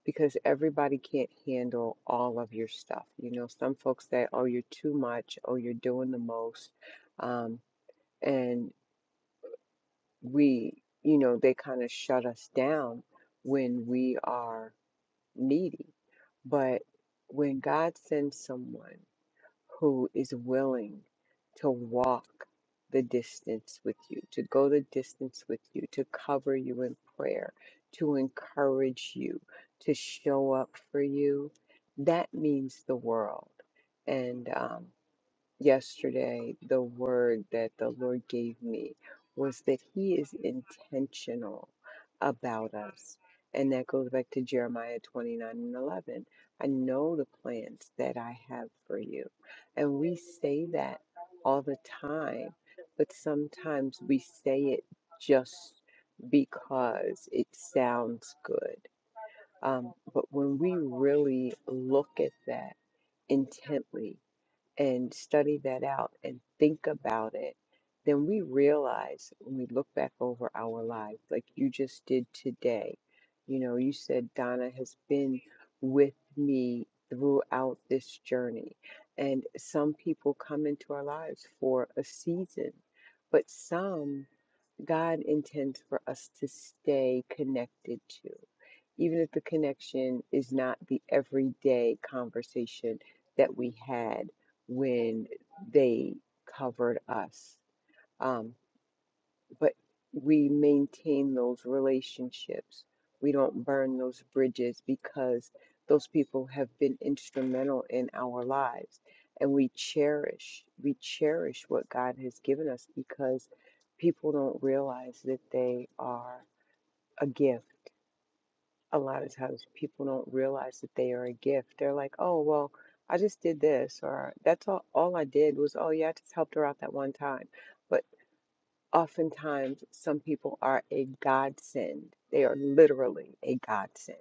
Speaker 3: because everybody can't handle all of your stuff. You know, some folks say, Oh, you're too much, oh you're doing the most. Um." and we you know they kind of shut us down when we are needy but when god sends someone who is willing to walk the distance with you to go the distance with you to cover you in prayer to encourage you to show up for you that means the world and um, yesterday, the word that the Lord gave me was that He is intentional about us. And that goes back to Jeremiah 29 and 11. I know the plans that I have for you. And we say that all the time, but sometimes we say it just because it sounds good. Um, but when we really look at that intently, and study that out and think about it, then we realize when we look back over our lives, like you just did today, you know, you said Donna has been with me throughout this journey. And some people come into our lives for a season, but some. God intends for us to stay connected to, even if the connection is not the everyday conversation that we had when they covered us. Um, but we maintain those relationships. We don't burn those bridges because those people have been instrumental in our lives. And we cherish, we cherish what God has given us because people don't realize that they are a gift. A lot of times people don't realize that they are a gift. They're like, oh, well, I just did this, or that's all, all I did was, oh, yeah, I just helped her out that one time. But oftentimes some people are a godsend. They are literally a godsend.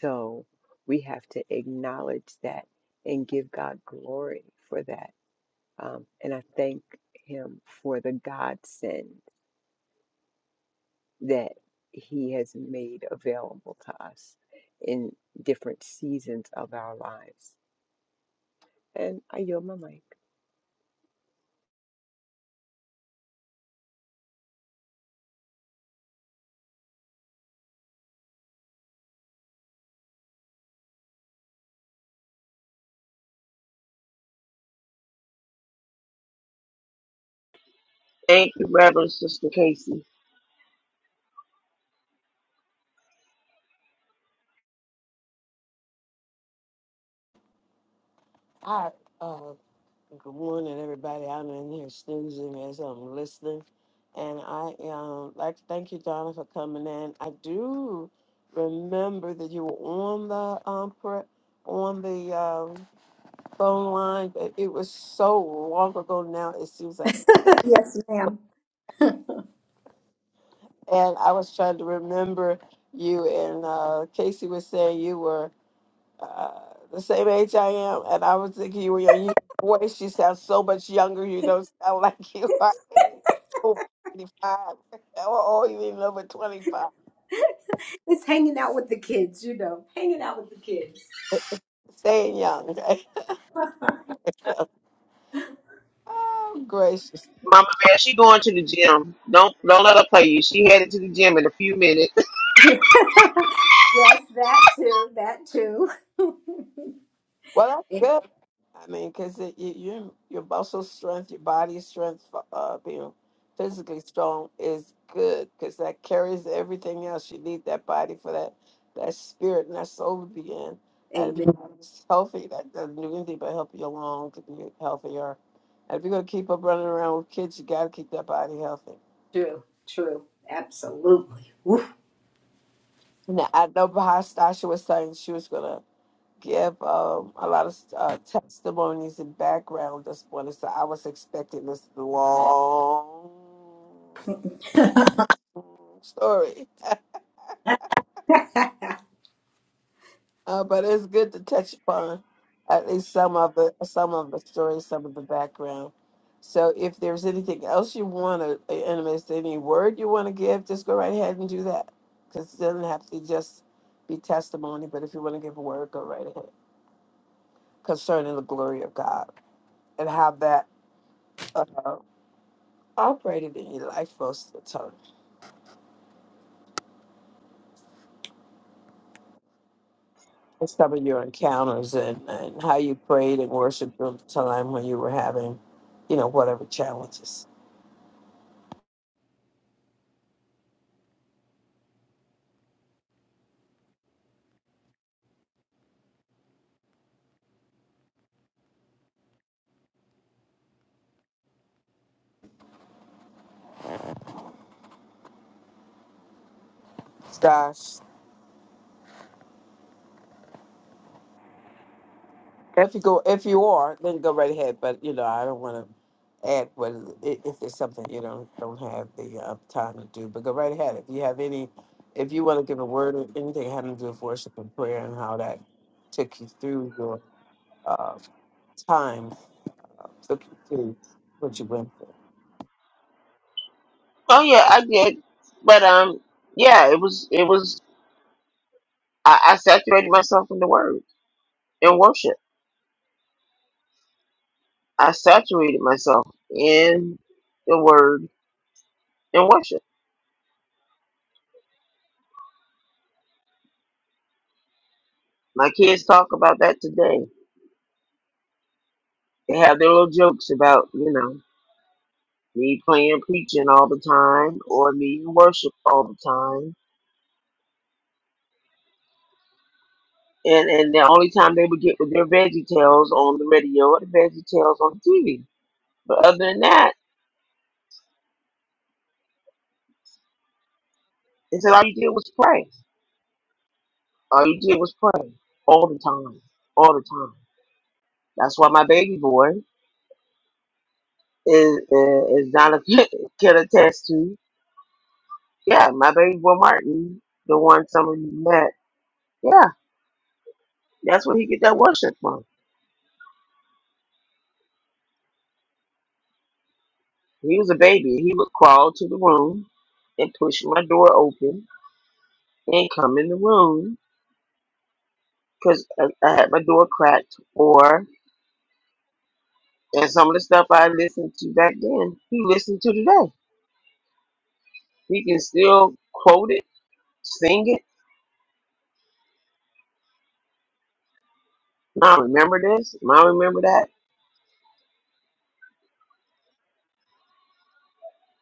Speaker 3: So we have to acknowledge that and give God glory for that. Um, and I thank Him for the godsend that He has made available to us in different seasons of our lives. And I yield my mic.
Speaker 4: Thank you, Reverend Sister Casey.
Speaker 2: have uh, Good morning, everybody. I'm in here snoozing as I'm listening. And I um like to thank you, Donna, for coming in. I do remember that you were on the um pre- on the um, phone line, but it was so long ago now. It seems like,
Speaker 6: yes, ma'am.
Speaker 2: and I was trying to remember you, and uh, Casey was saying you were. uh, the same age I am, and I was thinking you were your you- voice. You sound so much younger. You don't sound like you are over 25 or, or even over 25.
Speaker 6: It's hanging out with the kids, you know. Hanging out with the kids.
Speaker 2: Staying young. oh, gracious.
Speaker 4: Mama Bear, she going to the gym. Don't don't let her play you. She headed to the gym in a few minutes.
Speaker 6: yes, that too. That too.
Speaker 2: Well, that's good. I mean, because you, your your muscle strength, your body strength, uh, uh, being physically strong is good because that carries everything else. You need that body for that that spirit and that soul to be in. And if
Speaker 6: Amen.
Speaker 2: your body's healthy, that doesn't do anything but help you along to be healthier. And if you're gonna keep up running around with kids, you gotta keep that body healthy.
Speaker 6: True. True. Absolutely. Woo.
Speaker 2: Now, I know Bahasa Stasha was saying she was gonna give um, a lot of uh, testimonies and background this morning. So I was expecting this long story, uh, but it's good to touch upon at least some of the some of the stories, some of the background. So if there's anything else you want to, and if there's any word you want to give, just go right ahead and do that. Because it doesn't have to just be testimony, but if you want to give a word, go right ahead concerning the glory of God and how that. uh, operated in your life most of the time. And Some of your encounters and, and how you prayed and worshiped during the time when you were having, you know, whatever challenges. Gosh, if you go, if you are, then go right ahead. But you know, I don't want to add what i- if there's something you don't don't have the uh, time to do. But go right ahead if you have any, if you want to give a word or anything having to do with worship and prayer and how that took you through your uh, time, took you through what you went through.
Speaker 4: oh yeah, I did. But um yeah, it was it was I, I saturated myself in the word in worship. I saturated myself in the word in worship. My kids talk about that today. They have their little jokes about, you know. me playing preaching all the time or me in worship all the time. And and the only time they would get with their veggie tales on the radio or the veggie tales on the TV. But other than that, they said all you did was pray. All you did was pray all the time, all the time. That's why my baby boy is is is Donna can attest to. Yeah, my baby boy Martin, the one some of you met. Yeah, that's where he get that worship from He was a baby. He would crawl to the room and push my door open and come in the room because I, I had my door cracked. Or and some of the stuff I listened to back then, he listened to today. He can still quote it, sing it. Mom, remember this. Mom, remember that.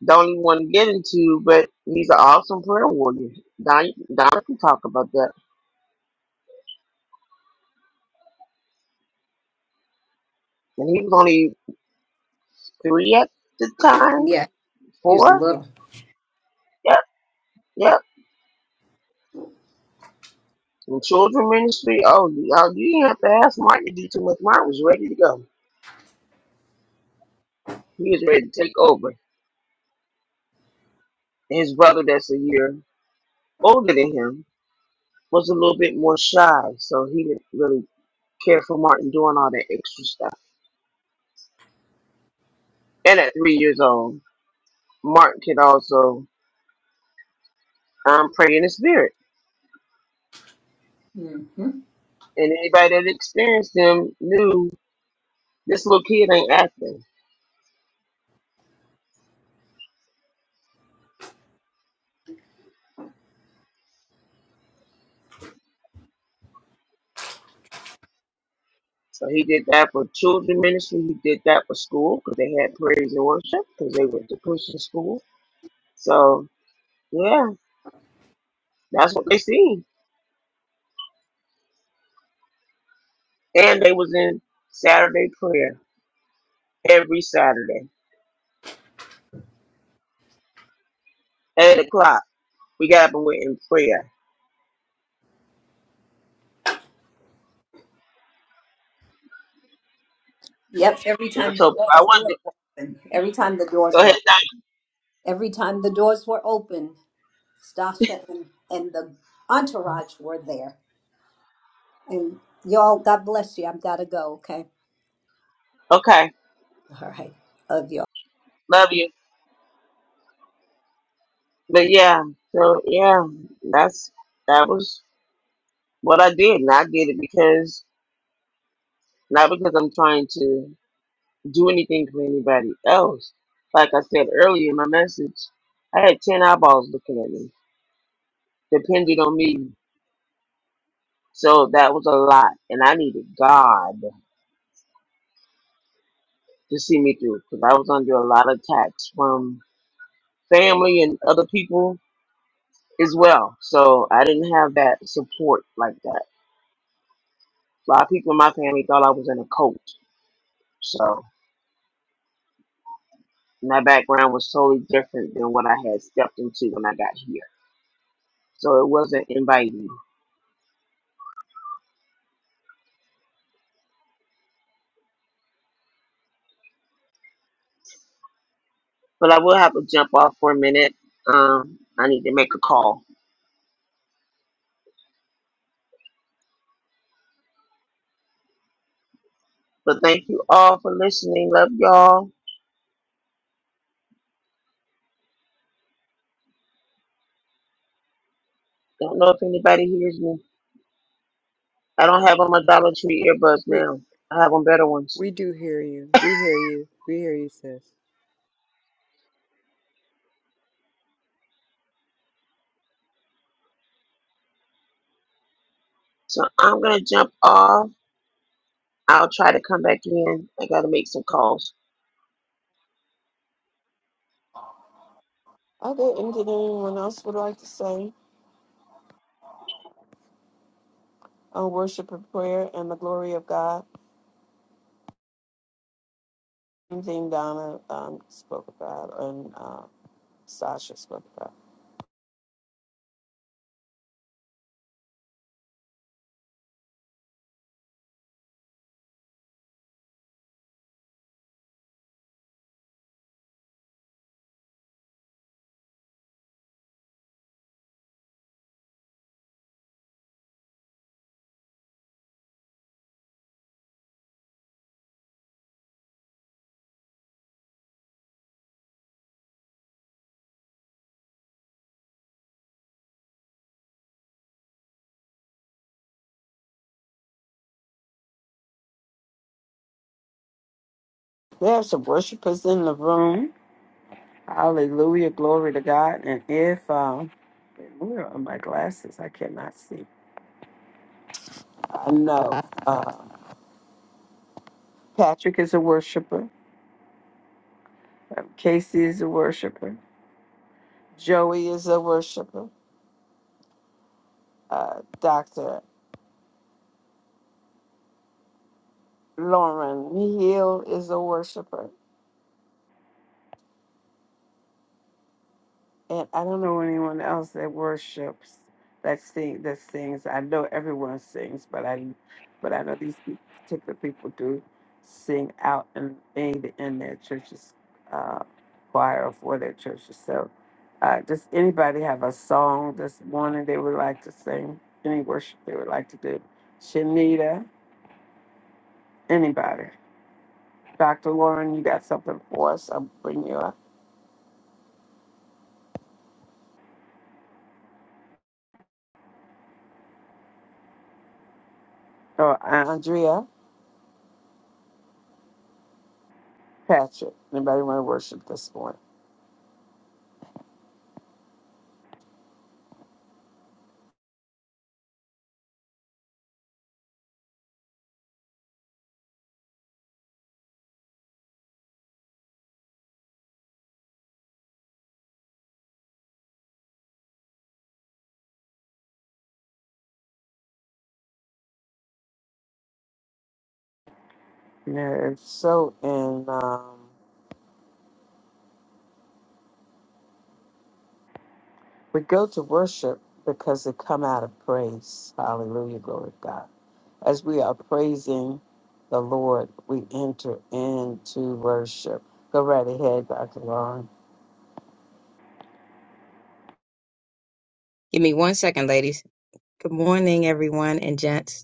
Speaker 4: Don't even want to get into, but he's an awesome prayer warrior. Don, Don can talk about that. And he was only three at the time,
Speaker 6: Yeah, she's
Speaker 4: four.
Speaker 6: little.
Speaker 4: Yep, yep In children ministry, oh, y'all, you didn't have to ask Mark to do too much. Mark was ready to go. He was ready to take over. And his brother, that's a year older than him, was a little bit more shy, so he didn't really care for Martin doing all that extra stuff. And at three years old, Martin could also um, pray in the spirit.
Speaker 6: hmm
Speaker 4: And anybody that experienced him knew this little kid ain't acting. So he did that for children ministry. He did that for school because they had praise and worship because they went to Christian school. So Yeah, that's what they seen. And they was in Saturday prayer every Saturday, eight o'clock. We got up and went in prayer.
Speaker 6: Yep. Every
Speaker 4: And I
Speaker 6: time the
Speaker 4: told
Speaker 6: doors
Speaker 4: I
Speaker 6: doors
Speaker 4: wanted to
Speaker 6: were open, every time the
Speaker 4: go
Speaker 6: doors
Speaker 4: ahead.
Speaker 6: were,
Speaker 4: Doc.
Speaker 6: every time the doors were open, Stasha and and the entourage were there. And y'all, God bless you. I've got to go. Okay.
Speaker 4: Okay,
Speaker 6: All right. Love y'all.
Speaker 4: love you. But yeah, so yeah, that's that was what I did, and I did it because not because I'm trying to do anything for anybody else. Like I said earlier in my message, I had ten eyeballs looking at me, depending on me. So that was a lot, and I needed God. to see me through because I was under a lot of attacks from family and other people as well. So I didn't have that support like that. A lot of people in my family thought I was in a cult. So my background was totally different than what I had stepped into when I got here. So it wasn't inviting. But I will have to jump off for a minute. Um, I need to make a call. But thank you all for listening. Love y'all. Don't know if anybody hears me. I don't have on my Dollar Tree earbuds
Speaker 3: We
Speaker 4: now. I have on better ones.
Speaker 3: we do hear you. We hear you. We hear you, sis.
Speaker 4: So I'm gonna jump off. I'll try to come back in. I gotta make some calls.
Speaker 2: Okay. anything anyone else would like to say on worship and prayer and the glory of God? Anything Donna um, spoke about and uh, Sasha spoke about. We have some worshipers in the room. Hallelujah, glory to God. And if um, where are my glasses? I cannot see. I know uh, Patrick is a worshiper. um, Casey is a worshiper. Joey is a worshiper. Uh, Doctor Lauren Hill is a worshiper. And I don't know anyone else that worships that sing that sings. I know everyone sings, but I but I know these pe- particular people do sing out and aid in their church's uh, choir or for their churches. So uh, does anybody have a song this morning they would like to sing? Any worship they would like to do? Shanita, anybody? Dr. Lauren, you got something for us? I'll bring you up. Or Andrea, Patrick, anybody want to worship this morning? Yeah, it's so in um we go to worship because it come out of praise. Hallelujah, glory to God. As we are praising the Lord, we enter into worship. Go right ahead, Dr. Lauren.
Speaker 9: Give me one second, ladies. Good morning, everyone and gents.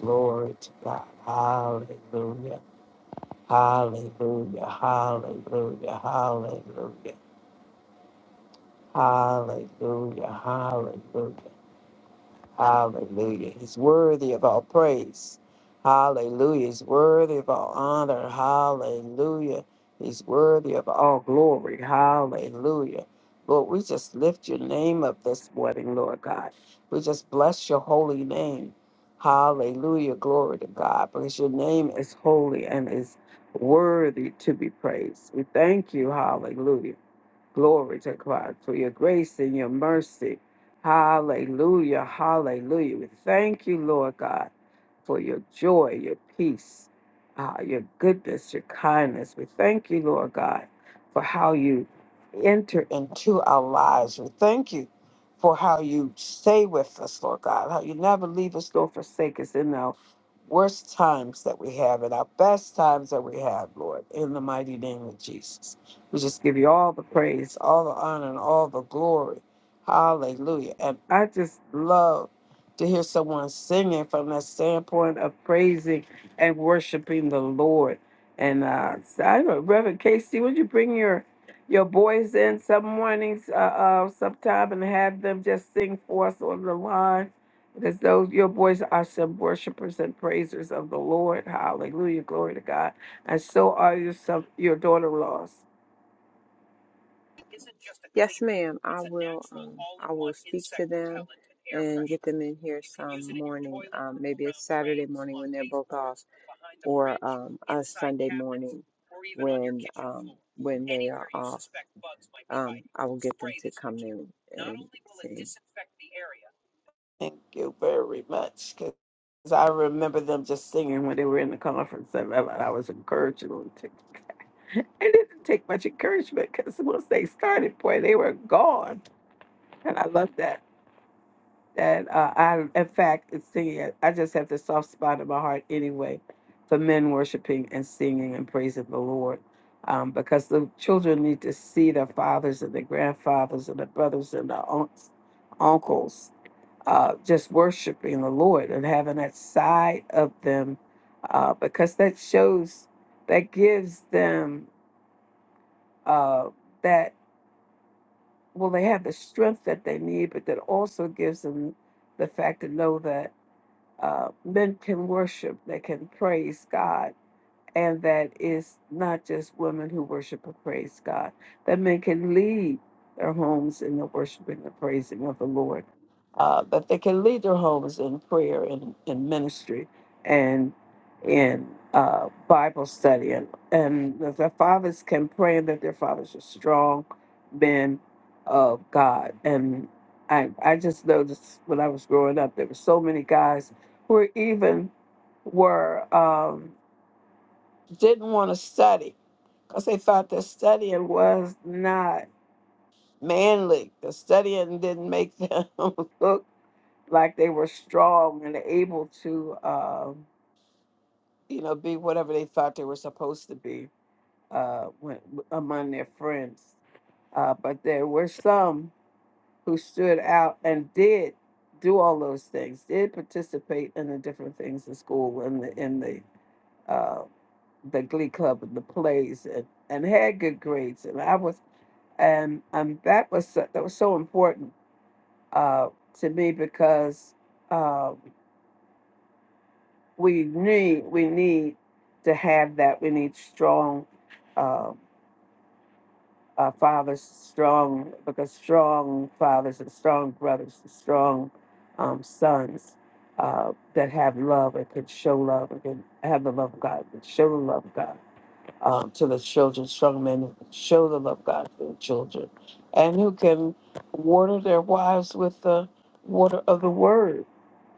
Speaker 2: Glory to God. Hallelujah. Hallelujah. Hallelujah. Hallelujah. Hallelujah. Hallelujah. Hallelujah. He's worthy of all praise. Hallelujah. He's worthy of all honor. Hallelujah. He's worthy of all glory. Hallelujah. Lord, we just lift your name up this morning, Lord God. We just bless your holy name. Hallelujah. Glory to God, because your name is holy and is worthy to be praised. We thank you. Hallelujah Glory to God for your grace and your mercy. Hallelujah. Hallelujah. We thank you, Lord God, for your joy, your peace, uh, your goodness, your kindness. We thank you, Lord God, for how you enter into our lives. We thank you for how you stay with us, Lord God, how you never leave us nor forsake us in our worst times that we have, in our best times that we have, Lord, in the mighty name of Jesus. We just give you all the praise, all the honor, and all the glory. Hallelujah. And I just love to hear someone singing from that standpoint of praising and worshiping the Lord. And uh, so I don't know, Reverend Casey, would you bring your your boys in some mornings, uh, uh, sometime, and have them just sing for us on the line? Because those your boys are some worshipers and praisers of the Lord. Hallelujah, glory to God. And so are your son, your daughter-in-laws.
Speaker 3: Yes, ma'am. I um, put them in here. so um, when I will get them to come in and and- disinfect the area.
Speaker 2: Thank you very much. Because I remember them just singing when they were in the conference, and I I was encouraging them to. It didn't take much encouragement because once they started, boy, they were gone, and I love that. And uh, I, in fact, it's singing. uh, I just have this soft spot in my heart anyway for men worshiping and singing and praising the Lord. Um, because the children need to see their fathers and their grandfathers and their brothers and their aunts, uncles uh, just worshiping the Lord and having that side of them, uh, because that shows, that gives them uh, that, well, they have the strength that they need, but that also gives them the fact to know that uh, men can worship, they can praise God and that it's not just women who worship and praise God, that men can lead their homes in the worshiping and praising of the Lord, uh, but they can lead their homes in prayer and in ministry and in uh, Bible study, and, and that their fathers can pray and that their fathers are strong men of God. And I, I just noticed when I was growing up, there were so many guys who were even were. Um, didn't want to study because they thought that studying was not manly. The studying didn't make them look like they were strong and able to, um, you know, be whatever they thought they were supposed to be uh, when, among their friends. Uh, but there were some who stood out and did do all those things, did participate in the different things in school and the in the uh, the glee club and the plays and, and had good grades and i was and and that was so- that was so important uh to me because uh we need we need to have that we need strong uh, uh fathers strong because strong fathers and strong brothers and strong um sons uh that have love and can show love and can have the love of god and show the love of god um, to the children, strong men who can show the love of God to their children, and who can water their wives with the water of the word.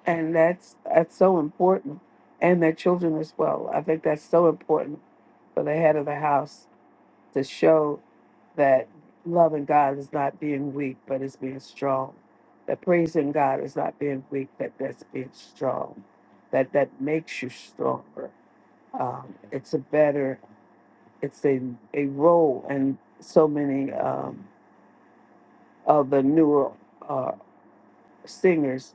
Speaker 2: And that's that's so important. And their children as well. I think that's so important for the head of the house to show that loving God is not being weak, but is being strong. That praising God is not being weak, but that's being strong. That that makes you stronger. Um, it's a better it's a, a role and so many um, of the newer uh, singers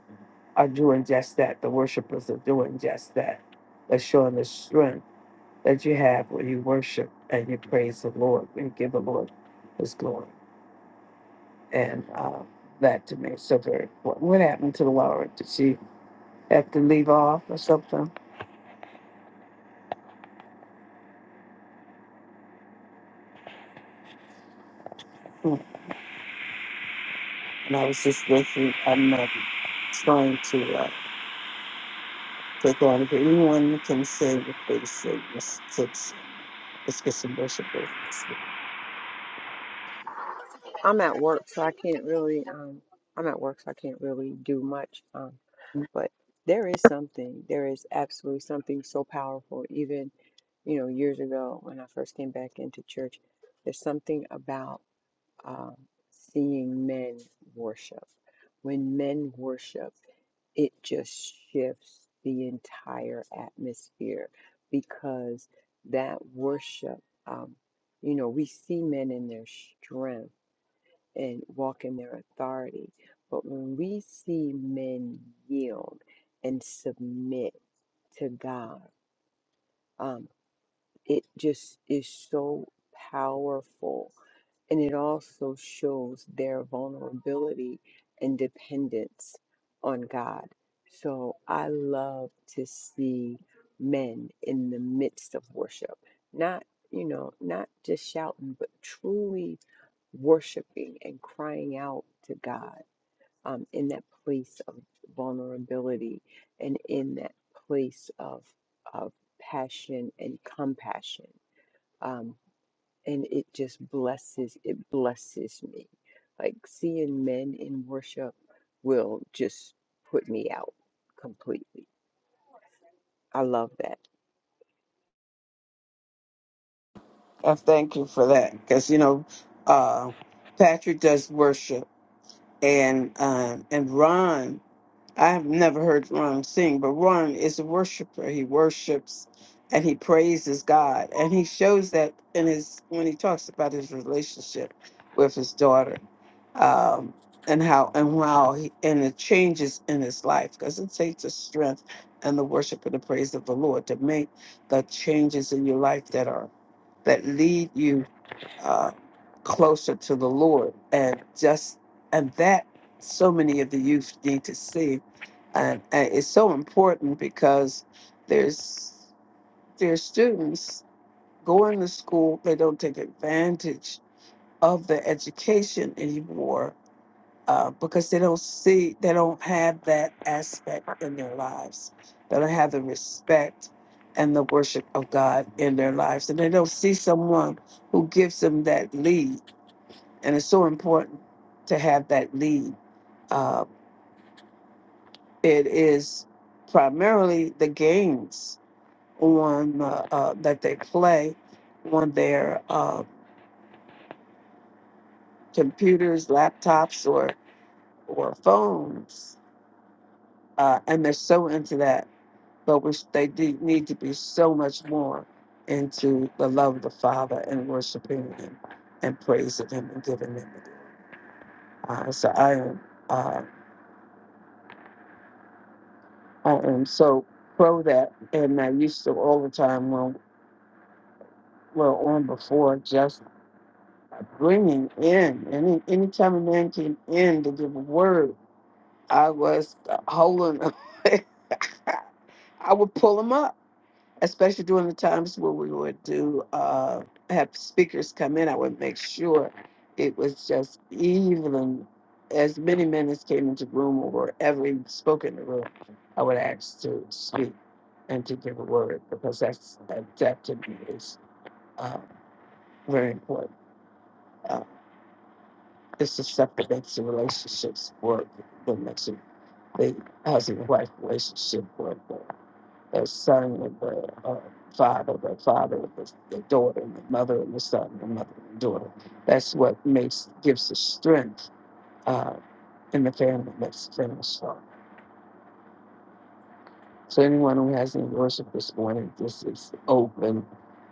Speaker 2: are doing just that the worshipers are doing just that they're showing the strength that you have when you worship and you praise the lord and give the lord his glory and uh, that to me is so very important what happened to laura did she have to leave off or something Hmm. and i was just listening i'm not trying to uh, take on if anyone can sing if they sing just, just Let's get some worshipers.
Speaker 3: I'm at work, so I can't really. Um, I'm at work, so I can't really do much. Um, but there is something. There is absolutely something so powerful. Even you know, years ago when I first came back into church, there's something about. uh, seeing men worship. When men worship, it just shifts the entire atmosphere because that worship, um, you know, we see men in their strength and walk in their authority. But when we see men yield and submit to God, um, it just is so powerful and it also shows their vulnerability and dependence on God. So I love to see men in the midst of worship, not, you know, not just shouting, but truly worshiping and crying out to God um, in that place of vulnerability and in that place of, of passion and compassion. Um, and it just blesses it blesses me like seeing men in worship will just put me out completely i love that
Speaker 2: I thank you for that because you know, uh, Patrick does worship and um, and Ron. I have never heard Ron sing, but Ron is a worshiper. He worships and he praises God. And he shows that in his when he talks about his relationship with his daughter. Um and how and how he and the changes in his life because it takes the strength and the worship and the praise of the Lord to make the changes in your life that are that lead you uh, closer to the Lord and just and that so many of the youth need to see and uh, it's so important because there's there's students going to school they don't take advantage of the education anymore uh, because they don't see they don't have that aspect in their lives they don't have the respect and the worship of god in their lives and they don't see someone who gives them that lead and it's so important to have that lead uh, it is primarily the gains on uh, uh, that they play on their uh, computers, laptops, or or phones, uh, and they're so into that. But we, they de- need to be so much more into the love of the Father and worshiping Him and praising Him and giving Him. the glory. Uh, so I am uh, I am so pro that, and I used to all the time when we're on before just bringing in any anytime a man came in to give a word I was uh, holding, I would pull them up, especially during the times where we would do uh, have speakers come in. I would make sure it was just even as many men as came into the room or were ever even spoke in the room. I would ask to speak and to give a word because that's that, that to me is uh, very important. Uh, it's the stuff that makes the relationships work, that makes it, the husband and wife relationship work. the son and the uh, father, the father and the, the daughter, and the mother and the son, the mother and the daughter. That's what makes gives the strength uh, in the family. That's family strong. So anyone who has any worship this morning, this is open.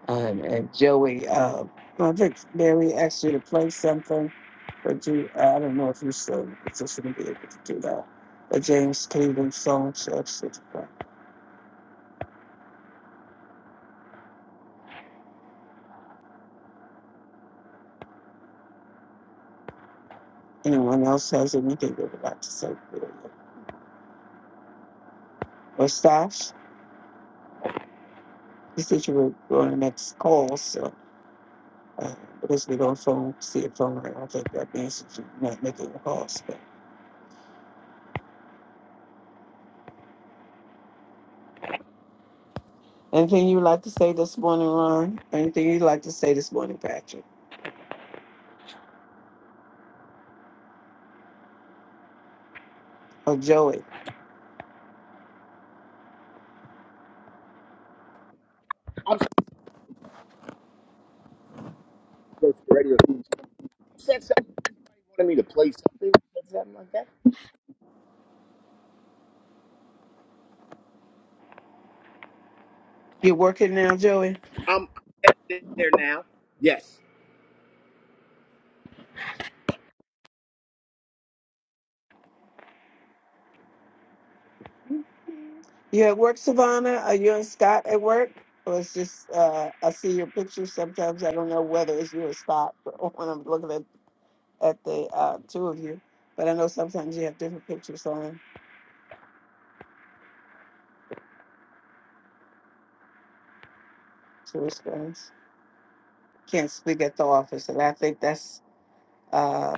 Speaker 2: Um, and Joey, uh, I think Mary asked you to play something, but you, I don't know if you still shouldn't be able to do that. The James Cleveland song, Church. sixty-five. Anyone else has anything they would like to say? Or staff, you said you were on the next call, so uh, because we don't phone, see a phone, ring, I think that means that you're not making the calls. But anything you'd like to say this morning, Ron? Anything you'd like to say this morning, Patrick? Or Joey?
Speaker 1: I'm sorry to go to the radio. You said something. You wanted me to play something. You said Something like that.
Speaker 2: You working now, Joey?
Speaker 1: I'm I'm there now. Yes.
Speaker 2: You at work, Savannah? Are you and Scott at work? Or it's just uh, I see your pictures sometimes. I don't know whether it's you or Scott but when I'm looking at, at the uh, two of you. But I know sometimes you have different pictures on to your screens. can't speak at the office, and I think that's uh,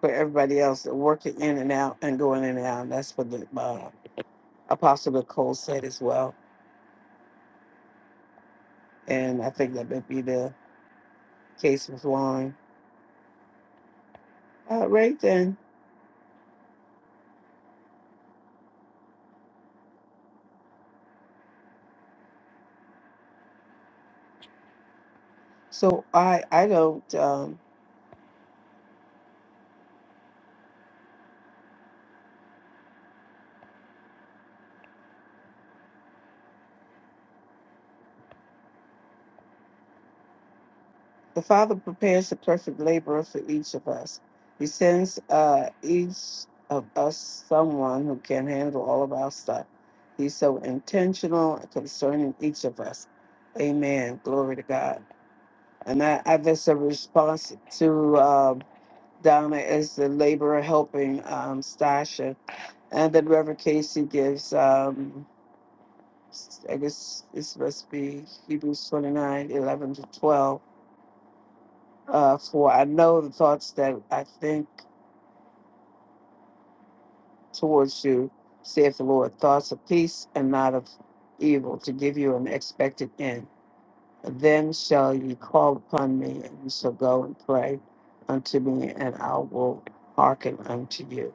Speaker 2: for everybody else working in and out and going in and out. That's what the uh, Apostle Nicole said as well, and I think that may be the case with Lauren. Uh, right then, so I I don't. Um, the Father prepares the perfect laborer for each of us. He sends uh, each of us someone who can handle all of our stuff. He's so intentional concerning each of us. Amen. Glory to God. And I, I guess a response to uh, Donna is the laborer helping um, Stasha. And then Reverend Casey gives, um, I guess this must be Hebrews 29 11 to 12. Uh, For I know the thoughts that I think towards you, saith the Lord, thoughts of peace and not of evil, to give you an expected end. Then shall ye call upon me, and ye shall go and pray unto me, and I will hearken unto you.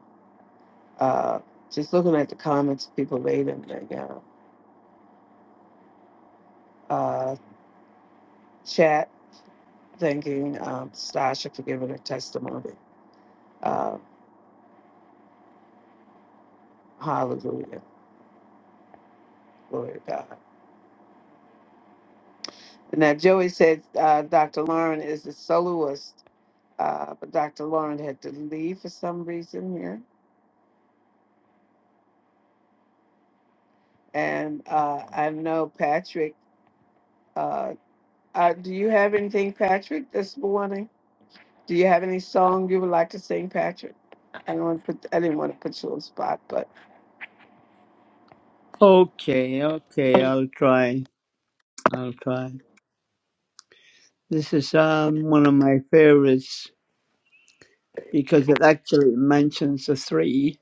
Speaker 2: Uh, just looking at the comments people made in the uh, uh, chat, thanking um, Stasha for giving her testimony. Uh, hallelujah. Glory to God. And now Joey said uh, Dr. Lauren is the soloist, uh, but Dr. Lauren had to leave for some reason here. And uh, I know Patrick. Uh, Uh, do you have anything, Patrick, this morning? Do you have any song you would like to sing, Patrick? I don't want to put. I didn't want to put you on the spot, but
Speaker 8: okay, okay, I'll try. I'll try. This is um, one of my favorites. because it actually mentions the three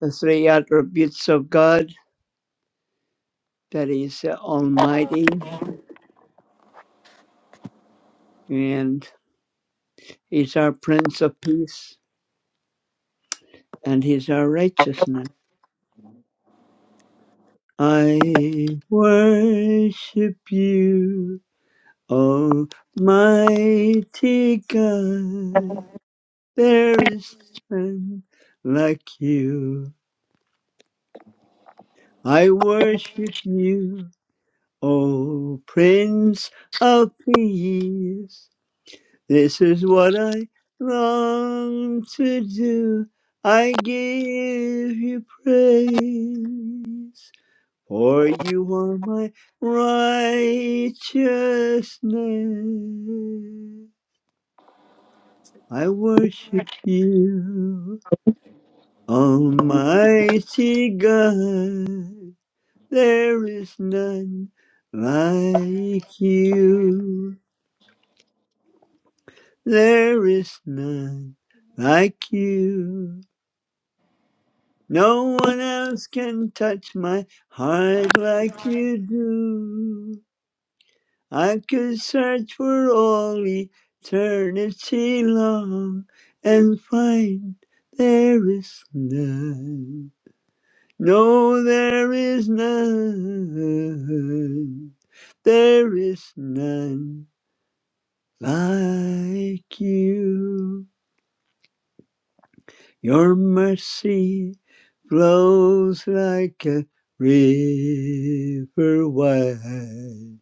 Speaker 8: the three attributes of God that He's Almighty and He's our Prince of Peace and He's our righteousness. I worship you, Almighty God. There is none like you. I worship you, O Prince of Peace. This is what I long to do. I give you praise, for you are my righteousness. I worship you, Almighty God. There is none like you. There is none like you. No one else can touch my heart like you do. I could search for all eternity long and find there is none. No, there is none. There is none like you. Your mercy flows like a river wide,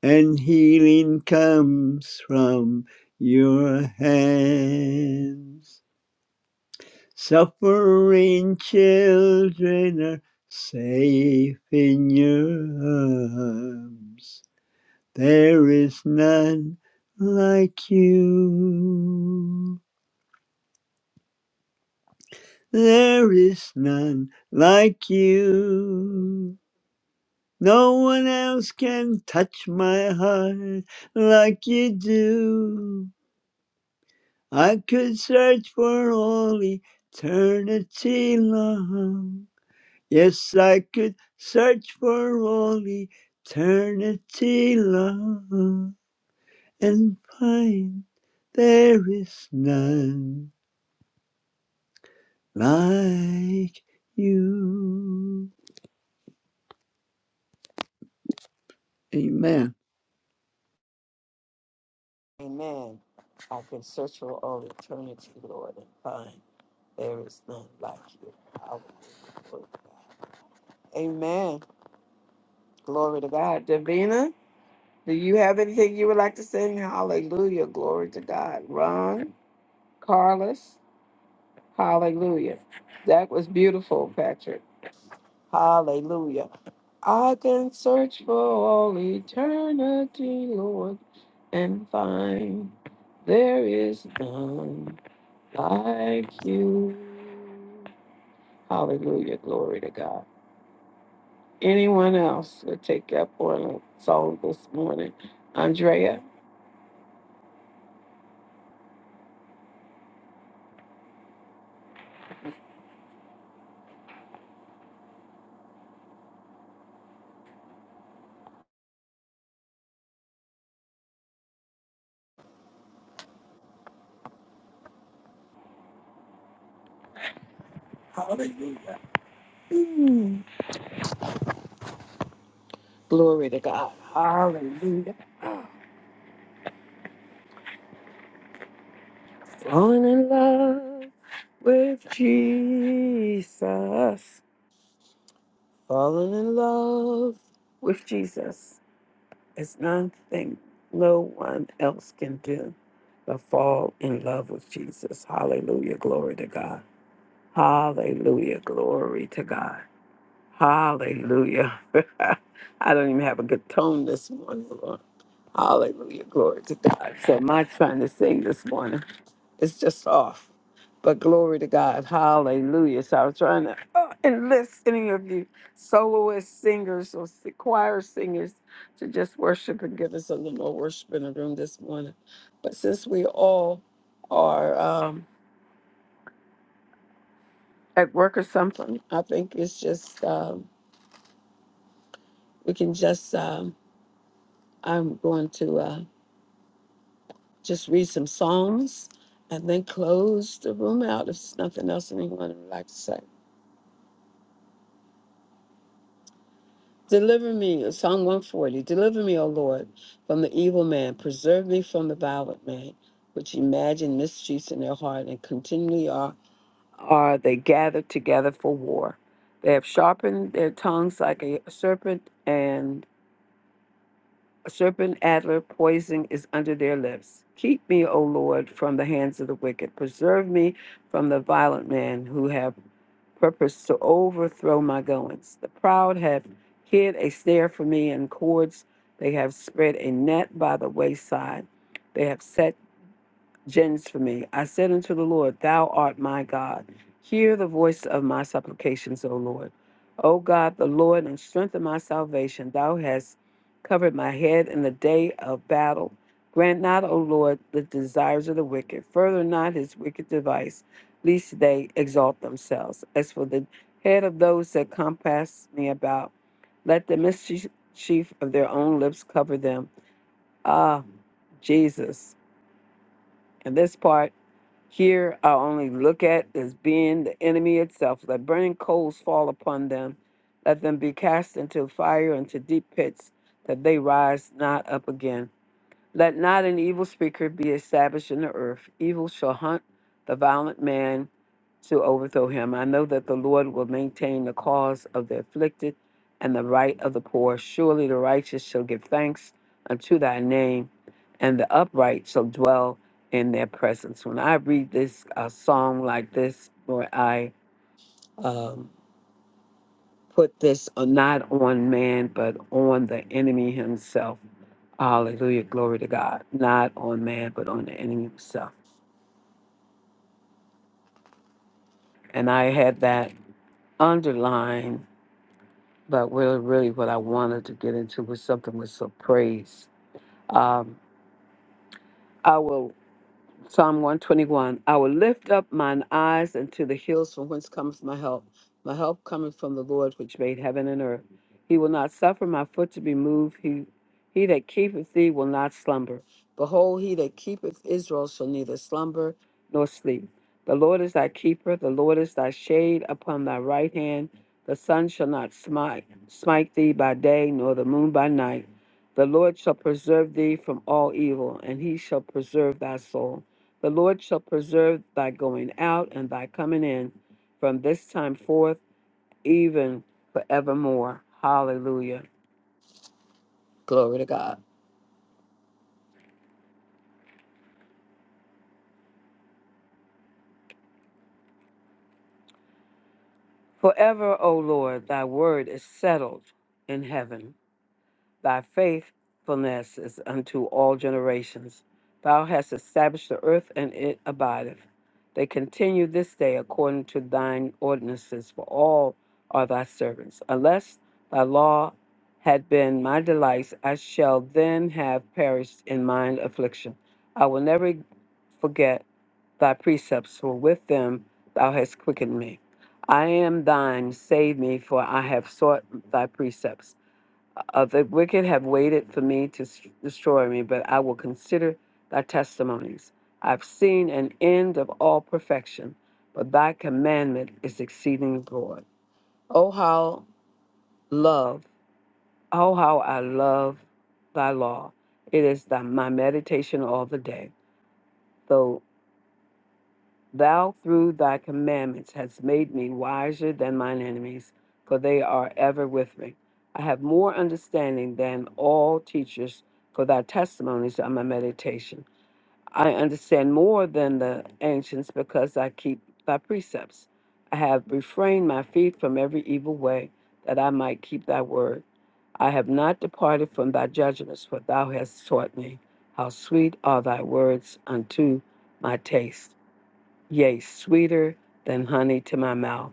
Speaker 8: and healing comes from your hands. Suffering children are safe in your arms. There is none like you. There is none like you. No one else can touch my heart like you do. I could search for all eternity long. Yes, I could search for all eternity long and find there is none like you. Amen.
Speaker 2: Amen. I can search for all eternity, Lord, and find there is none like you. Hallelujah. Amen. Glory to God. Davina, do you have anything you would like to sing? Hallelujah. Glory to God. Ron, Carlos, Hallelujah. That was beautiful, Patrick. Hallelujah. I can search for all eternity, Lord, and find there is none like you. Hallelujah. Glory to God. Anyone else will take that for a song this morning. Andrea. Hallelujah. Mm. Glory to God. Hallelujah. Falling in love with Jesus. Falling in love with Jesus is nothing no one else can do but fall in love with Jesus. Hallelujah. Glory to God. Hallelujah. Glory to God. Hallelujah. I don't even have a good tone this morning, Lord. Hallelujah. Glory to God. So, my trying to sing this morning. It's just off. But glory to God. Hallelujah. So I was trying to uh, enlist any of you soloists, singers, or s- choir singers to just worship and give us a little more worship in the room this morning. But since we all are um, at work or something, I think it's just, um, we can just, um, I'm going to uh, just read some songs and then close the room out if there's nothing else anyone would like to say. Deliver me, Psalm 140. Deliver me, O Lord, from the evil man. Preserve me from the violent man, which imagine mischiefs in their heart and continually are, are they gathered together for war. They have sharpened their tongues like a serpent, and. A serpent adder poison is under their lips. Keep me, O Lord, from the hands of the wicked. Preserve me from the violent man who have purposed to overthrow my goings. The proud have hid a snare for me in cords. They have spread a net by the wayside. They have set. Jens for me. I said unto the Lord, Thou art my God. Hear the voice of my supplications, O Lord. O God, the Lord, and strength of my salvation, Thou hast covered my head in the day of battle. Grant not, O Lord, the desires of the wicked. Further not his wicked device, lest they exalt themselves. As for the head of those that compass me about, let the mischief of their own lips cover them. Ah, Jesus. And this part. Here I only look at as being the enemy itself. Let burning coals fall upon them. Let them be cast into fire, into deep pits, that they rise not up again. Let not an evil speaker be established in the earth. Evil shall hunt the violent man to overthrow him. I know that the Lord will maintain the cause of the afflicted and the right of the poor. Surely the righteous shall give thanks unto thy name, and the upright shall dwell in their presence. When I read this uh, song like this, Lord, I um, put this uh, not on man, but on the enemy himself. Hallelujah. Glory to God. Not on man, but on the enemy himself. And I had that underlined, but really, really what I wanted to get into was something with some praise. Um, I will. Psalm 121. I will lift up mine eyes unto the hills from whence cometh my help. My help cometh from the Lord which made heaven and earth. He will not suffer my foot to be moved. He, he that keepeth thee will not slumber. Behold, he that keepeth Israel shall neither slumber nor sleep. The Lord is thy keeper, the Lord is thy shade upon thy right hand. The sun shall not smite, smite thee by day, nor the moon by night. The Lord shall preserve thee from all evil, and he shall preserve thy soul. The Lord shall preserve thy going out and thy coming in from this time forth, even forevermore. Hallelujah. Glory to God. Forever, O Lord, thy word is settled in heaven. Thy faithfulness is unto all generations. Thou hast established the earth, and it abideth. They continue this day according to thine ordinances, for all are thy servants. Unless thy law had been my delights, I shall then have perished in mine affliction. I will never forget thy precepts, for with them thou hast quickened me. I am thine, save me, for I have sought thy precepts. Uh, the wicked have waited for me to s- destroy me, but I will consider thy testimonies. I've seen an end of all perfection, but thy commandment is exceeding broad. Oh, how love, oh, how I love thy law. It is thy, my meditation all the day. Thou through thy commandments hast made me wiser than mine enemies, for they are ever with me. I have more understanding than all teachers, for thy testimonies are my meditation. I understand more than the ancients because I keep thy precepts. I have refrained my feet from every evil way, that I might keep thy word. I have not departed from thy judgments, for thou hast taught me. How sweet are thy words unto my taste yea, sweeter than honey to my mouth.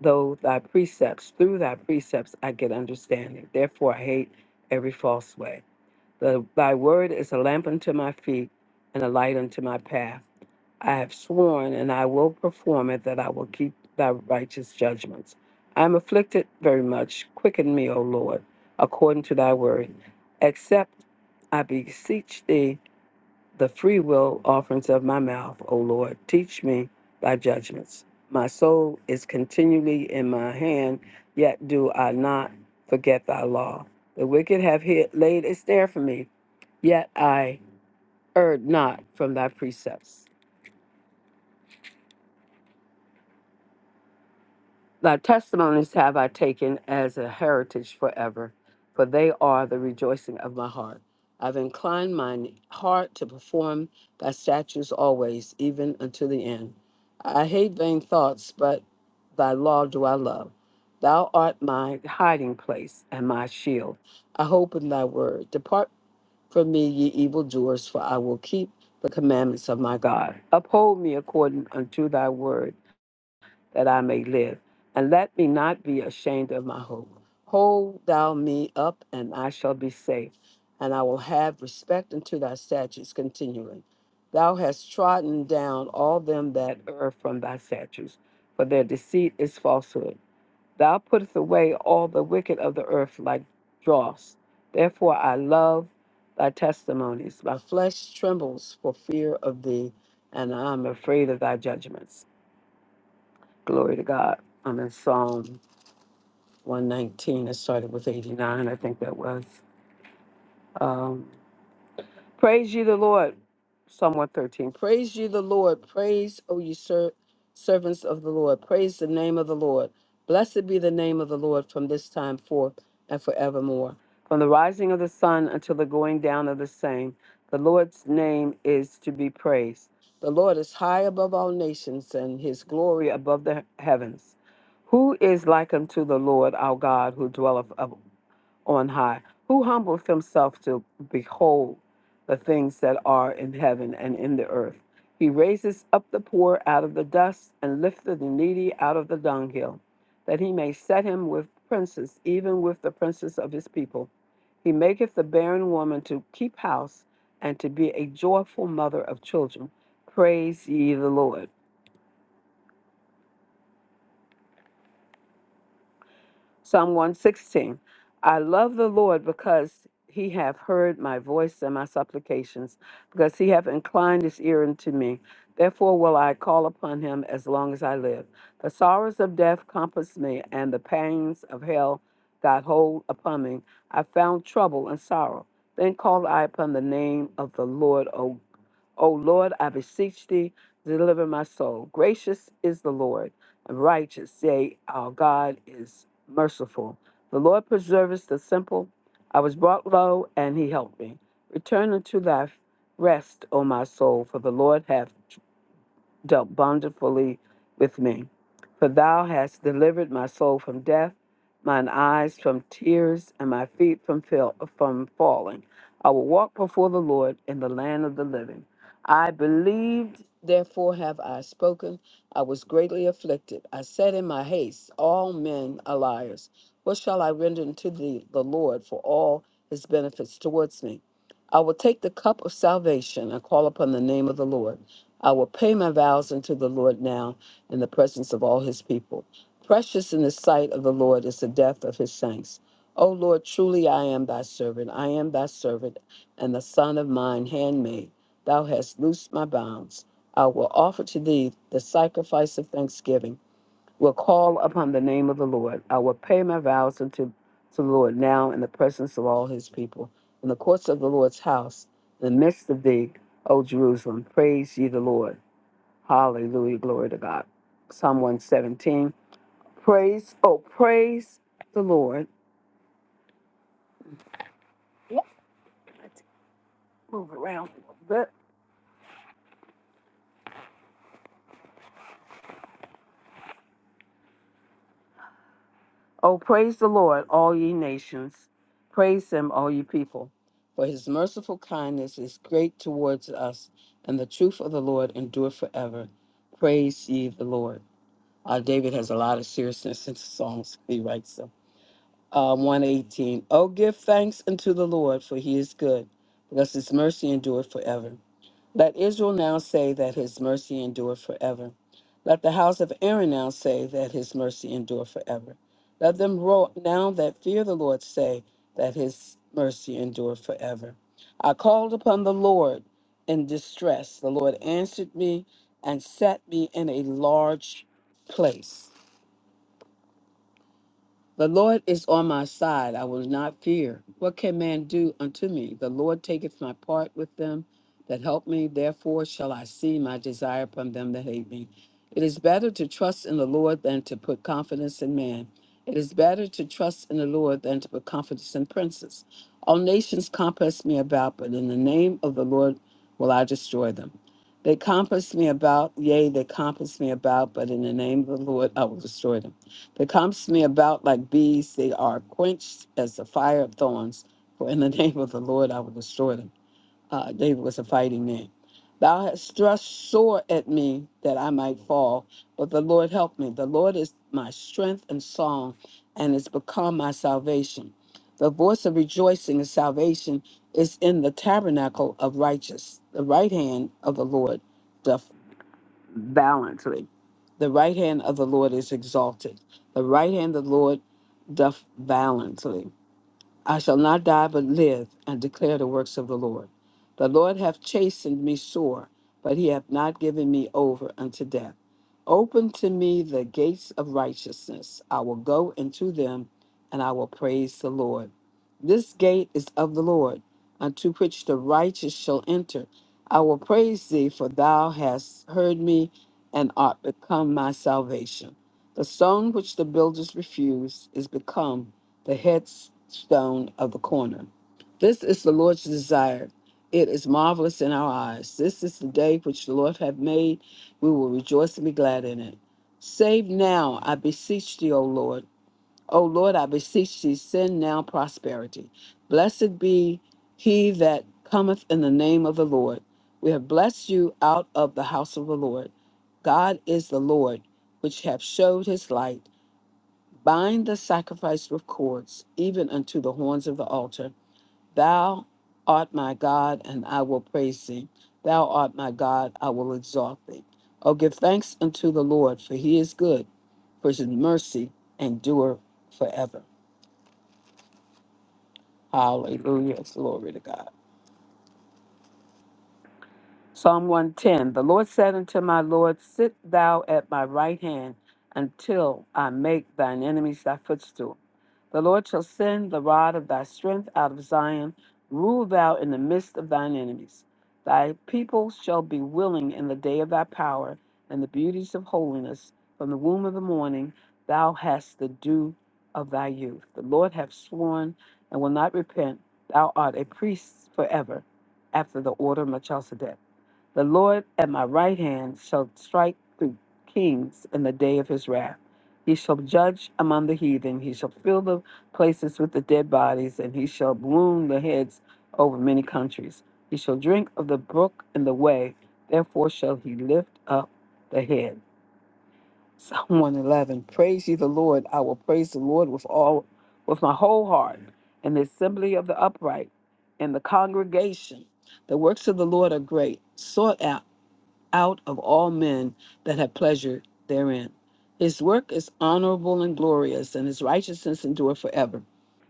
Speaker 2: Though thy precepts, through thy precepts I get understanding. Therefore I hate every false way. The, thy word is a lamp unto my feet and a light unto my path. I have sworn and I will perform it that I will keep thy righteous judgments. I am afflicted very much. Quicken me, O Lord, according to thy word. Except I beseech thee the free will offerings of my mouth, O Lord. Teach me thy judgments. My soul is continually in my hand, yet do I not forget thy law. The wicked have hid, laid a snare for me, yet I erred not from thy precepts. Thy testimonies have I taken as a heritage forever, for they are the rejoicing of my heart. I've inclined mine heart to perform thy statutes always, even unto the end. I hate vain thoughts, but thy law do I love. Thou art my hiding place and my shield. I hope in thy word. Depart from me, ye evildoers, for I will keep the commandments of my God. Uphold me according unto thy word that I may live. And let me not be ashamed of my hope. Hold thou me up, and I shall be safe, and I will have respect unto thy statutes continually. Thou hast trodden down all them that err from thy statutes, for their deceit is falsehood. Thou puttest away all the wicked of the earth like dross. Therefore I love thy testimonies. My flesh trembles for fear of thee, and I am afraid of thy judgments. Glory to God. I'm in Psalm 119. It started with 89, I think that was. Um, Praise ye the Lord. Psalm 113. Praise ye the Lord. Praise, O ye ser- servants of the Lord. Praise the name of the Lord. Blessed be the name of the Lord from this time forth and forevermore. From the rising of the sun until the going down of the same, the Lord's name is to be praised. The Lord is high above all nations, and his glory above the heavens. Who is like unto the Lord our God, who dwelleth on high, who humbles himself to behold the things that are in heaven and in the earth. He raises up the poor out of the dust and lifteth the needy out of the dunghill, that he may set him with princes, even with the princes of his people. He maketh the barren woman to keep house and to be a joyful mother of children. Praise ye the Lord. Psalm 116. I love the Lord because he hath heard my voice and my supplications, because he hath inclined his ear unto me. Therefore will I call upon him as long as I live. The sorrows of death compassed me, and the pangs of hell got hold upon me. I found trouble and sorrow. Then called I upon the name of the Lord, O O Lord, I beseech thee, deliver my soul. Gracious is the Lord, and righteous, yea, our God is merciful. The Lord preserveth the simple. I was brought low, and he helped me. Return unto thy rest, O my soul, for the Lord hath dealt bountifully with me. For thou hast delivered my soul from death, mine eyes from tears, and my feet from, fell, from falling. I will walk before the Lord in the land of the living. I believed, therefore have I spoken. I was greatly afflicted. I said in my haste, All men are liars. What shall I render unto thee, the Lord, for all his benefits towards me? I will take the cup of salvation and call upon the name of the Lord. I will pay my vows unto the Lord now in the presence of all his people. Precious in the sight of the Lord is the death of his saints. O Lord, truly I am thy servant. I am thy servant and the son of mine handmaid. Thou hast loosed my bonds. I will offer to thee the sacrifice of thanksgiving, will call upon the name of the Lord. I will pay my vows unto to the Lord now in the presence of all his people. In the courts of the Lord's house, in the midst of thee, O Jerusalem, praise ye the Lord. Hallelujah. Glory to God. Psalm 117. Praise, oh, praise the Lord. Yep. Let's move around a little bit. Oh, praise the Lord, all ye nations. Praise him, all ye people. For his merciful kindness is great towards us, and the truth of the Lord endure forever. Praise ye the Lord. Uh, David has a lot of seriousness in the songs he writes them. Uh, 118. Oh, give thanks unto the Lord, for he is good, because his mercy endureth forever. Let Israel now say that his mercy endure forever. Let the house of Aaron now say that his mercy endure forever. Let them ro- now that fear the Lord say that his mercy endure forever. I called upon the Lord in distress. The Lord answered me and set me in a large place. The Lord is on my side. I will not fear. What can man do unto me? The Lord taketh my part with them that help me. Therefore shall I see my desire from them that hate me. It is better to trust in the Lord than to put confidence in man. It is better to trust in the Lord than to put confidence in princes. All nations compass me about, but in the name of the Lord will I destroy them. They compass me about, yea, they compass me about, but in the name of the Lord I will destroy them. They come to me about like bees, they are quenched as the fire of thorns, for in the name of the Lord I will destroy them. Uh, David was a fighting man. Thou hast thrust sore at me that I might fall, but the Lord helped me. The Lord is my strength and song, and is become my salvation. The voice of rejoicing and salvation is in the tabernacle of righteous. The right hand of the Lord doth valiantly. The right hand of the Lord is exalted. The right hand of the Lord doth valiantly. I shall not die but live and declare the works of the Lord. The Lord hath chastened me sore, but he hath not given me over unto death. Open to me the gates of righteousness. I will go into them and I will praise the Lord. This gate is of the Lord, unto which the righteous shall enter. I will praise thee, for thou hast heard me and art become my salvation. The stone which the builders refused is become the headstone of the corner. This is the Lord's desire. It is marvelous in our eyes. This is the day which the Lord hath made. We will rejoice and be glad in it. Save now, I beseech thee, O Lord. O Lord, I beseech thee, send now prosperity. Blessed be he that cometh in the name of the Lord. We have blessed you out of the house of the Lord. God is the Lord, which hath showed his light bind the sacrifice with cords, even unto the horns of the altar. Thou art my God, and I will praise thee. Thou art my God, I will exalt thee. Oh, give thanks unto the Lord, for he is good, for his mercy endure forever. Hallelujah. Glory to God. Psalm 110 The Lord said unto my Lord, Sit thou at my right hand until I make thine enemies thy footstool. The Lord shall send the rod of thy strength out of Zion. Rule thou in the midst of thine enemies. Thy people shall be willing in the day of thy power and the beauties of holiness. From the womb of the morning, thou hast the dew of thy youth. The Lord hath sworn and will not repent. Thou art a priest forever after the order of Melchizedek. The Lord at my right hand shall strike the kings in the day of his wrath. He shall judge among the heathen. He shall fill the places with the dead bodies, and he shall wound the heads over many countries. He shall drink of the brook in the way. Therefore shall he lift up the head. Psalm 111. Praise ye the Lord. I will praise the Lord with all, with my whole heart, in the assembly of the upright, in the congregation. The works of the Lord are great, sought out out of all men that have pleasure therein. His work is honorable and glorious, and his righteousness endure forever.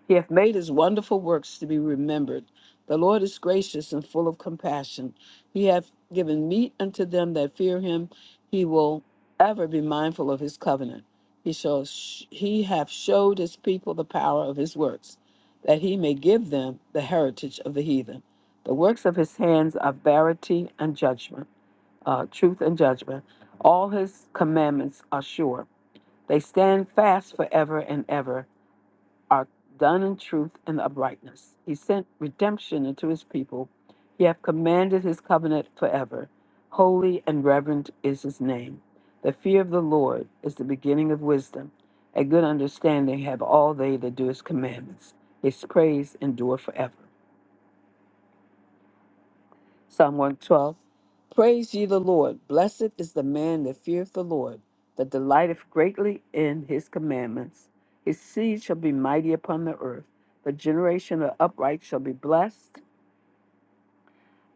Speaker 2: He hath made his wonderful works to be remembered. The Lord is gracious and full of compassion. He hath given meat unto them that fear him. He will ever be mindful of his covenant. He shall sh- he hath showed his people the power of his works, that he may give them the heritage of the heathen. The works of his hands are verity and judgment uh, truth and judgment. All his commandments are sure. They stand fast forever and ever, are done in truth and uprightness. He sent redemption into his people. He hath commanded his covenant forever. Holy and reverend is his name. The fear of the Lord is the beginning of wisdom. A good understanding have all they that do his commandments. His praise endure forever. Psalm 112. Praise ye the Lord. Blessed is the man that feareth the Lord, that delighteth greatly in his commandments. His seed shall be mighty upon the earth. The generation of upright shall be blessed.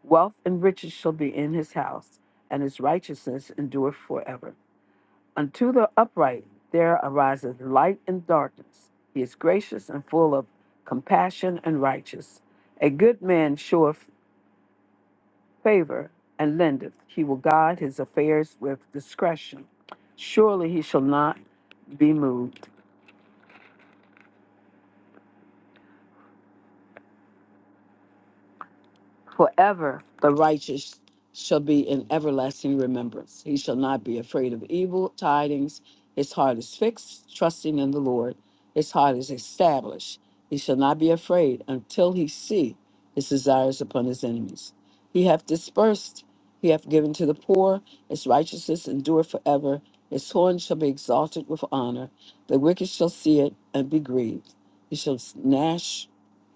Speaker 2: Wealth and riches shall be in his house, and his righteousness endureth forever. Unto the upright there ariseth light and darkness. He is gracious and full of compassion and righteous. A good man showeth favor and lendeth. He will guide his affairs with discretion. Surely he shall not be moved. forever the righteous shall be in everlasting remembrance. He shall not be afraid of evil tidings. His heart is fixed, trusting in the Lord. His heart is established. He shall not be afraid until he see his desires upon his enemies. He hath dispersed, he hath given to the poor. His righteousness endureth forever. His horn shall be exalted with honor. The wicked shall see it and be grieved. He shall gnash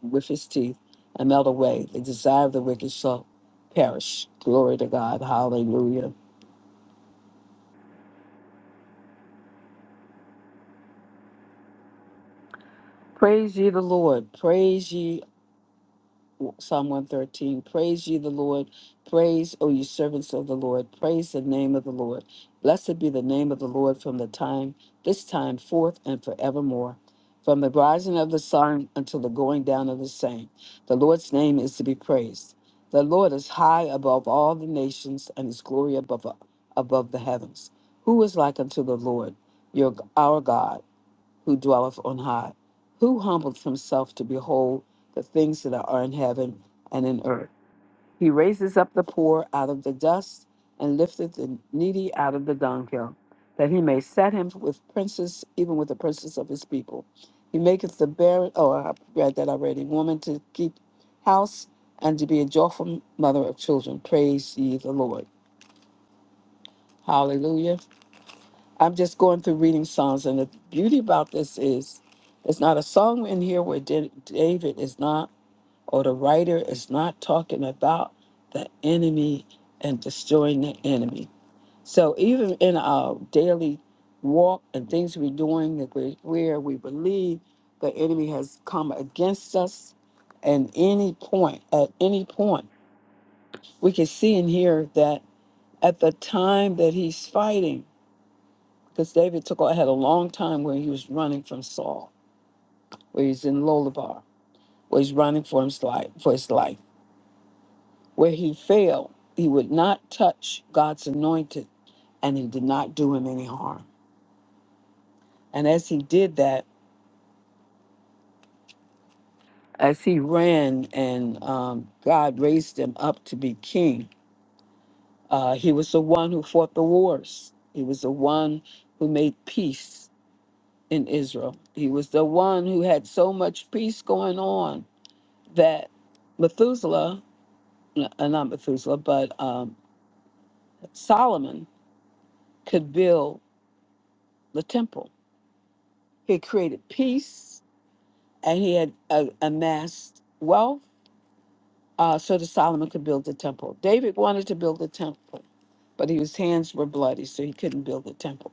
Speaker 2: with his teeth another way. The desire of the wicked shall perish. Glory to God. Hallelujah. Praise ye the Lord. Praise ye Psalm, 113. Praise ye the Lord. Praise, O ye servants of the Lord. Praise the name of the Lord. Blessed be the name of the Lord from the time, this time forth and forevermore. From the rising of the sun until the going down of the same, the Lord's name is to be praised. The Lord is high above all the nations, and his glory above, above the heavens. Who is like unto the Lord, your, our God? who dwelleth on high, who humbleth himself to behold the things that are in heaven and in earth. He raises up the poor out of the dust and lifteth the needy out of the dunghill, that he may set him with princes, even with the princes of his people. He maketh the barren, oh, I read that already, woman to keep house and to be a joyful mother of children. Praise ye the Lord. Hallelujah. I'm just going through reading Psalms, and the beauty about this is it's not a song in here where Da- David is not, or the writer is not talking about the enemy and destroying the enemy. So even in our daily walk and things we're doing, that we- where we believe the enemy has come against us, and any point, at any point, we can see and hear that at the time that he's fighting, because David took had a long time where he was running from Saul, where he's in Lolabar, where he's running for his life, for his life, where he failed. He would not touch God's anointed, and he did not do him any harm. And as he did that, as he ran, and um, God raised him up to be king, uh, he was the one who fought the wars. He was the one who made peace in Israel. He was the one who had so much peace going on that Methuselah uh, not Methuselah, but um, Solomon could build the temple. He had created peace and he had uh, amassed wealth uh, so that Solomon could build the temple. David wanted to build the temple, but his hands were bloody, so he couldn't build the temple.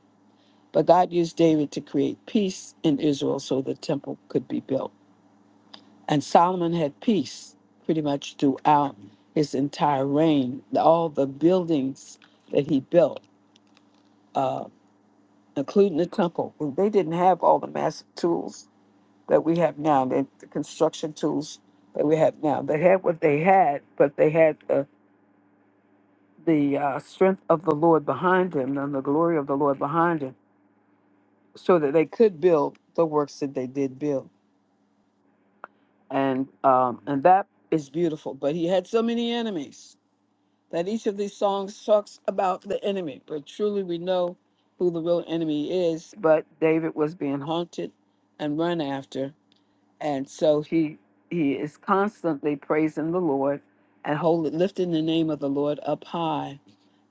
Speaker 2: But God used David to create peace in Israel so the temple could be built. And Solomon had peace pretty much throughout his entire reign. All the buildings that he built. uh, including the temple. When They didn't have all the massive tools that we have now, the, the construction tools that we have now. They had what they had, but they had the, the uh, strength of the Lord behind them and the glory of the Lord behind them so that they could build the works that they did build. And, um, and that is beautiful. But he had so many enemies that each of these songs talks about the enemy. But truly, we know who the real enemy is. But David was being haunted and run after and so he he is constantly praising the Lord and holding lifting the name of the Lord up high,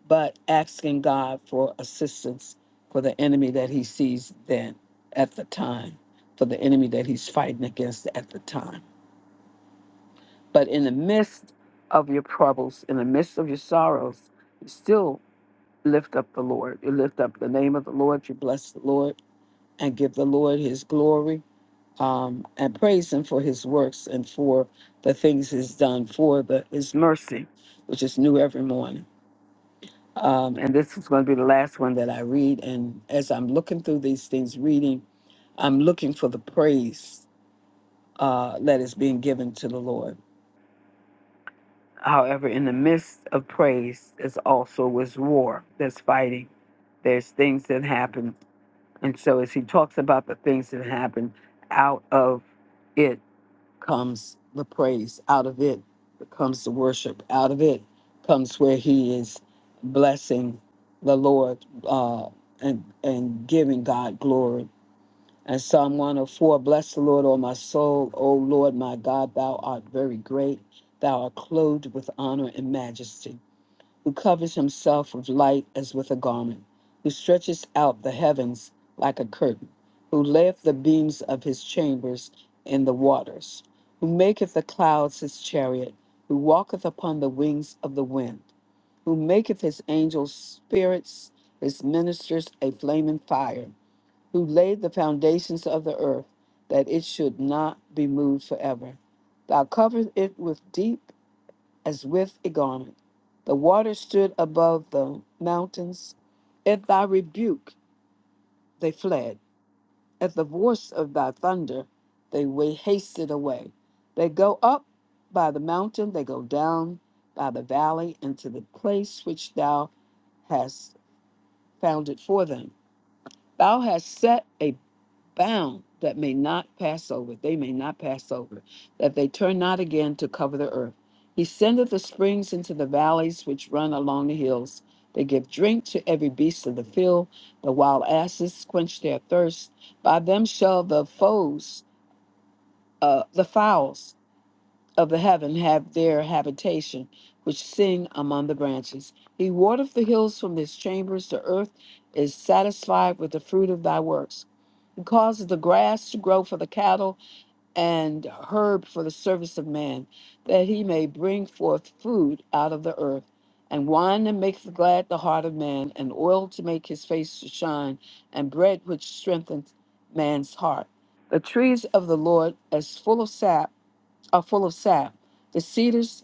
Speaker 2: but asking God for assistance for the enemy that he sees then at the time, for the enemy that he's fighting against at the time. But in the midst of your troubles, in the midst of your sorrows, you still lift up the Lord. You lift up the name of the Lord, you bless the Lord and give the Lord his glory um, and praise him for his works and for the things he's done, for the, his mercy, which is new every morning. Um, and this is going to be the last one that I read. And as I'm looking through these things, reading, I'm looking for the praise uh, that is being given to the Lord. However, in the midst of praise, is also was war. There's fighting. There's things that happen. And so, as he talks about the things that happen out of it comes the praise out of it comes the worship out of it comes where he is blessing the lord uh, and and giving god glory and psalm 104 bless the lord o my soul o lord my god thou art very great thou art clothed with honor and majesty who covers himself with light as with a garment, who stretches out the heavens like a curtain, who layeth the beams of his chambers in the waters, who maketh the clouds his chariot, who walketh upon the wings of the wind, who maketh his angels spirits, his ministers a flaming fire, who laid the foundations of the earth, that it should not be moved forever. Thou coverest it with deep, as with a garment. The water stood above the mountains. At thy rebuke they fled. At the voice of thy thunder they wa- hasted away. They go up by the mountain, they go down by the valley into the place which thou hast founded for them. Thou hast set a bound that may not pass over, they may not pass over, that they turn not again to cover the earth. He sendeth the springs into the valleys which run along the hills. They give drink to every beast of the field. The wild asses quench their thirst. By them shall the foes, uh, the fowls of the heaven have their habitation, which sing among the branches. He wardeth the hills from his chambers. The earth is satisfied with the fruit of thy works causes the grass to grow for the cattle and herb for the service of man, that he may bring forth food out of the earth, and wine that makes glad the heart of man, and oil to make his face to shine, and bread which strengthens man's heart. The trees of the Lord as full of sap are full of sap, the cedars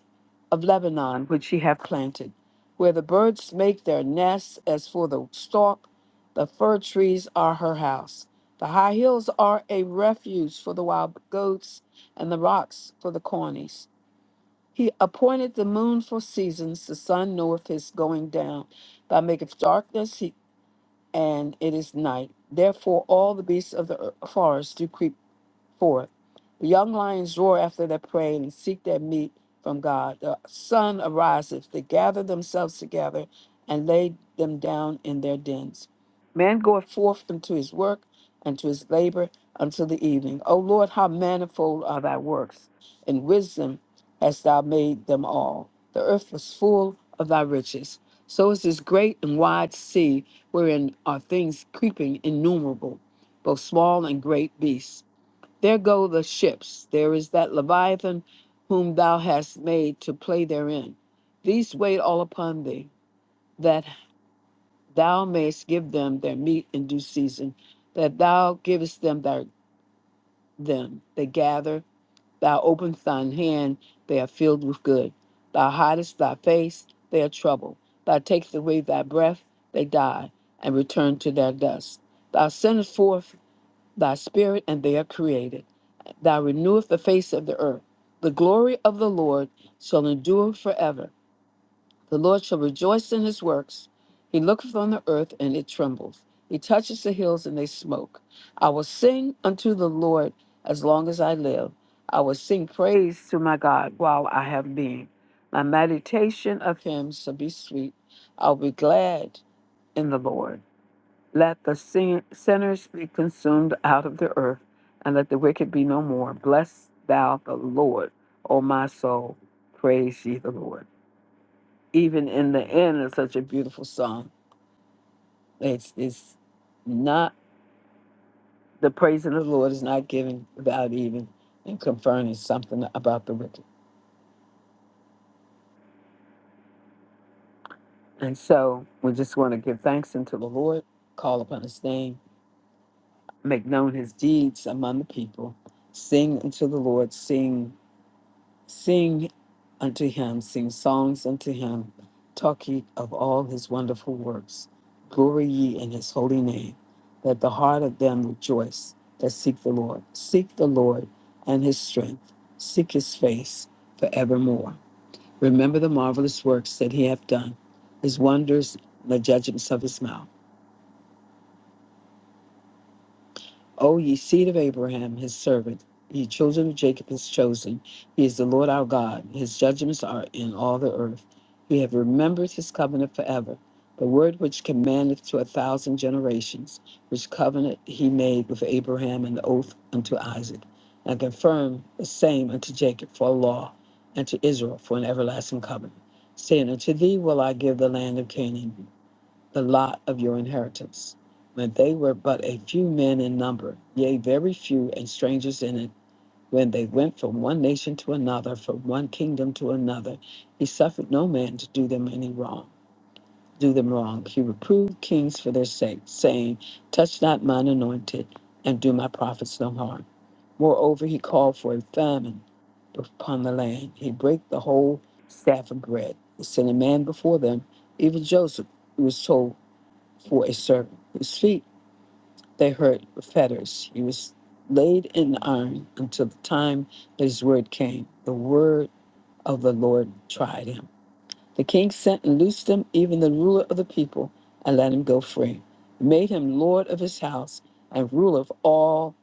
Speaker 2: of Lebanon, which ye have planted, where the birds make their nests as for the stalk, the fir trees are her house. The high hills are a refuge for the wild goats, and the rocks for the cornies. He appointed the moon for seasons, the sun knoweth his going down. Thou makest darkness, he, and it is night. Therefore, all the beasts of the ear- forest do creep Fourth, the young lions roar after their prey and seek their meat from God. The sun arises. They gather themselves together and lay them down in their dens. Man goeth forth unto his work and to his labor until the evening. O Lord, how manifold are thy works! In wisdom hast thou made them all. The earth was full of thy riches. So is this great and wide sea wherein are things creeping innumerable, both small and great beasts. There go the ships. There is that Leviathan whom thou hast made to play therein. These wait all upon thee, that thou mayest give them their meat in due season, that thou givest them their them. They gather, thou openest thine hand, they are filled with good. Thou hidest thy face, they are troubled. Thou takest away thy breath, they die, and return to their dust. Thou sendest forth thy spirit, and they are created Thou renewest the face of the earth. The glory of the Lord shall endure forever. The Lord shall rejoice in his works. He looketh on the earth, and it trembles. He touches the hills, and they smoke. I will sing unto the Lord as long as I live. I will sing praise to my God while I have been. My meditation of him shall be sweet. I'll be glad in the Lord. Let the sin- sinners be consumed out of the earth, and let the wicked be no more. Bless thou the Lord, O my soul. Praise ye the Lord. Even in the end of such a beautiful song, it's, it's not the praising of the Lord is not given without even and confirming something about the wicked. And so we just want to give thanks unto the Lord, call upon his name, make known his deeds among the people, sing unto the Lord, sing Sing unto him, sing songs unto him, talk ye of all his wonderful works. Glory ye in his holy name. Let the heart of them rejoice that seek the Lord. Seek the Lord and his strength. Seek his face forevermore. Remember the marvelous works that he hath done, his wonders, and the judgments of his mouth. O ye seed of Abraham, his servant, ye children of Jacob, his chosen, he is the Lord our God. His judgments are in all the earth. We have remembered his covenant forever, the word which commandeth to a thousand generations, which covenant he made with Abraham and the oath unto Isaac, and confirmed the same unto Jacob for a law, and to Israel for an everlasting covenant, saying, Unto thee will I give the land of Canaan the lot of your inheritance. When they were but a few men in number, yea, very few and strangers in it, when they went from one nation to another, from one kingdom to another, he suffered no man to do them any wrong. Do them wrong. He reproved kings for their sake, saying, Touch not mine anointed, and do my prophets no harm. Moreover, he called for a famine upon the land. He brake the whole staff of bread. He sent a man before them, even Joseph, who was told for a servant. His feet they hurt with fetters. He was laid in iron until the time that his word came. The word of the Lord tried him. The king sent and loosed him, even the ruler of the people, and let him go free. He Made him lord of his house and ruler of all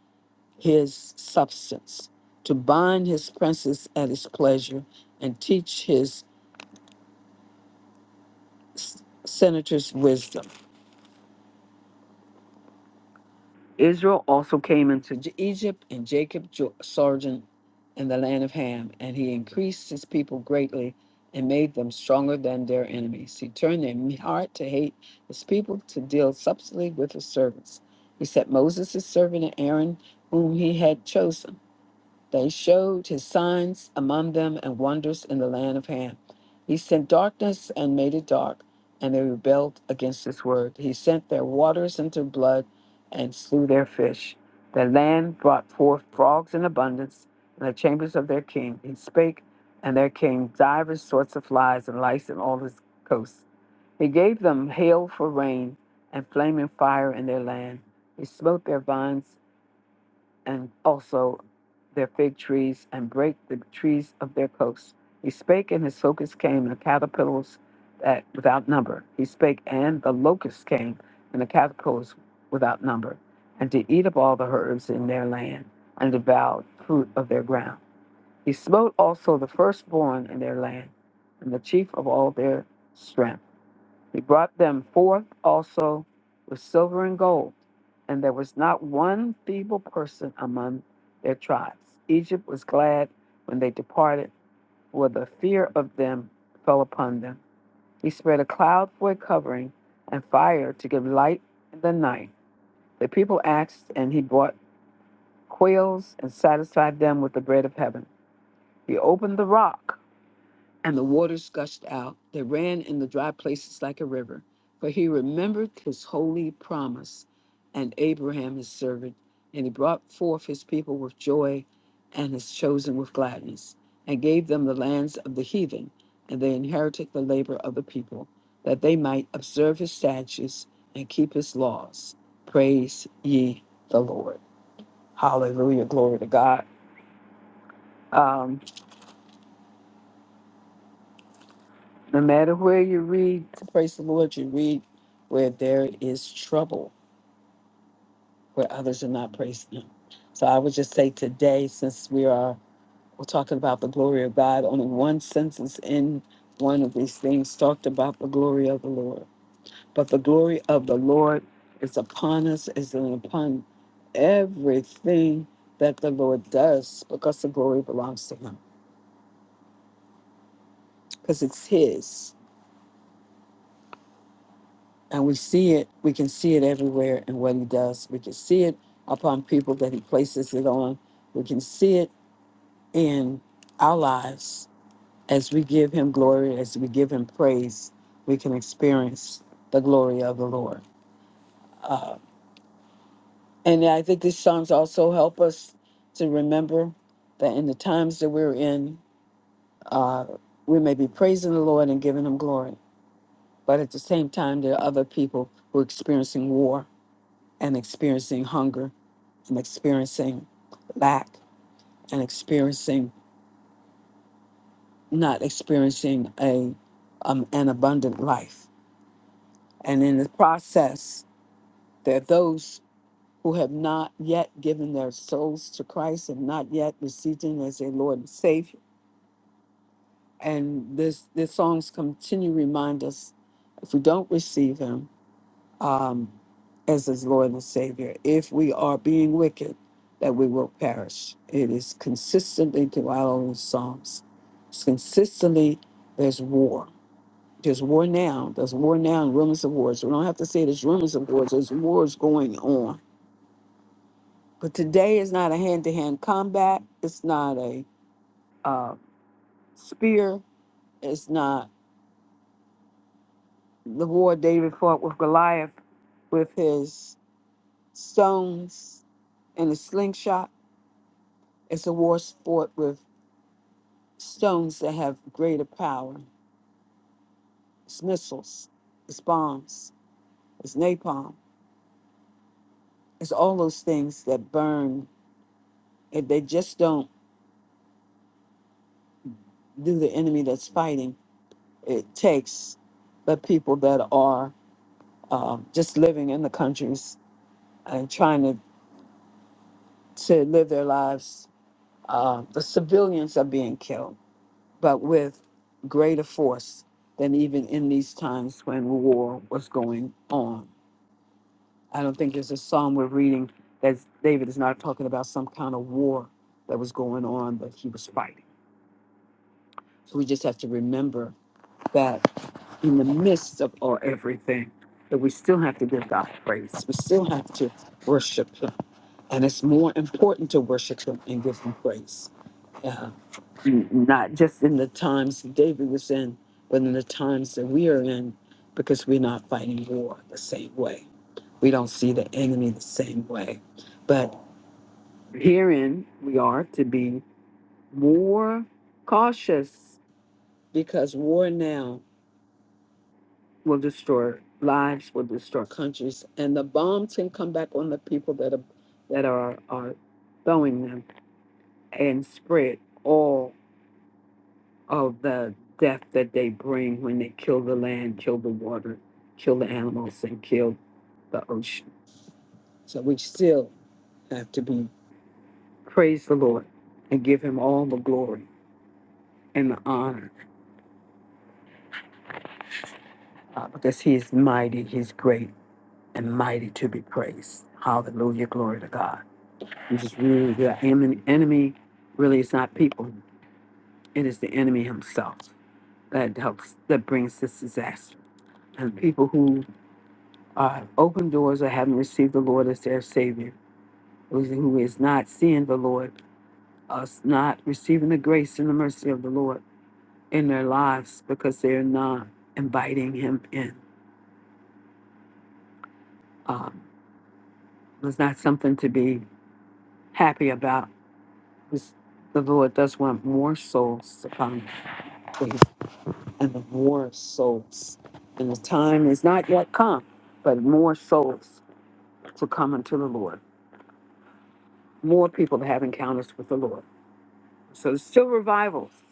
Speaker 2: his substance, to bind his princes at his pleasure and teach his s- senators wisdom. Israel also came into J- Egypt, and Jacob jo- sojourned in the land of Ham, and he increased his people greatly and made them stronger than their enemies. He turned their m- heart to hate his people to deal subtly with his servants. He set Moses his servant and Aaron, whom he had chosen. They showed his signs among them and wonders in the land of Ham. He sent darkness and made it dark, and they rebelled against his word. He sent their waters into blood and slew their fish. Their land brought forth frogs in abundance in the chambers of their king. He spake, and there came divers sorts of flies and lice in all his coasts. He gave them hail for rain and flaming fire in their land. He smote their vines and also their fig trees and break the trees of their coasts. He spake, and his focus came, and the caterpillars that without number. He spake, and the locusts came, and the caterpillars without number, and to eat up all the herbs in their land, and devoured fruit of their ground. He smote also the firstborn in their land, and the chief of all their strength he brought them forth also with silver and gold, and there was not one feeble person among their tribes. Egypt was glad when they departed, for the fear of them fell upon them. He spread a cloud for a covering and fire to give light in the night. The people asked, and he brought quails and satisfied them with the bread of heaven. He opened the rock and the waters gushed out. They ran in the dry places like a river. For he remembered his holy promise and Abraham his servant, and he brought forth his people with joy and his chosen with gladness, and gave them the lands of the heathen, and they inherited the labor of the people, that they might observe his statutes and keep his laws. Praise ye the Lord. Hallelujah. Glory to God. Um. No matter where you read, praise the Lord, you read where there is trouble, where others are not praising Him. So I would just say today, since we are we're talking about the glory of God, only one sentence in one of these things talked about the glory of the Lord. But the glory of the Lord is upon us, is upon everything that the Lord does, because the glory belongs to Him, because it's His. And we see it, we can see it everywhere in what he does. We can see it upon people that he places it on. We can see it in our lives as we give him glory, as we give him praise, we can experience the glory of the Lord. Uh, and I think these songs also help us to remember that in the times that we're in, uh, we may be praising the Lord and giving him glory. But at the same time, there are other people who are experiencing war and experiencing hunger from experiencing lack and experiencing not experiencing a um, an abundant life. And in the process, there are those who have not yet given their souls to Christ and not yet received Him as their Lord and Savior. And this the songs continue to remind us if we don't receive Him, um, as his Lord and Savior. If we are being wicked, that we will perish. It is consistently throughout all the Psalms. It's consistently there's war. There's war now. There's war now and rumors of wars. We don't have to say there's rumors of wars. There's wars going on. But today is not a hand-to-hand combat. It's not a uh, spear. It's not the war David fought with Goliath with his stones and his slingshot It's a war sport with stones that have greater power. It's missiles, it's bombs, it's napalm. It's all those things that burn. If they just don't do the enemy that's fighting, it takes the people that are um just living in the countries and trying to, to live their lives. Uh, the civilians are being killed, but with greater force than even in these times when war was going on I don't think there's a psalm we're reading that David is not talking about some kind of war that was going on that he was fighting. So we just have to remember that in the midst of all everything, that we still have to give God praise. We still have to worship Him, and it's more important to worship Him and give Him praise. Yeah not just in the times that David was in, but in the times that we are in, because we're not fighting war the same way. We don't see the enemy the same way. But herein we are to be more cautious because war now will destroy lives, will destroy countries, and the bombs can come back on the people that are that are, are throwing them and spread all of the death that they bring when they kill the land, kill the water, kill the animals, and kill the ocean. So we still have to be praise the Lord and give him all the glory and the honor uh, because he is mighty, he's great, and mighty to be praised. Hallelujah, glory to God. We just really the enemy, enemy really is not people, it is the enemy himself that helps, that brings this disaster. And people who Uh, open doors or having received the Lord as their Savior. Those who is not seeing the Lord, us not receiving the grace and the mercy of the Lord in their lives because they're not inviting Him in. Um, it's not something to be happy about. It's- the Lord does want more souls to come, to Him, and the more souls. And the time is not yet come, but more souls to come unto the Lord. More people to have encounters with the Lord. So, it's still revivals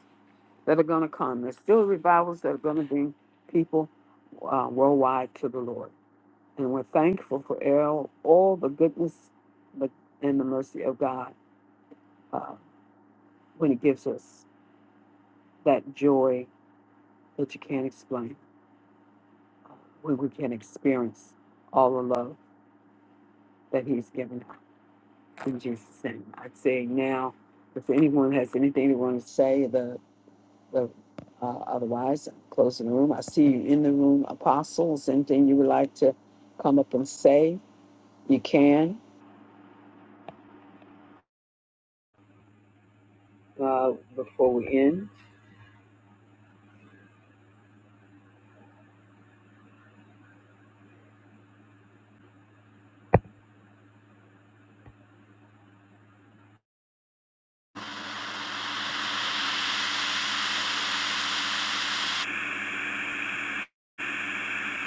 Speaker 2: that are going to come. There's still revivals that are going to bring people uh, worldwide to the Lord. And we're thankful for all, all the goodness the- and the mercy of God uh, when He gives us that joy that you can't explain, uh, when we can experience all the love that He's given in Jesus' name. I'd say now, if anyone has anything they want to say, the But uh, otherwise, closing the room. I see you in the room, apostles. Anything you would like to come up and say, you can. Uh, before we end,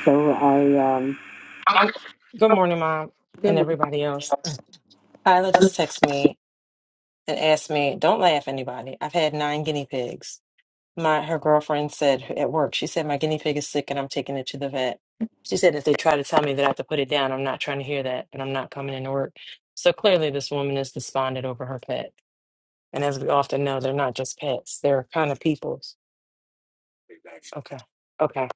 Speaker 2: so I um.
Speaker 10: Um, good morning, Mom,
Speaker 2: Good
Speaker 10: and
Speaker 2: morning.
Speaker 10: everybody else. Tyler just texted me and asked me, "Don't laugh, anybody. I've had nine guinea pigs." My her girlfriend said at work, she said my guinea pig is sick and I'm taking it to the vet. She said if they try to tell me that I have to put it down, I'm not trying to hear that, and I'm not coming into work. So clearly, this woman is despondent over her pet, and as we often know, they're not just pets; they're kind of peoples. Okay, okay.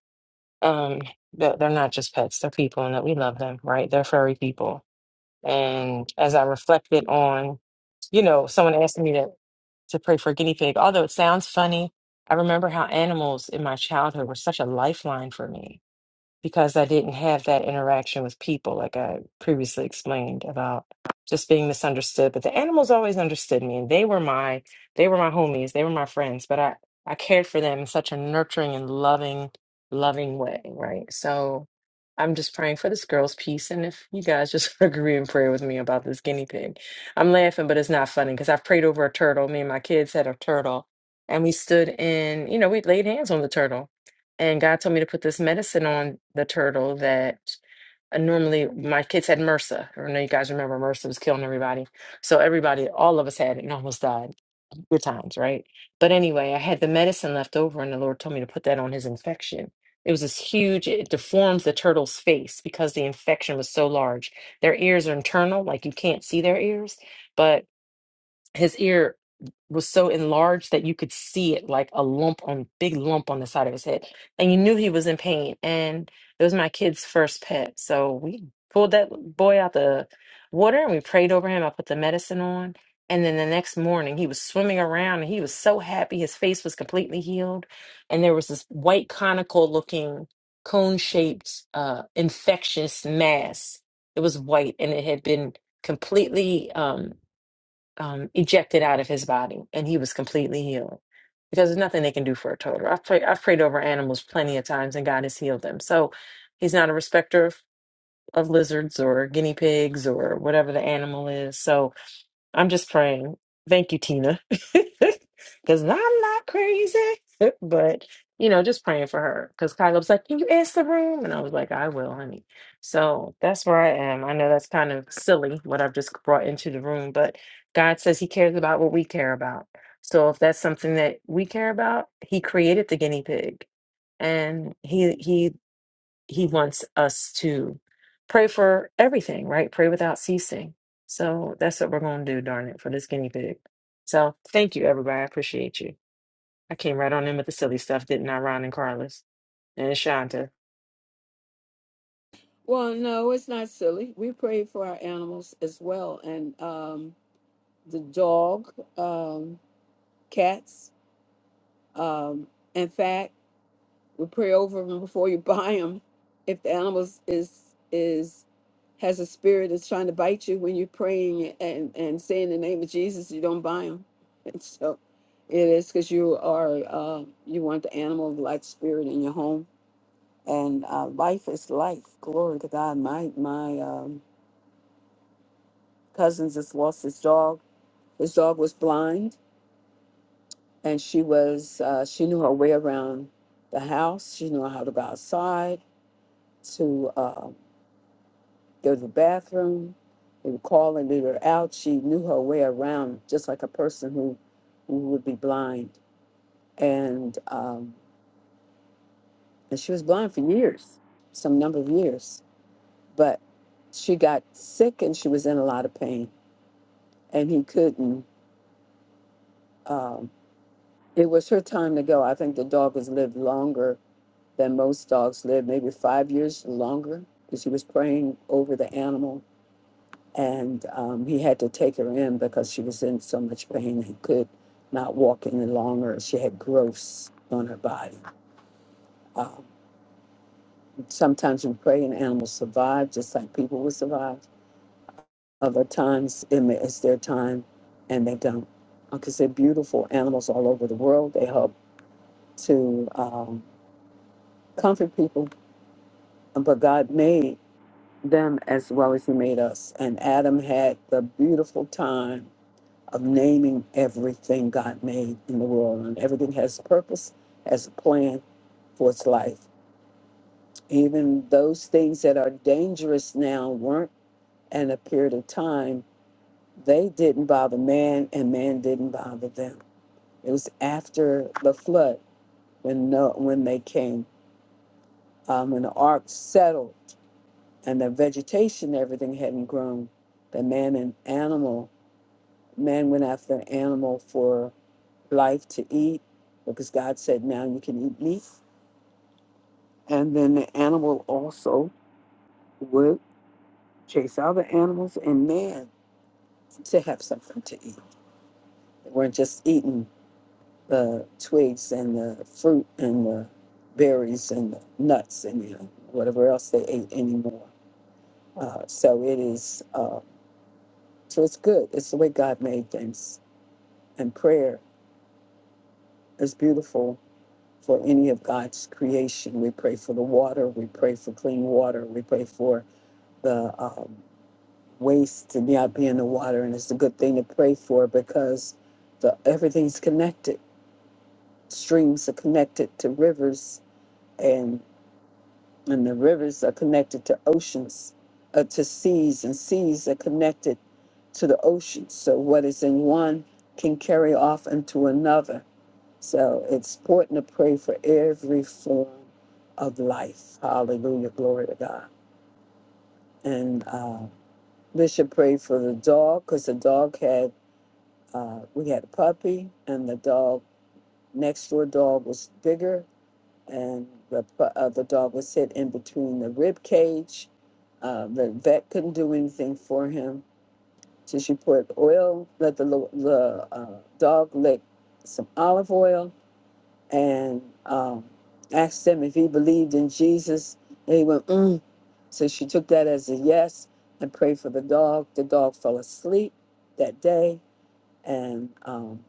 Speaker 10: Um, they're they're not just pets; they're people, and that we love them, right? They're furry people And as I reflected on, you know, someone asked me to, to pray for a guinea pig. Although it sounds funny, I remember how animals in my childhood were such a lifeline for me because I didn't have that interaction with people, like I previously explained about just being misunderstood. But the animals always understood me, and they were my they were my homies, they were my friends. But I I cared for them in such a nurturing and loving loving way, right? So I'm just praying for this girl's peace, and if you guys just agree in prayer with me about this guinea pig, I'm laughing, but it's not funny because I've prayed over a turtle. Me and my kids had a turtle, and we stood in, you know, we laid hands on the turtle and God told me to put this medicine on the turtle that uh, normally my kids had MRSA. I don't know you guys remember MRSA was killing everybody. So everybody, all of us had it and almost died. Good times, right? But anyway, I had the medicine left over and the Lord told me to put that on his infection. It was this huge, it deforms the turtle's face because the infection was so large. Their ears are internal, like you can't see their ears, but his ear was so enlarged that you could see it like a lump on big lump on the side of his head and you knew he was in pain and it was my kid's first pet so we pulled that boy out the water and we prayed over him i put the medicine on and then the next morning he was swimming around and he was so happy his face was completely healed and there was this white conical looking cone shaped uh infectious mass it was white and it had been completely um um, ejected out of his body, and he was completely healed. Because there's nothing they can do for a toter. I've prayed, I've prayed over animals plenty of times, and God has healed them. So He's not a respecter of, of lizards or guinea pigs or whatever the animal is. So I'm just praying. Thank you, Tina. Because I'm not crazy. But, you know, just praying for her. Because Kyla was like, Can you ask the room? And I was like, I will, honey. So that's where I am. I know that's kind of silly what I've just brought into the room, but God says He cares about what we care about. So if that's something that we care about, He created the guinea pig. And he he he wants us to pray for everything, right? Pray without ceasing. So that's what we're going to do, darn it, for this guinea pig. So thank you, everybody. I appreciate you. I came right on in with the silly stuff, didn't I, Ron and Carlos and Shanta?
Speaker 2: Well, no, it's not silly. We pray for our animals as well, and um, the dog, um, cats. Um, in fact. We pray over them before you buy them. If the animal is is is- has a spirit that's trying to bite you when you're praying and and saying the name of Jesus, you don't buy them. And so it is because you are uh, you want the animal of life spirit in your home, and uh, life is life. Glory to God. My my um, cousins just lost his dog. His dog was blind, and she was uh, she knew her way around the house. She knew how to go outside to. Uh, go to the bathroom. They would call and lead her out. She knew her way around, just like a person who, who would be blind. And, um, and she was blind for years, some number of years. But she got sick and she was in a lot of pain, and he couldn't. Um, it was her time to go. I think the dog has lived longer than most dogs live, maybe five years longer, because he was praying over the animal and um, he had to take her in because she was in so much pain he could not walk any longer. She had growths on her body. Um, sometimes we pray and animals survive, just like people will survive. Other times it may, it's their time, and they don't, because they're beautiful animals all over the world. They help to um, comfort people, but God made them as well as He made us. And Adam had the beautiful time of naming everything God made in the world. And everything has purpose, has a plan for its life. Even those things that are dangerous now weren't in a period of time. They didn't bother man, and man didn't bother them. It was after the flood when no, when they came, um, when the ark settled and the vegetation, everything hadn't grown. The man and animal, man went after an animal for life to eat because God said, now you can eat meat. And then the animal also would chase other animals and man to have something to eat. They weren't just eating the twigs and the fruit and the berries and the nuts and you know, whatever else they ate anymore. Uh, so it is, uh, so it's good. It's the way God made things. And prayer is beautiful for any of God's creation. We pray for the water, we pray for clean water, we pray for the um, waste to be out be in the water, and it's a good thing to pray for because the everything's connected. Streams are connected to rivers, and and the rivers are connected to oceans, uh, to seas, and seas are connected to the oceans. So what is in one can carry off into another. So it's important to pray for every form of life. Hallelujah, glory to God. And uh, Bishop prayed for the dog because the dog had, uh, we had a puppy, and the dog, next door dog, was bigger, and the, pu- uh, the dog was hit in between the rib cage. Uh, the vet couldn't do anything for him. So she poured oil, let the, lo- the uh, dog lick some olive oil, and um, asked him if he believed in Jesus. And he went, mm. So she took that as a yes and prayed for the dog. The dog fell asleep that day. And um,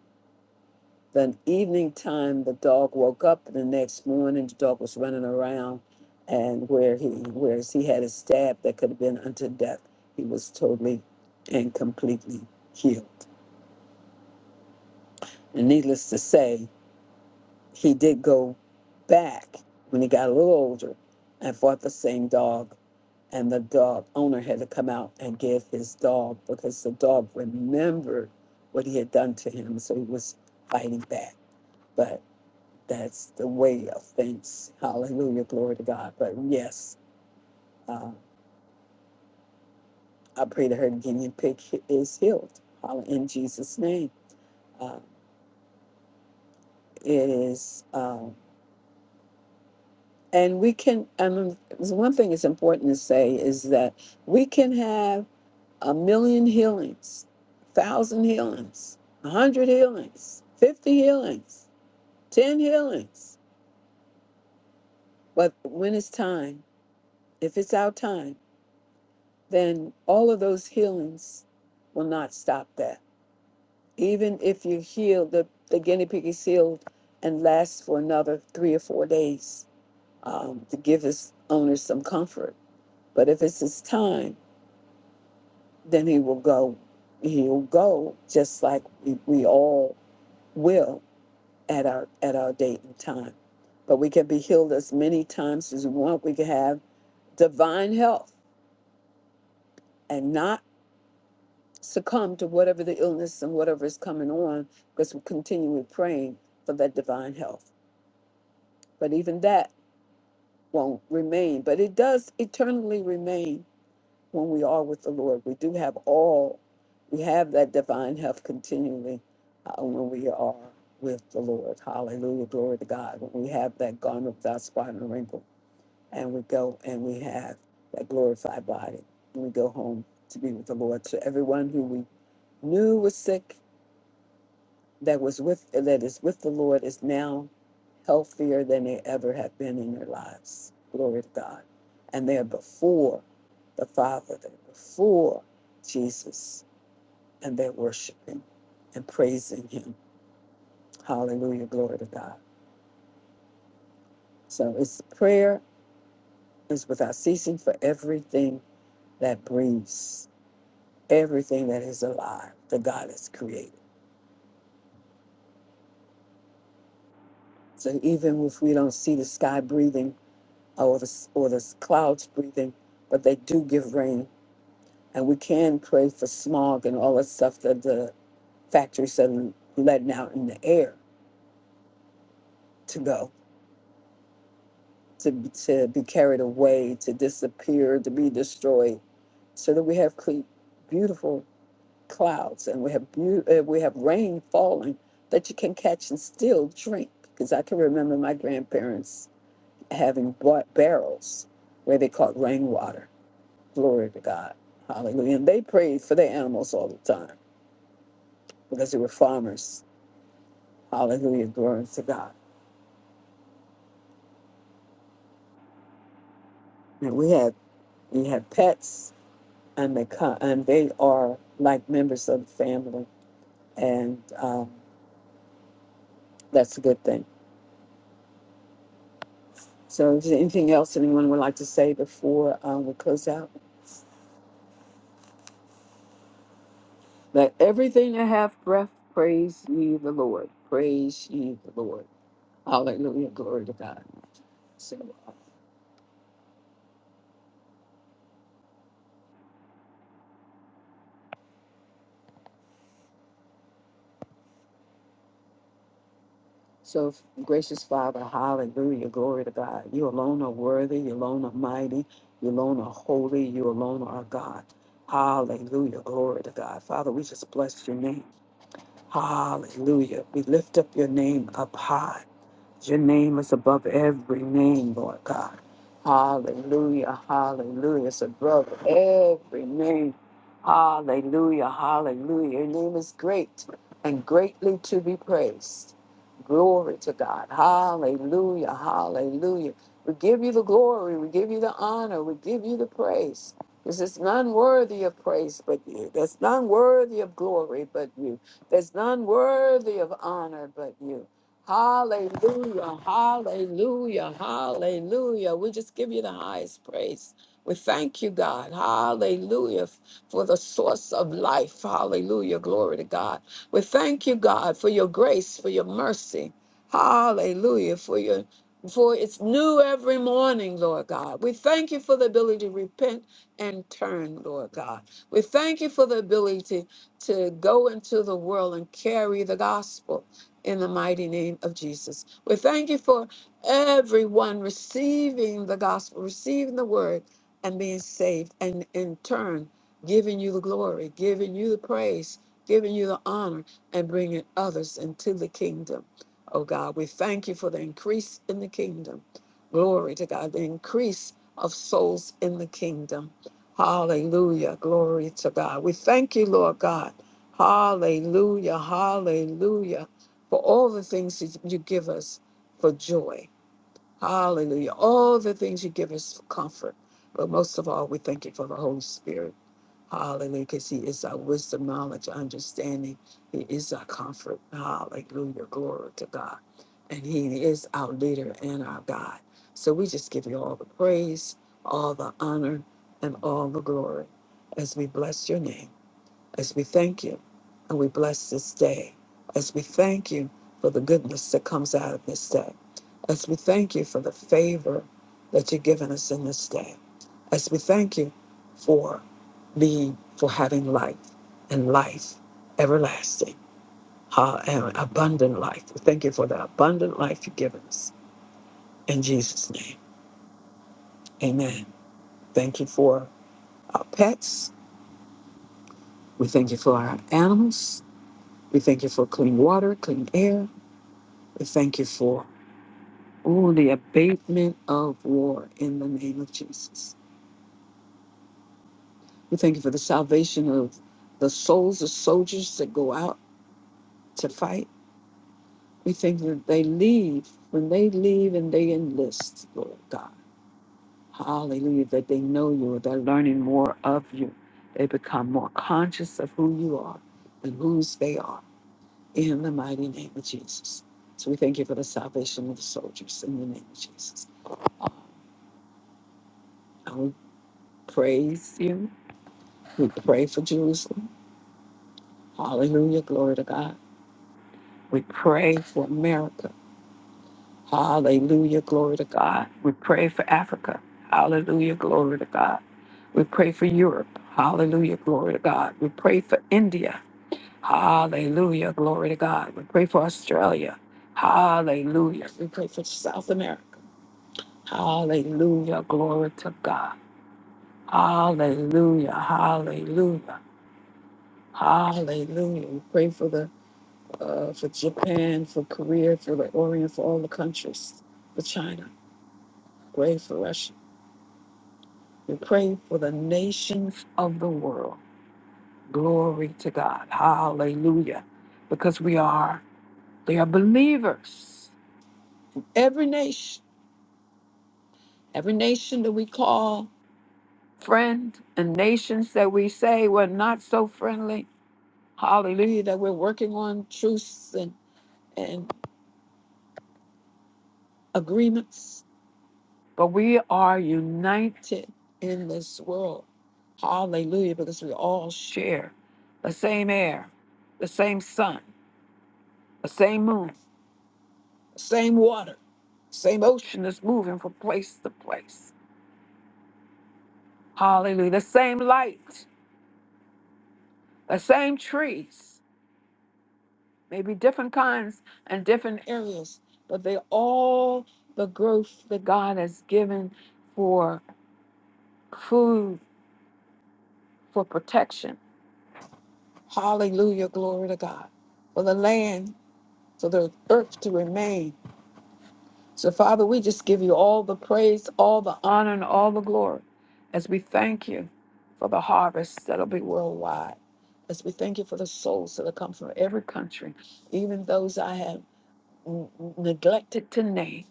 Speaker 2: then evening time, the dog woke up. And the next morning, the dog was running around. And where he, where he had a stab that could have been unto death, he was totally and completely healed. And needless to say, he did go back when he got a little older and fought the same dog. And the dog owner had to come out and get his dog because the dog remembered what he had done to him. So he was fighting back. But that's the way of things. Hallelujah. Glory to God. But yes, uh, I pray that her guinea pig is healed. Hallelujah In Jesus' name. Uh, it is. uh, and we can I mean, there's one thing that's important to say is that we can have a million healings thousand healings a hundred healings 50 healings 10 healings but when it's time if it's our time then all of those healings will not stop that even if you heal the, the guinea pig is healed and lasts for another three or four days um, to give his owner some comfort but if it's his time then he will go he'll go just like we, we all will at our at our date and time but we can be healed as many times as we want we can have divine health and not succumb to whatever the illness and whatever is coming on because we're continually praying for that divine health but even that won't remain but it does eternally remain when we are with the Lord, we do have all, we have that divine health continually uh, when we are with the Lord. Hallelujah. Glory to God. When we have that garment without spot and wrinkle, and we go and we have that glorified body, and we go home to be with the Lord. So everyone who we knew was sick, that was with that is with the Lord is now healthier than they ever have been in their lives. Glory to God. And they're before the Father, they're before Jesus, and they're worshiping and praising Him. Hallelujah. Glory to God. So it's prayer is without ceasing for everything that breathes, everything that is alive that God has created. So even if we don't see the sky breathing, or the, or the clouds breathing, but they do give rain. And we can pray for smog and all that stuff that the factories are letting out in the air to go, to, to be carried away, to disappear, to be destroyed, so that we have cle- beautiful clouds and we have beau- uh, we have rain falling that you can catch and still drink. Because I can remember my grandparents having bought barrels where they caught rainwater Glory to God. Hallelujah. And they prayed for their animals all the time because they were farmers. Hallelujah. Glory to God. And we had we had pets, and they come, and they are like members of the family, and um, that's a good thing. So, is there anything else anyone would like to say before uh, we close out? Let everything that hath breath praise ye the Lord. Praise ye the Lord. Hallelujah. Glory to God. So, So, gracious Father, hallelujah, glory to God. You alone are worthy, you alone are mighty, you alone are holy, you alone are God. Hallelujah, glory to God. Father, we just bless your name. Hallelujah. We lift up your name up high. Your name is above every name, Lord God. Hallelujah, hallelujah. It's above every name. Hallelujah, hallelujah. Your name is great and greatly to be praised. Glory to God. Hallelujah, hallelujah. We give you the glory. We give you the honor. We give you the praise. Because there's none worthy of praise but you. There's none worthy of glory but you. There's none worthy of honor but you. Hallelujah, hallelujah, hallelujah. We just give you the highest praise. We thank you, God. Hallelujah for the source of life. Hallelujah. Glory to God. We thank you, God, for your grace, for your mercy. Hallelujah. For your for it's new every morning, Lord God. We thank you for the ability to repent and turn, Lord God. We thank you for the ability to go into the world and carry the gospel in the mighty name of Jesus. We thank you for everyone receiving the gospel, receiving the word, and being saved, and in turn, giving you the glory, giving you the praise, giving you the honor, and bringing others into the kingdom. Oh God, we thank you for the increase in the kingdom. Glory to God, the increase of souls in the kingdom. Hallelujah. Glory to God. We thank you, Lord God. Hallelujah. Hallelujah for all the things that you give us for joy. Hallelujah. All the things you give us for comfort. But most of all, we thank you for the Holy Spirit. Hallelujah. Because He is our wisdom, knowledge, understanding. He is our comfort. Hallelujah. Glory to God. And He is our leader and our God. So we just give you all the praise, all the honor, and all the glory as we bless your name as we thank you and we bless this day, as we thank you for the goodness that comes out of this day, as we thank you for the favor that you've given us in this day, as we thank you for being, for having life and life everlasting, uh, and abundant life. We thank you for the abundant life you've given us. In Jesus' name, amen. Thank you for our pets. We thank you for our animals. We thank you for clean water, clean air. We thank you for all the abatement of war in the name of Jesus. We thank you for the salvation of the souls of soldiers that go out to fight. We thank you that they leave, when they leave and they enlist, Lord God. Hallelujah, that they know you, they're learning more of you. They become more conscious of who you are and whose they are in the mighty name of Jesus. So we thank you for the salvation of the soldiers in the name of Jesus. I will praise you We pray for Jerusalem. Hallelujah. Glory to God. We pray for America. Hallelujah. Glory to God. We pray for Africa. Hallelujah. Glory to God. We pray for Europe. Hallelujah. Glory to God. We pray for India. Hallelujah. Glory to God. We pray for Australia. Hallelujah. We pray for South America. Hallelujah. Glory to God. Hallelujah. Hallelujah. Hallelujah. We pray for the uh, for Japan, for Korea, for the Orient, for all the countries, for China. Pray for Russia. We pray for the nations of the world. Glory to God. Hallelujah. Because we are, they are believers. Every nation, every nation that we call friend, and nations that we say we're not so friendly. Hallelujah. That we're working on truce and, and agreements. But we are united in this world. Hallelujah, because we all share the same air, the same sun, the same moon, the same water, same ocean that's moving from place to place. Hallelujah. The same light, the same trees, maybe different kinds and different areas, but they all the growth that God has given for food, for protection Hallelujah. Glory to God. For the land, for the earth to remain. So, Father, we just give you all the praise, all the honor, and all the glory as we thank you for the harvest that'll be worldwide. As we thank you for the souls that'll come from every country, even those I have n- neglected to name.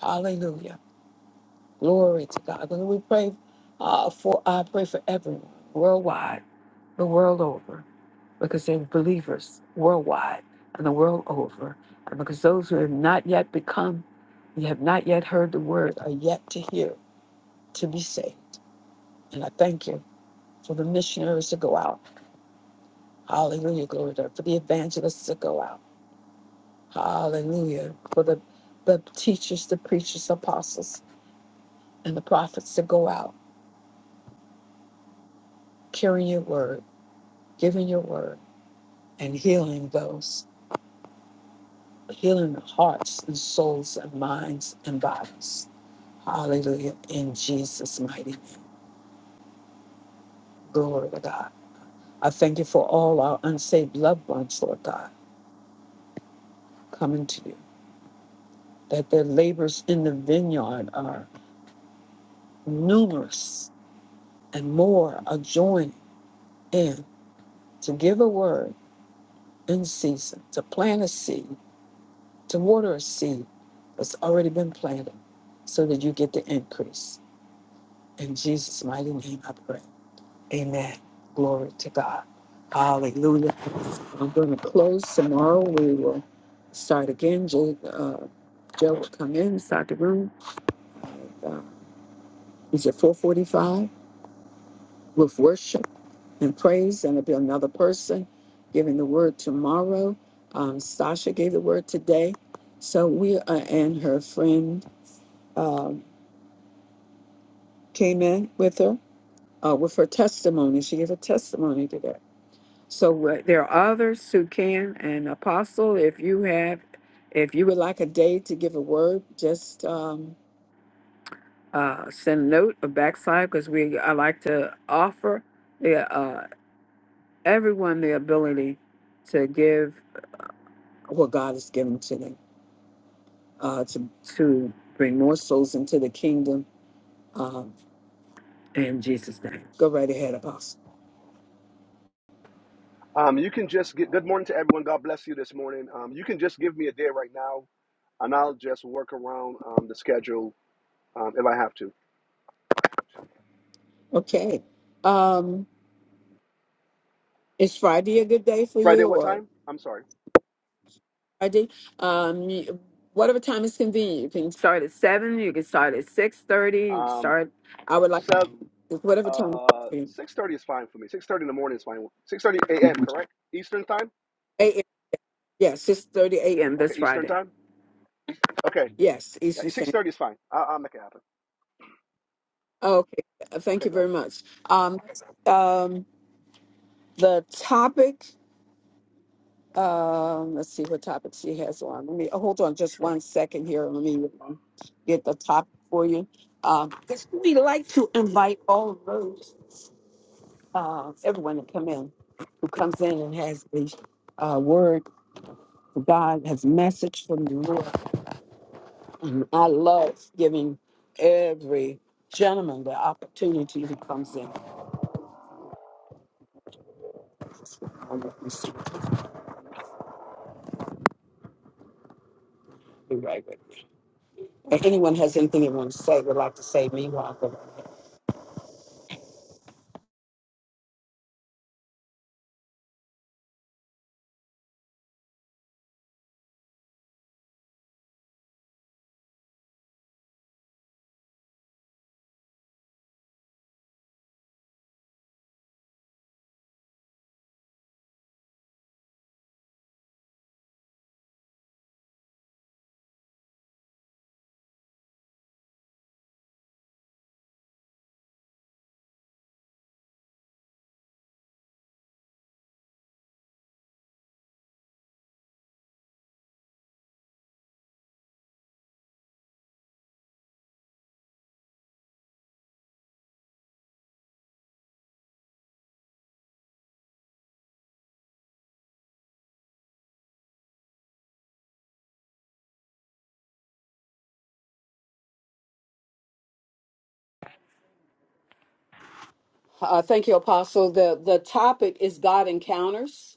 Speaker 2: Hallelujah. Glory to God. And we pray uh, for I pray for everyone worldwide, the world over. because they're believers worldwide and the world over. And because those who have not yet become, you have not yet heard the word, are yet to hear to be saved. And I thank you for the missionaries to go out. Hallelujah, glory to God. For the evangelists to go out. Hallelujah. For the, the teachers, the preachers, apostles, and the prophets to go out, carrying your word, giving your word, and healing those, healing the hearts and souls and minds and bodies. Hallelujah. In Jesus' mighty name. Glory to God. I thank you for all our unsaved loved ones, Lord God, coming to you. That their labors in the vineyard are numerous and more are joined in to give a word in season, to plant a seed, to water a seed that's already been planted so that you get the increase. In Jesus' mighty name, I pray. Amen. Glory to God. Hallelujah. I'm going to close tomorrow. We will start again. Joe, uh, Joe will come in, start the room. Uh, he's at 445 with worship and praise. And there'll be another person giving the word tomorrow. Um, Sasha gave the word today. So we, uh, and her friend um, came in with her, uh, with her testimony. She gave a testimony today. So uh, there are others who can. And Apostle, if you have, if you would like a day to give a word, just um, uh, send a note or backside because we I like to offer the uh, everyone the ability to give what God has given to them uh, to to bring more souls into the kingdom um, in Jesus' name. Go right ahead, Apostle.
Speaker 11: Um, you can just get good morning to everyone. God bless you this morning. Um, you can just give me a day right now, and I'll just work around um, the schedule um, if I have to.
Speaker 2: Okay. Um, is Friday a good day for
Speaker 11: Friday,
Speaker 2: you,
Speaker 11: what
Speaker 2: or?
Speaker 11: time? I'm sorry.
Speaker 2: Friday. Um, you- whatever time is convenient. You can start at seven. You can start at six thirty. You can
Speaker 11: Um,
Speaker 2: start. I would like
Speaker 11: seven,
Speaker 2: whatever
Speaker 11: uh,
Speaker 2: time. is good
Speaker 11: uh,
Speaker 2: for
Speaker 11: six thirty is fine for me. Six thirty in the morning is fine. Six thirty a.m.
Speaker 2: you.
Speaker 11: Correct? Eastern time.
Speaker 2: A.M. Yes, six thirty a.m.
Speaker 11: Okay,
Speaker 2: this
Speaker 11: Eastern
Speaker 2: Friday.
Speaker 11: time. Okay,
Speaker 2: Yes,
Speaker 11: yeah,
Speaker 2: Eastern
Speaker 11: six
Speaker 2: Standard.
Speaker 11: thirty is fine. I- I'll make it happen.
Speaker 2: Okay, uh, thank
Speaker 11: Okay,
Speaker 2: you
Speaker 11: God.
Speaker 2: very much. Um, um, the topic. Um, let's see what topic she has on. Let me oh, hold on just
Speaker 11: Sure.
Speaker 2: one second here. Let me um, get the topic for you. Um, 'cause we like to invite all of those. uh, everyone that come in, who comes in and has the uh, word from God, has message from the Lord. And I love giving every gentleman the opportunity who comes in. I'm gonna Be right with you. If anyone has anything they want to say, would like to say, meanwhile, but Uh, thank you, Apostle. The the topic is God encounters,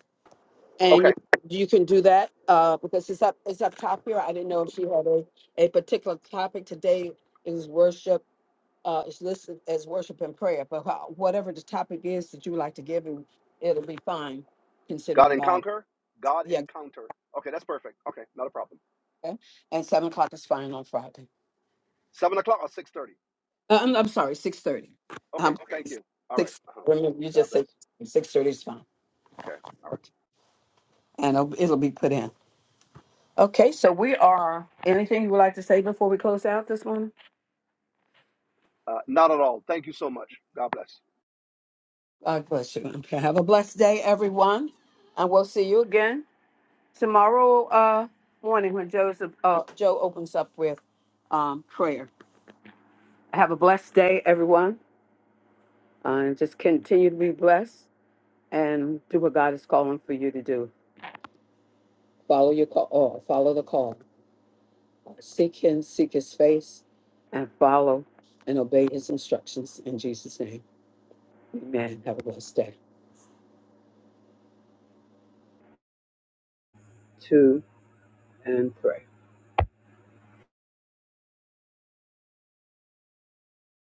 Speaker 2: and you
Speaker 11: Okay,
Speaker 2: you can do that uh, because it's up it's up top here. I didn't know if she had a, a particular topic today. It was worship, uh, it's listed as worship and prayer, but how, whatever the topic is that you would like to give, him, it'll be fine
Speaker 11: God
Speaker 2: considering
Speaker 11: and
Speaker 2: God.
Speaker 11: conquer. God
Speaker 2: Yeah,
Speaker 11: encounter. Okay, that's perfect. Okay, not a problem.
Speaker 2: okay. and seven o'clock is fine on Friday.
Speaker 11: Seven o'clock or six thirty.
Speaker 2: Uh, I'm, I'm sorry, six thirty.
Speaker 11: Okay,
Speaker 2: Um,
Speaker 11: thank you. All right.
Speaker 2: six.
Speaker 11: Uh-huh.
Speaker 2: Remember, you
Speaker 11: God
Speaker 2: just said
Speaker 11: bless.
Speaker 2: six thirty is fine,
Speaker 11: Okay. All
Speaker 2: and it'll, it'll be put in. Okay, so we are. Anything you would like to say before we close out this morning?
Speaker 11: right. Uh, not at all. Thank you so much. God bless.
Speaker 2: God bless you. Okay, have a blessed day, everyone, and we'll see you again. tomorrow uh, morning when Joseph uh, Joe opens up with um, prayer. Have a blessed day, everyone, uh, and just continue to be blessed and do what God is calling for you to do. Follow your call. Oh, follow the call. Seek Him, seek His face, and follow and obey His instructions in Jesus' name. Amen. Have a blessed day. Two and pray.